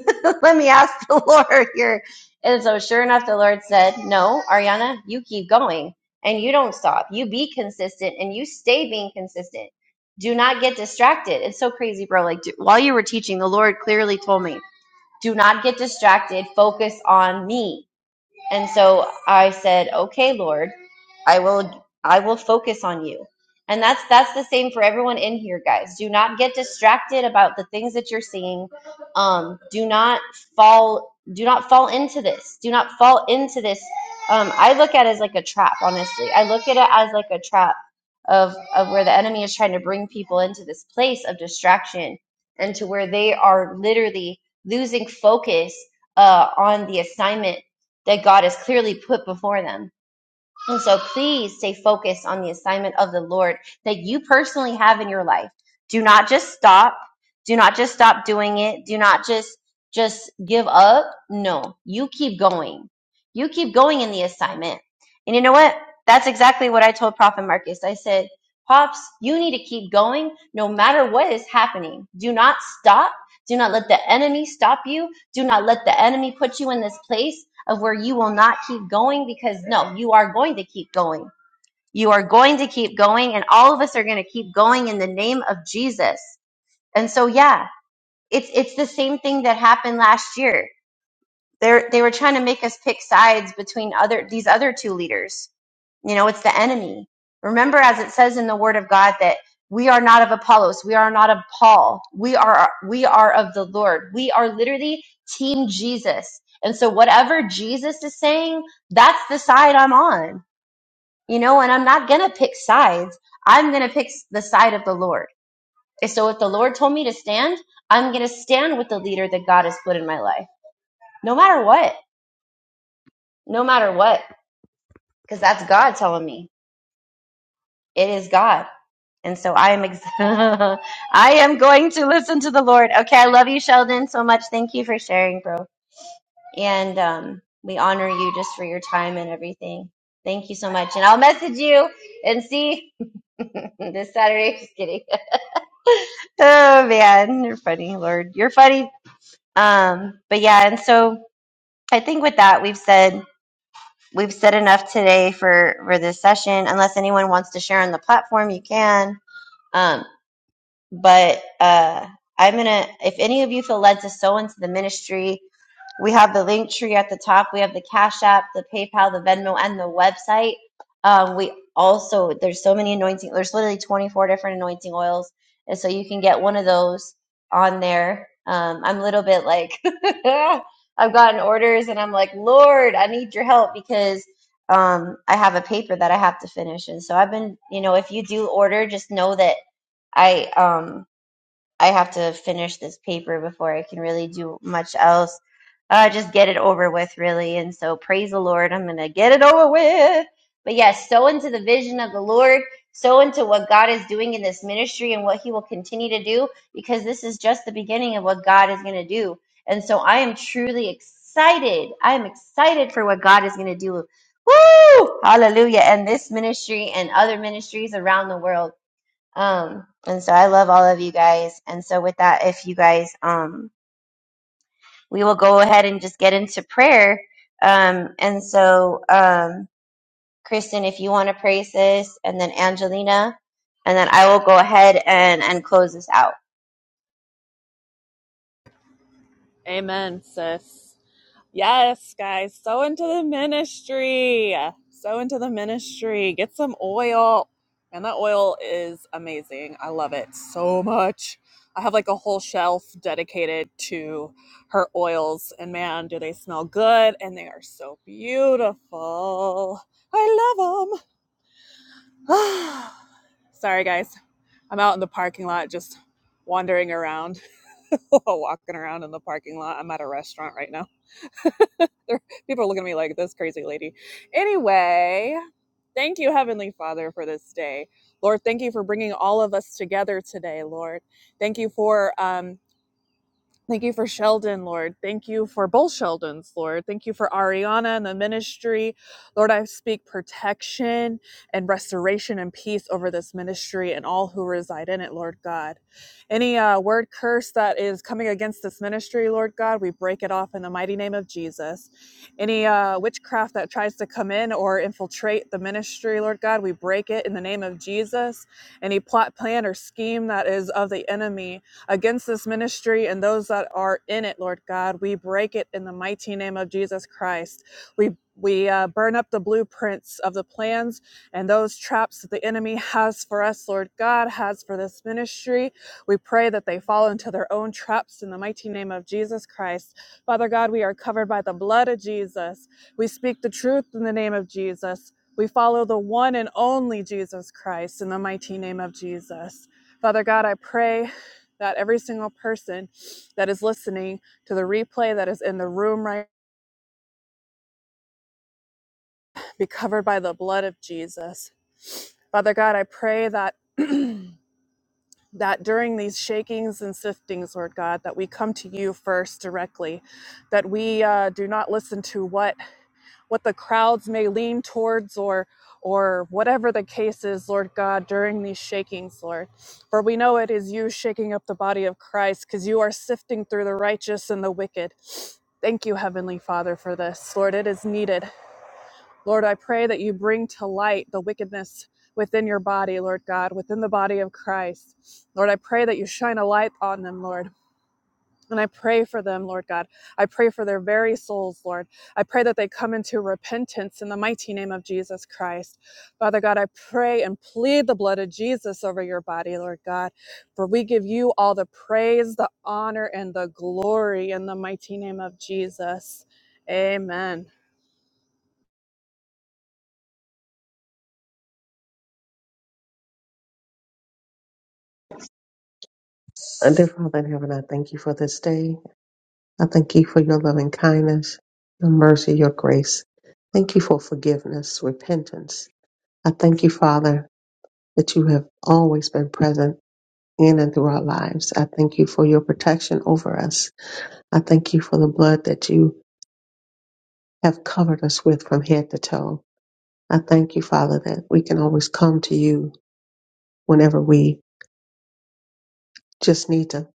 Let me ask the Lord here. And so, sure enough, the Lord said, No, Ariana, you keep going and you don't stop. You be consistent and you stay being consistent. Do not get distracted. It's so crazy, bro. Like, do, while you were teaching, the Lord clearly told me, Do not get distracted. Focus on me. And so I said, Okay, Lord. I will I will focus on you. And that's that's the same for everyone in here, guys. Do not get distracted about the things that you're seeing. Um, do not fall do not fall into this. Do not fall into this. Um, I look at it as like a trap, honestly. I look at it as like a trap of of where the enemy is trying to bring people into this place of distraction and to where they are literally losing focus uh, on the assignment that God has clearly put before them and so please stay focused on the assignment of the Lord that you personally have in your life. Do not just stop. Do not just stop doing it. Do not just just give up. No, you keep going. You keep going in the assignment. And you know what? That's exactly what I told Prophet Marcus. I said, Pops, you need to keep going no matter what is happening. Do not stop. Do not let the enemy stop you. Do not let the enemy put you in this place of where you will not keep going because no, you are going to keep going. You are going to keep going and all of us are going to keep going in the name of Jesus. And so yeah, it's it's the same thing that happened last year. They they were trying to make us pick sides between other these other two leaders you know, it's the enemy. Remember, as it says in the Word of God, that we are not of Apollos, we are not of Paul, we are we are of the Lord. We are literally Team Jesus. And so, whatever Jesus is saying, that's the side I'm on. You know, and I'm not gonna pick sides. I'm gonna pick the side of the Lord. And so, if the Lord told me to stand, I'm gonna stand with the leader that God has put in my life, no matter what, no matter what, because that's God telling me it is God And so I am ex- I am going to listen to the Lord. Okay, I love you, Sheldon, so much. Thank you for sharing, bro. And um, we honor you just for your time and everything. Thank you so much. And I'll message you and see this Saturday. Just kidding. oh man, you're funny, Lord. You're funny. Um, but yeah, and so I think with that we've said we've said enough today for for this session. Unless anyone wants to share on the platform, you can. Um, but uh, I'm gonna. If any of you feel led to sow into the ministry, we have the link tree at the top. We have the Cash App, the PayPal, the Venmo, and the website. Um, we also there's so many anointing. There's literally 24 different anointing oils, and so you can get one of those on there. Um, I'm a little bit like I've gotten orders, and I'm like, Lord, I need your help because um, I have a paper that I have to finish, and so I've been, you know, if you do order, just know that I um I have to finish this paper before I can really do much else. Uh, just get it over with, really. And so, praise the Lord. I'm going to get it over with. But yes, so into the vision of the Lord, so into what God is doing in this ministry and what He will continue to do, because this is just the beginning of what God is going to do. And so, I am truly excited. I am excited for what God is going to do. Woo! Hallelujah. And this ministry and other ministries around the world. Um, and so I love all of you guys. And so with that, if you guys, um, we will go ahead and just get into prayer. Um, and so, um, Kristen, if you want to pray, sis, and then Angelina, and then I will go ahead and, and close this out.
Amen, sis. Yes, guys, so into the ministry. So into the ministry. Get some oil. And that oil is amazing. I love it so much. I have like a whole shelf dedicated to her oils. And man, do they smell good and they are so beautiful. I love them. Sorry, guys. I'm out in the parking lot just wandering around, walking around in the parking lot. I'm at a restaurant right now. People are looking at me like this crazy lady. Anyway, thank you, Heavenly Father, for this day. Lord, thank you for bringing all of us together today, Lord. Thank you for um, Thank you for Sheldon, Lord. Thank you for both Sheldons, Lord. Thank you for Ariana and the ministry. Lord, I speak protection and restoration and peace over this ministry and all who reside in it, Lord God. Any uh, word curse that is coming against this ministry, Lord God, we break it off in the mighty name of Jesus. Any uh, witchcraft that tries to come in or infiltrate the ministry, Lord God, we break it in the name of Jesus. Any plot, plan, or scheme that is of the enemy, against this ministry and those that are in it, Lord God. We break it in the mighty name of Jesus Christ. We we uh, burn up the blueprints of the plans and those traps that the enemy has for us, Lord God, has for this ministry. We pray that they fall into their own traps in the mighty name of Jesus Christ. Father God, we are covered by the blood of Jesus. We speak the truth in the name of Jesus. We follow the one and only Jesus Christ in the mighty name of Jesus. Father God, I pray that every single person that is listening to the replay that is in the room right now be covered by the blood of Jesus. Father God, I pray that that during these shakings and siftings, Lord God, that we come to you first directly, that we uh, do not listen to what what the crowds may lean towards or or whatever the case is, Lord God, during these shakings, Lord. For we know it is you shaking up the body of Christ because you are sifting through the righteous and the wicked. Thank you, Heavenly Father, for this. Lord, it is needed. Lord, I pray that you bring to light the wickedness within your body, Lord God, within the body of Christ. Lord, I pray that you shine a light on them, Lord. And I pray for them, Lord God. I pray for their very souls, Lord. I pray that they come into repentance in the mighty name of Jesus Christ. Father God, I pray and plead the blood of Jesus over your body, Lord God. For we give you all the praise, the honor, and the glory in the mighty name of Jesus. Amen.
And dear thank you for this day. I thank you for your mercy, your grace. Thank you for forgiveness. with peace. I thank you, Father, that you have always been present in and through our lives. I thank you for your protection over us. I thank you for the blood that you have covered us on. I thank you, Father, that we can always come to you whenever we just need to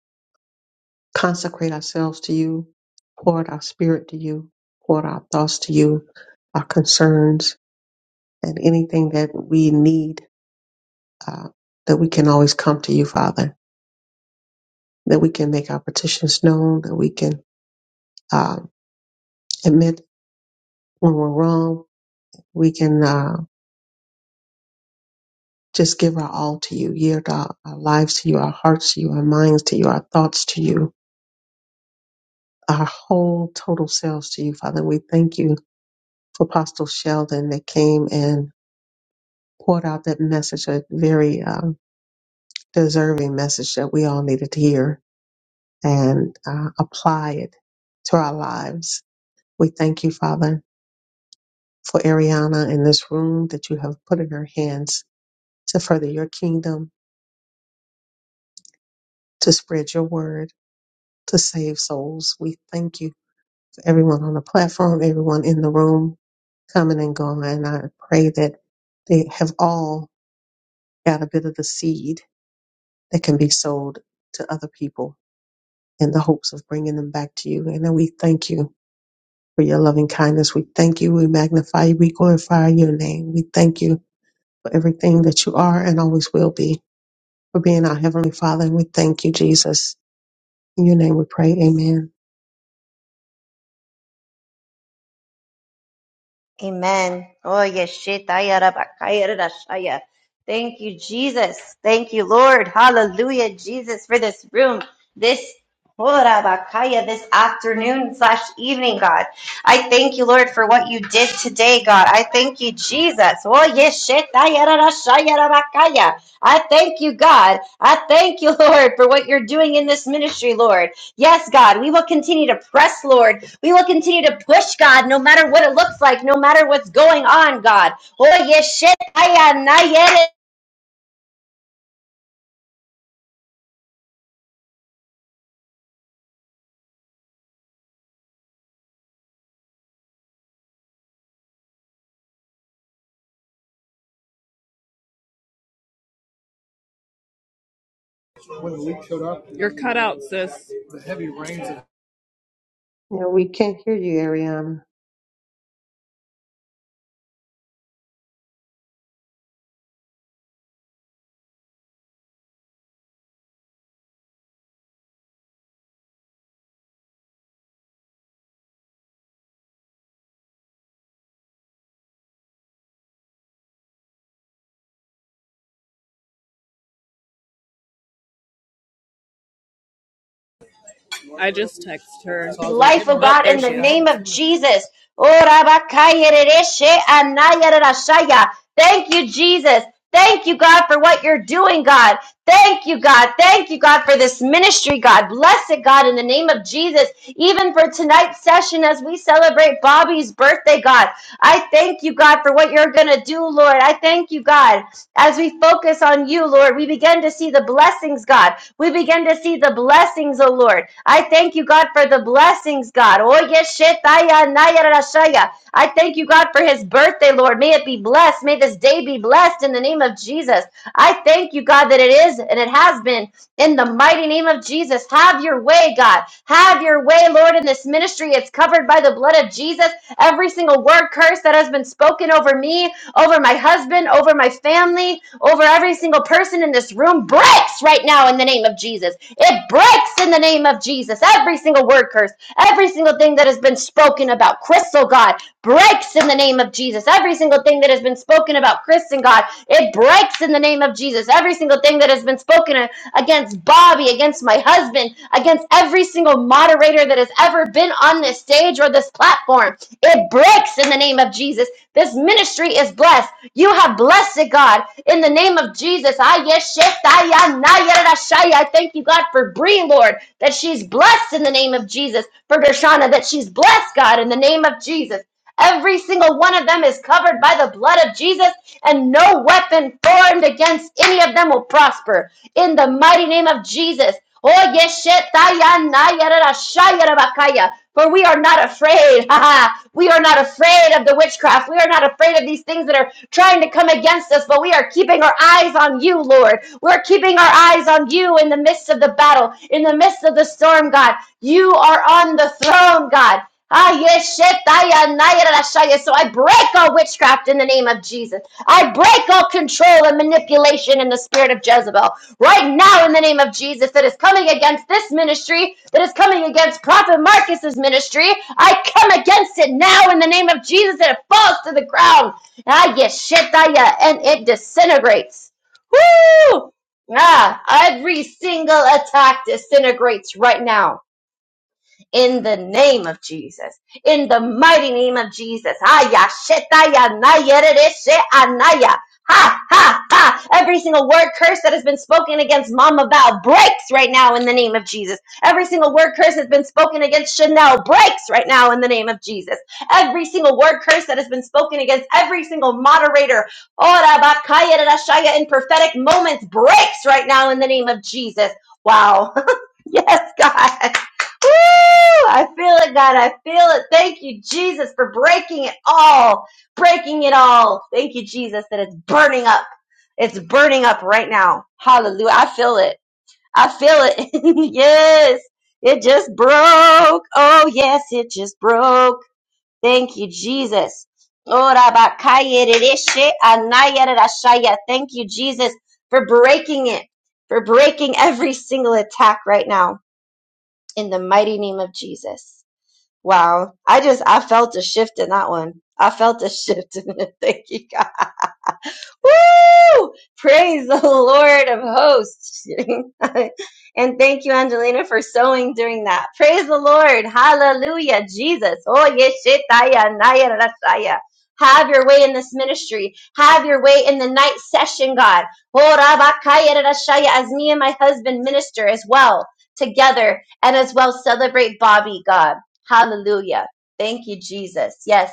consecrate ourselves to you, pour out our spirit to you, pour out our thoughts to you, our concerns, and anything that we need, uh, that we can always come to you, Father, that we can make our petitions known, that we can uh, admit when we're wrong, we can uh, just give our all to you, yield our, our lives to you, our hearts to you, our minds to you, our thoughts to you, our whole total selves to you, Father. We thank you for Apostle Sheldon that came and poured out that message, a very um, deserving message that we all needed to hear and uh, apply it to our lives. We thank you, Father, for Ariana in this room that you have put in her hands to further your kingdom, to spread your word, to save souls. We thank you for everyone on the platform, everyone in the room, coming and going. And I pray that they have all got a bit of the seed that can be sold to other people in the hopes of bringing them back to you. And then we thank you for your loving kindness. We thank you. We magnify you. We glorify your name. We thank you for everything that you are and always will be, for being our Heavenly Father. And we thank you, Jesus. In your name we pray. Amen.
Amen. Oh, yeshitaya rabakaya rashaya. Thank you, Jesus. Thank you, Lord. Hallelujah, Jesus, for this room, this oh, rabakaya, this afternoon slash evening, God. I thank you, Lord, for what you did today, God. I thank you, Jesus. Oh, yeshitaya rashaya rabakaya. I thank you, God. I thank you, Lord, for what you're doing in this ministry, Lord. Yes, God, we will continue to press, Lord. We will continue to push, God, no matter what it looks like, no matter what's going on, God. Oh, yes,
You're cut out, sis. The heavy rains.
Yeah, we can't hear you, Ariana.
I just texted her. So I was like, hey,
life, oh
man, Oh,
God,
there
in the
she
name
is.
of Jesus. Oh, Thank you, Jesus. Thank you, God, for what you're doing, God. Thank you, God. Thank you, God, for this ministry, God. Bless it, God, in the name of Jesus. Even for tonight's session as we celebrate Bobby's birthday, God. I thank you, God, for what you're going to do, Lord. I thank you, God, as we focus on you, Lord. We begin to see the blessings, God. We begin to see the blessings, O Lord. I thank you, God, for the blessings, God. Oh, yes, naya, rashaya. I thank you, God, for his birthday, Lord. May it be blessed. May this day be blessed in the name of Jesus. I thank you, God, that it is and it has been in the mighty name of Jesus. Have your way, God. Have your way, Lord, in this ministry. It's covered by the blood of Jesus. Every single word curse that has been spoken over me over my husband, over my family, over every single person in this room breaks right now in the name of Jesus. It breaks in the name of Jesus. Every single word curse, every single thing that has been spoken about Chris, oh God, breaks in the name of Jesus. Every single thing that has been spoken about Chris and God, it breaks in the name of Jesus. Every single thing that has been spoken against Bobby, against my husband, against every single moderator that has ever been on this stage or this platform, it breaks in the name of Jesus. This ministry is blessed. You have blessed it, God. In the name of Jesus. Ah, yes, shit, ah, yeah, nah, yeah, I thank you, God, for Bree, Lord, that she's blessed in the name of Jesus. For Dershana, that she's blessed, God, in the name of Jesus. Every single one of them is covered by the blood of Jesus, and no weapon formed against any of them will prosper. In the mighty name of Jesus. Oh, yeshetayanayaradashayarabakaya. For we are not afraid. Ha ha. we are not afraid of the witchcraft. We are not afraid of these things that are trying to come against us, but we are keeping our eyes on you, Lord. We're keeping our eyes on you in the midst of the battle, in the midst of the storm, God. You are on the throne, God. Ah, yes, shit, I, uh, nah, yeah, that's right, yeah. So I break all witchcraft in the name of Jesus. I break all control and manipulation in the spirit of Jezebel. Right now, in the name of Jesus, that is coming against this ministry, that is coming against Prophet Marcus's ministry. I come against it now in the name of Jesus, and it falls to the ground. Ah, yes, shit, I, yeah, and it disintegrates. Woo! Ah, every single attack disintegrates right now in the name of Jesus. In the mighty name of Jesus. Aya, shetaya, naya, rereshe, anaya. Ha, ha, ha. Every single word curse that has been spoken against Mama Val breaks right now in the name of Jesus. Every single word curse has been spoken against Chanel breaks right now in the name of Jesus. Every single word curse that has been spoken against every single moderator Ora bakaya rashaya in prophetic moments breaks right now in the name of Jesus. Wow. Yes, God. Woo! I feel it, God. I feel it. Thank you, Jesus, for breaking it all. Breaking it all. Thank you, Jesus, that it's burning up. It's burning up right now. Hallelujah. I feel it. I feel it. yes. It just broke. Oh, yes, it just broke. Thank you, Jesus. Ora bakaya dereshe anaya derashaya. Thank you, Jesus, for breaking it, for breaking every single attack right now in the mighty name of Jesus. Wow. I just, I felt a shift in that one. I felt a shift. in it. Thank you, God. Woo! Praise the Lord of hosts. and thank you, Angelina, for sowing during that. Praise the Lord. Hallelujah. Jesus. Oh, yeshitaya, naya, rasaya. Have your way in this ministry. Have your way in the night session, God. Oh, rabakaya, rasaya, as me and my husband minister as well together and as well celebrate Bobby, God. Hallelujah. Thank you, Jesus. Yes.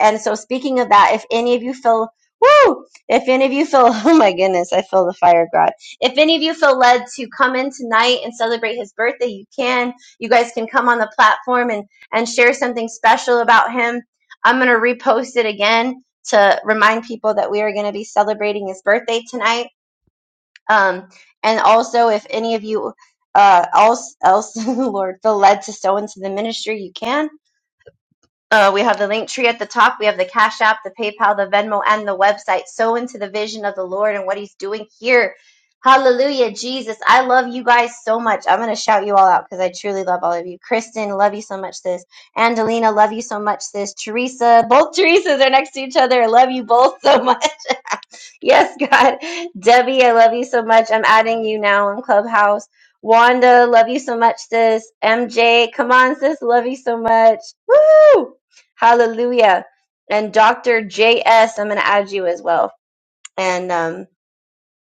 And so, speaking of that, if any of you feel Woo! If any of you feel, oh my goodness, I feel the fire of God. If any of you feel led to come in tonight and celebrate his birthday, you can. You guys can come on the platform and, and share something special about him. I'm going to repost it again to remind people that we are going to be celebrating his birthday tonight. Um, and also, if any of you uh, else, else, Lord, feel led to sow into the ministry, you can uh, we have the link tree at the top. We have the Cash App, the PayPal, the Venmo, and the website. Sow into the vision of the Lord and what He's doing here. Hallelujah, Jesus. I love you guys so much. I'm going to shout you all out because I truly love all of you. Kristen, love you so much, sis. Angelina, love you so much, sis. Teresa, both Teresas are next to each other. I love you both so much. Yes, God. Debbie, I love you so much. I'm adding you now in Clubhouse. Wanda, love you so much, sis. MJ, come on, sis. Love you so much. Woo! Hallelujah. And Dr. JS, I'm going to add you as well. And um,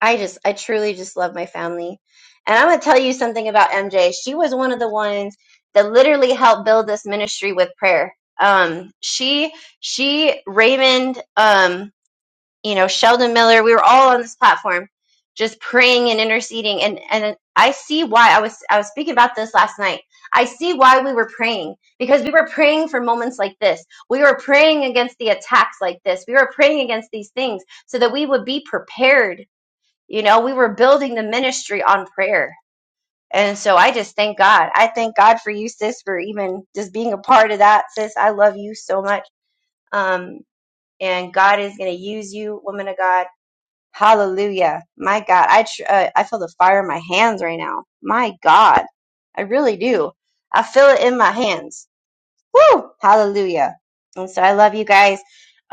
I just, I truly just love my family. And I'm going to tell you something about MJ. She was one of the ones that literally helped build this ministry with prayer. Um, she, she, Raymond, um, you know, Sheldon Miller, we were all on this platform just praying and interceding and and I see why I was I was speaking about this last night. I see why we were praying because we were praying for moments like this. We were praying against the attacks like this. We were praying against these things so that we would be prepared. You know, we were building the ministry on prayer. And so I just thank God. I thank God for you sis for even just being a part of that. Sis, I love you so much. Um and God is going to use you, woman of God Hallelujah. My God, I tr- uh, I feel the fire in my hands right now. My God, I really do. I feel it in my hands. Woo! Hallelujah. And so I love you guys.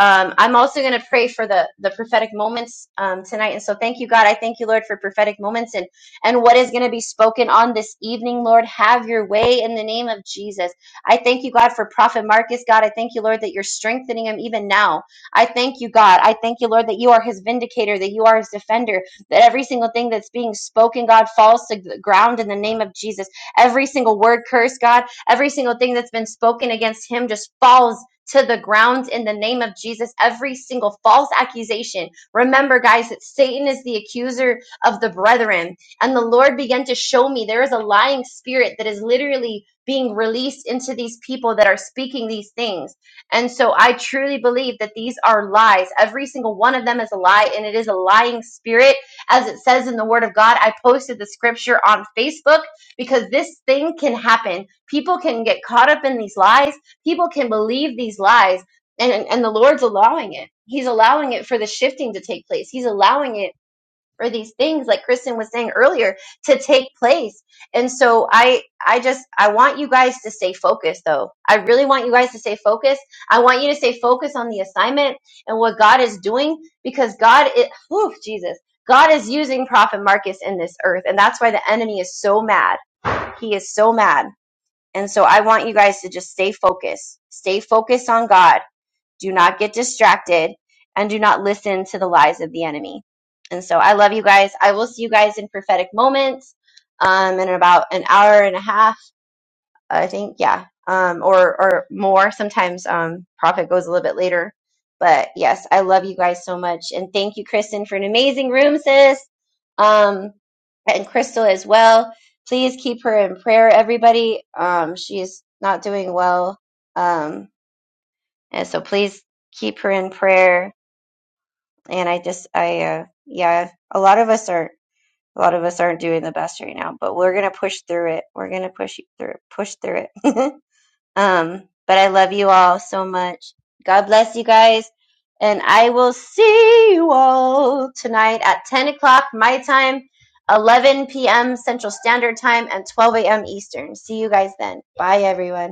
Um, I'm also going to pray for the the prophetic moments um, tonight. And so thank you, God. I thank you, Lord, for prophetic moments and and what is going to be spoken on this evening, Lord. Have your way in the name of Jesus. I thank you, God, for Prophet Marcus. God, I thank you, Lord, that you're strengthening him even now. I thank you, God. I thank you, Lord, that you are his vindicator, that you are his defender, that every single thing that's being spoken, God, falls to the ground in the name of Jesus. Every single word curse, God. Every single thing that's been spoken against him just falls to the ground in the name of Jesus. Every single false accusation. Remember, guys, that Satan is the accuser of the brethren. And the Lord began to show me there is a lying spirit that is literally being released into these people that are speaking these things. And so I truly believe that these are lies. Every single one of them is a lie, and it is a lying spirit, as it says in the Word of God. I posted the scripture on Facebook because this thing can happen people can get caught up in these lies people can believe these lies and and the lord's allowing it he's allowing it for the shifting to take place he's allowing it for these things like kristen was saying earlier to take place and so i i just i want you guys to stay focused though i really want you guys to stay focused i want you to stay focused on the assignment and what god is doing because god is whew, jesus god is using prophet marcus in this earth and that's why the enemy is so mad he is so mad and so I want you guys to just stay focused. Stay focused on God. Do not get distracted and do not listen to the lies of the enemy. And so I love you guys. I will see you guys in prophetic moments um, in about an hour and a half. I think, yeah, um, or or more. Sometimes um, profit goes a little bit later, but yes, I love you guys so much, and thank you, Kristen, for an amazing room, sis, um, and Crystal as well. Please keep her in prayer, everybody. Um, she is not doing well, um, and so please keep her in prayer. And I just, I, uh, yeah, a lot of us are. A lot of us aren't doing the best right now, but we're gonna push through it. We're gonna push through, push through it. Um, but I love you all so much. God bless you guys. And I will see you all tonight at 10 o'clock my time, 11 p.m. Central Standard Time, and 12 a.m. Eastern. See you guys then. Bye, everyone.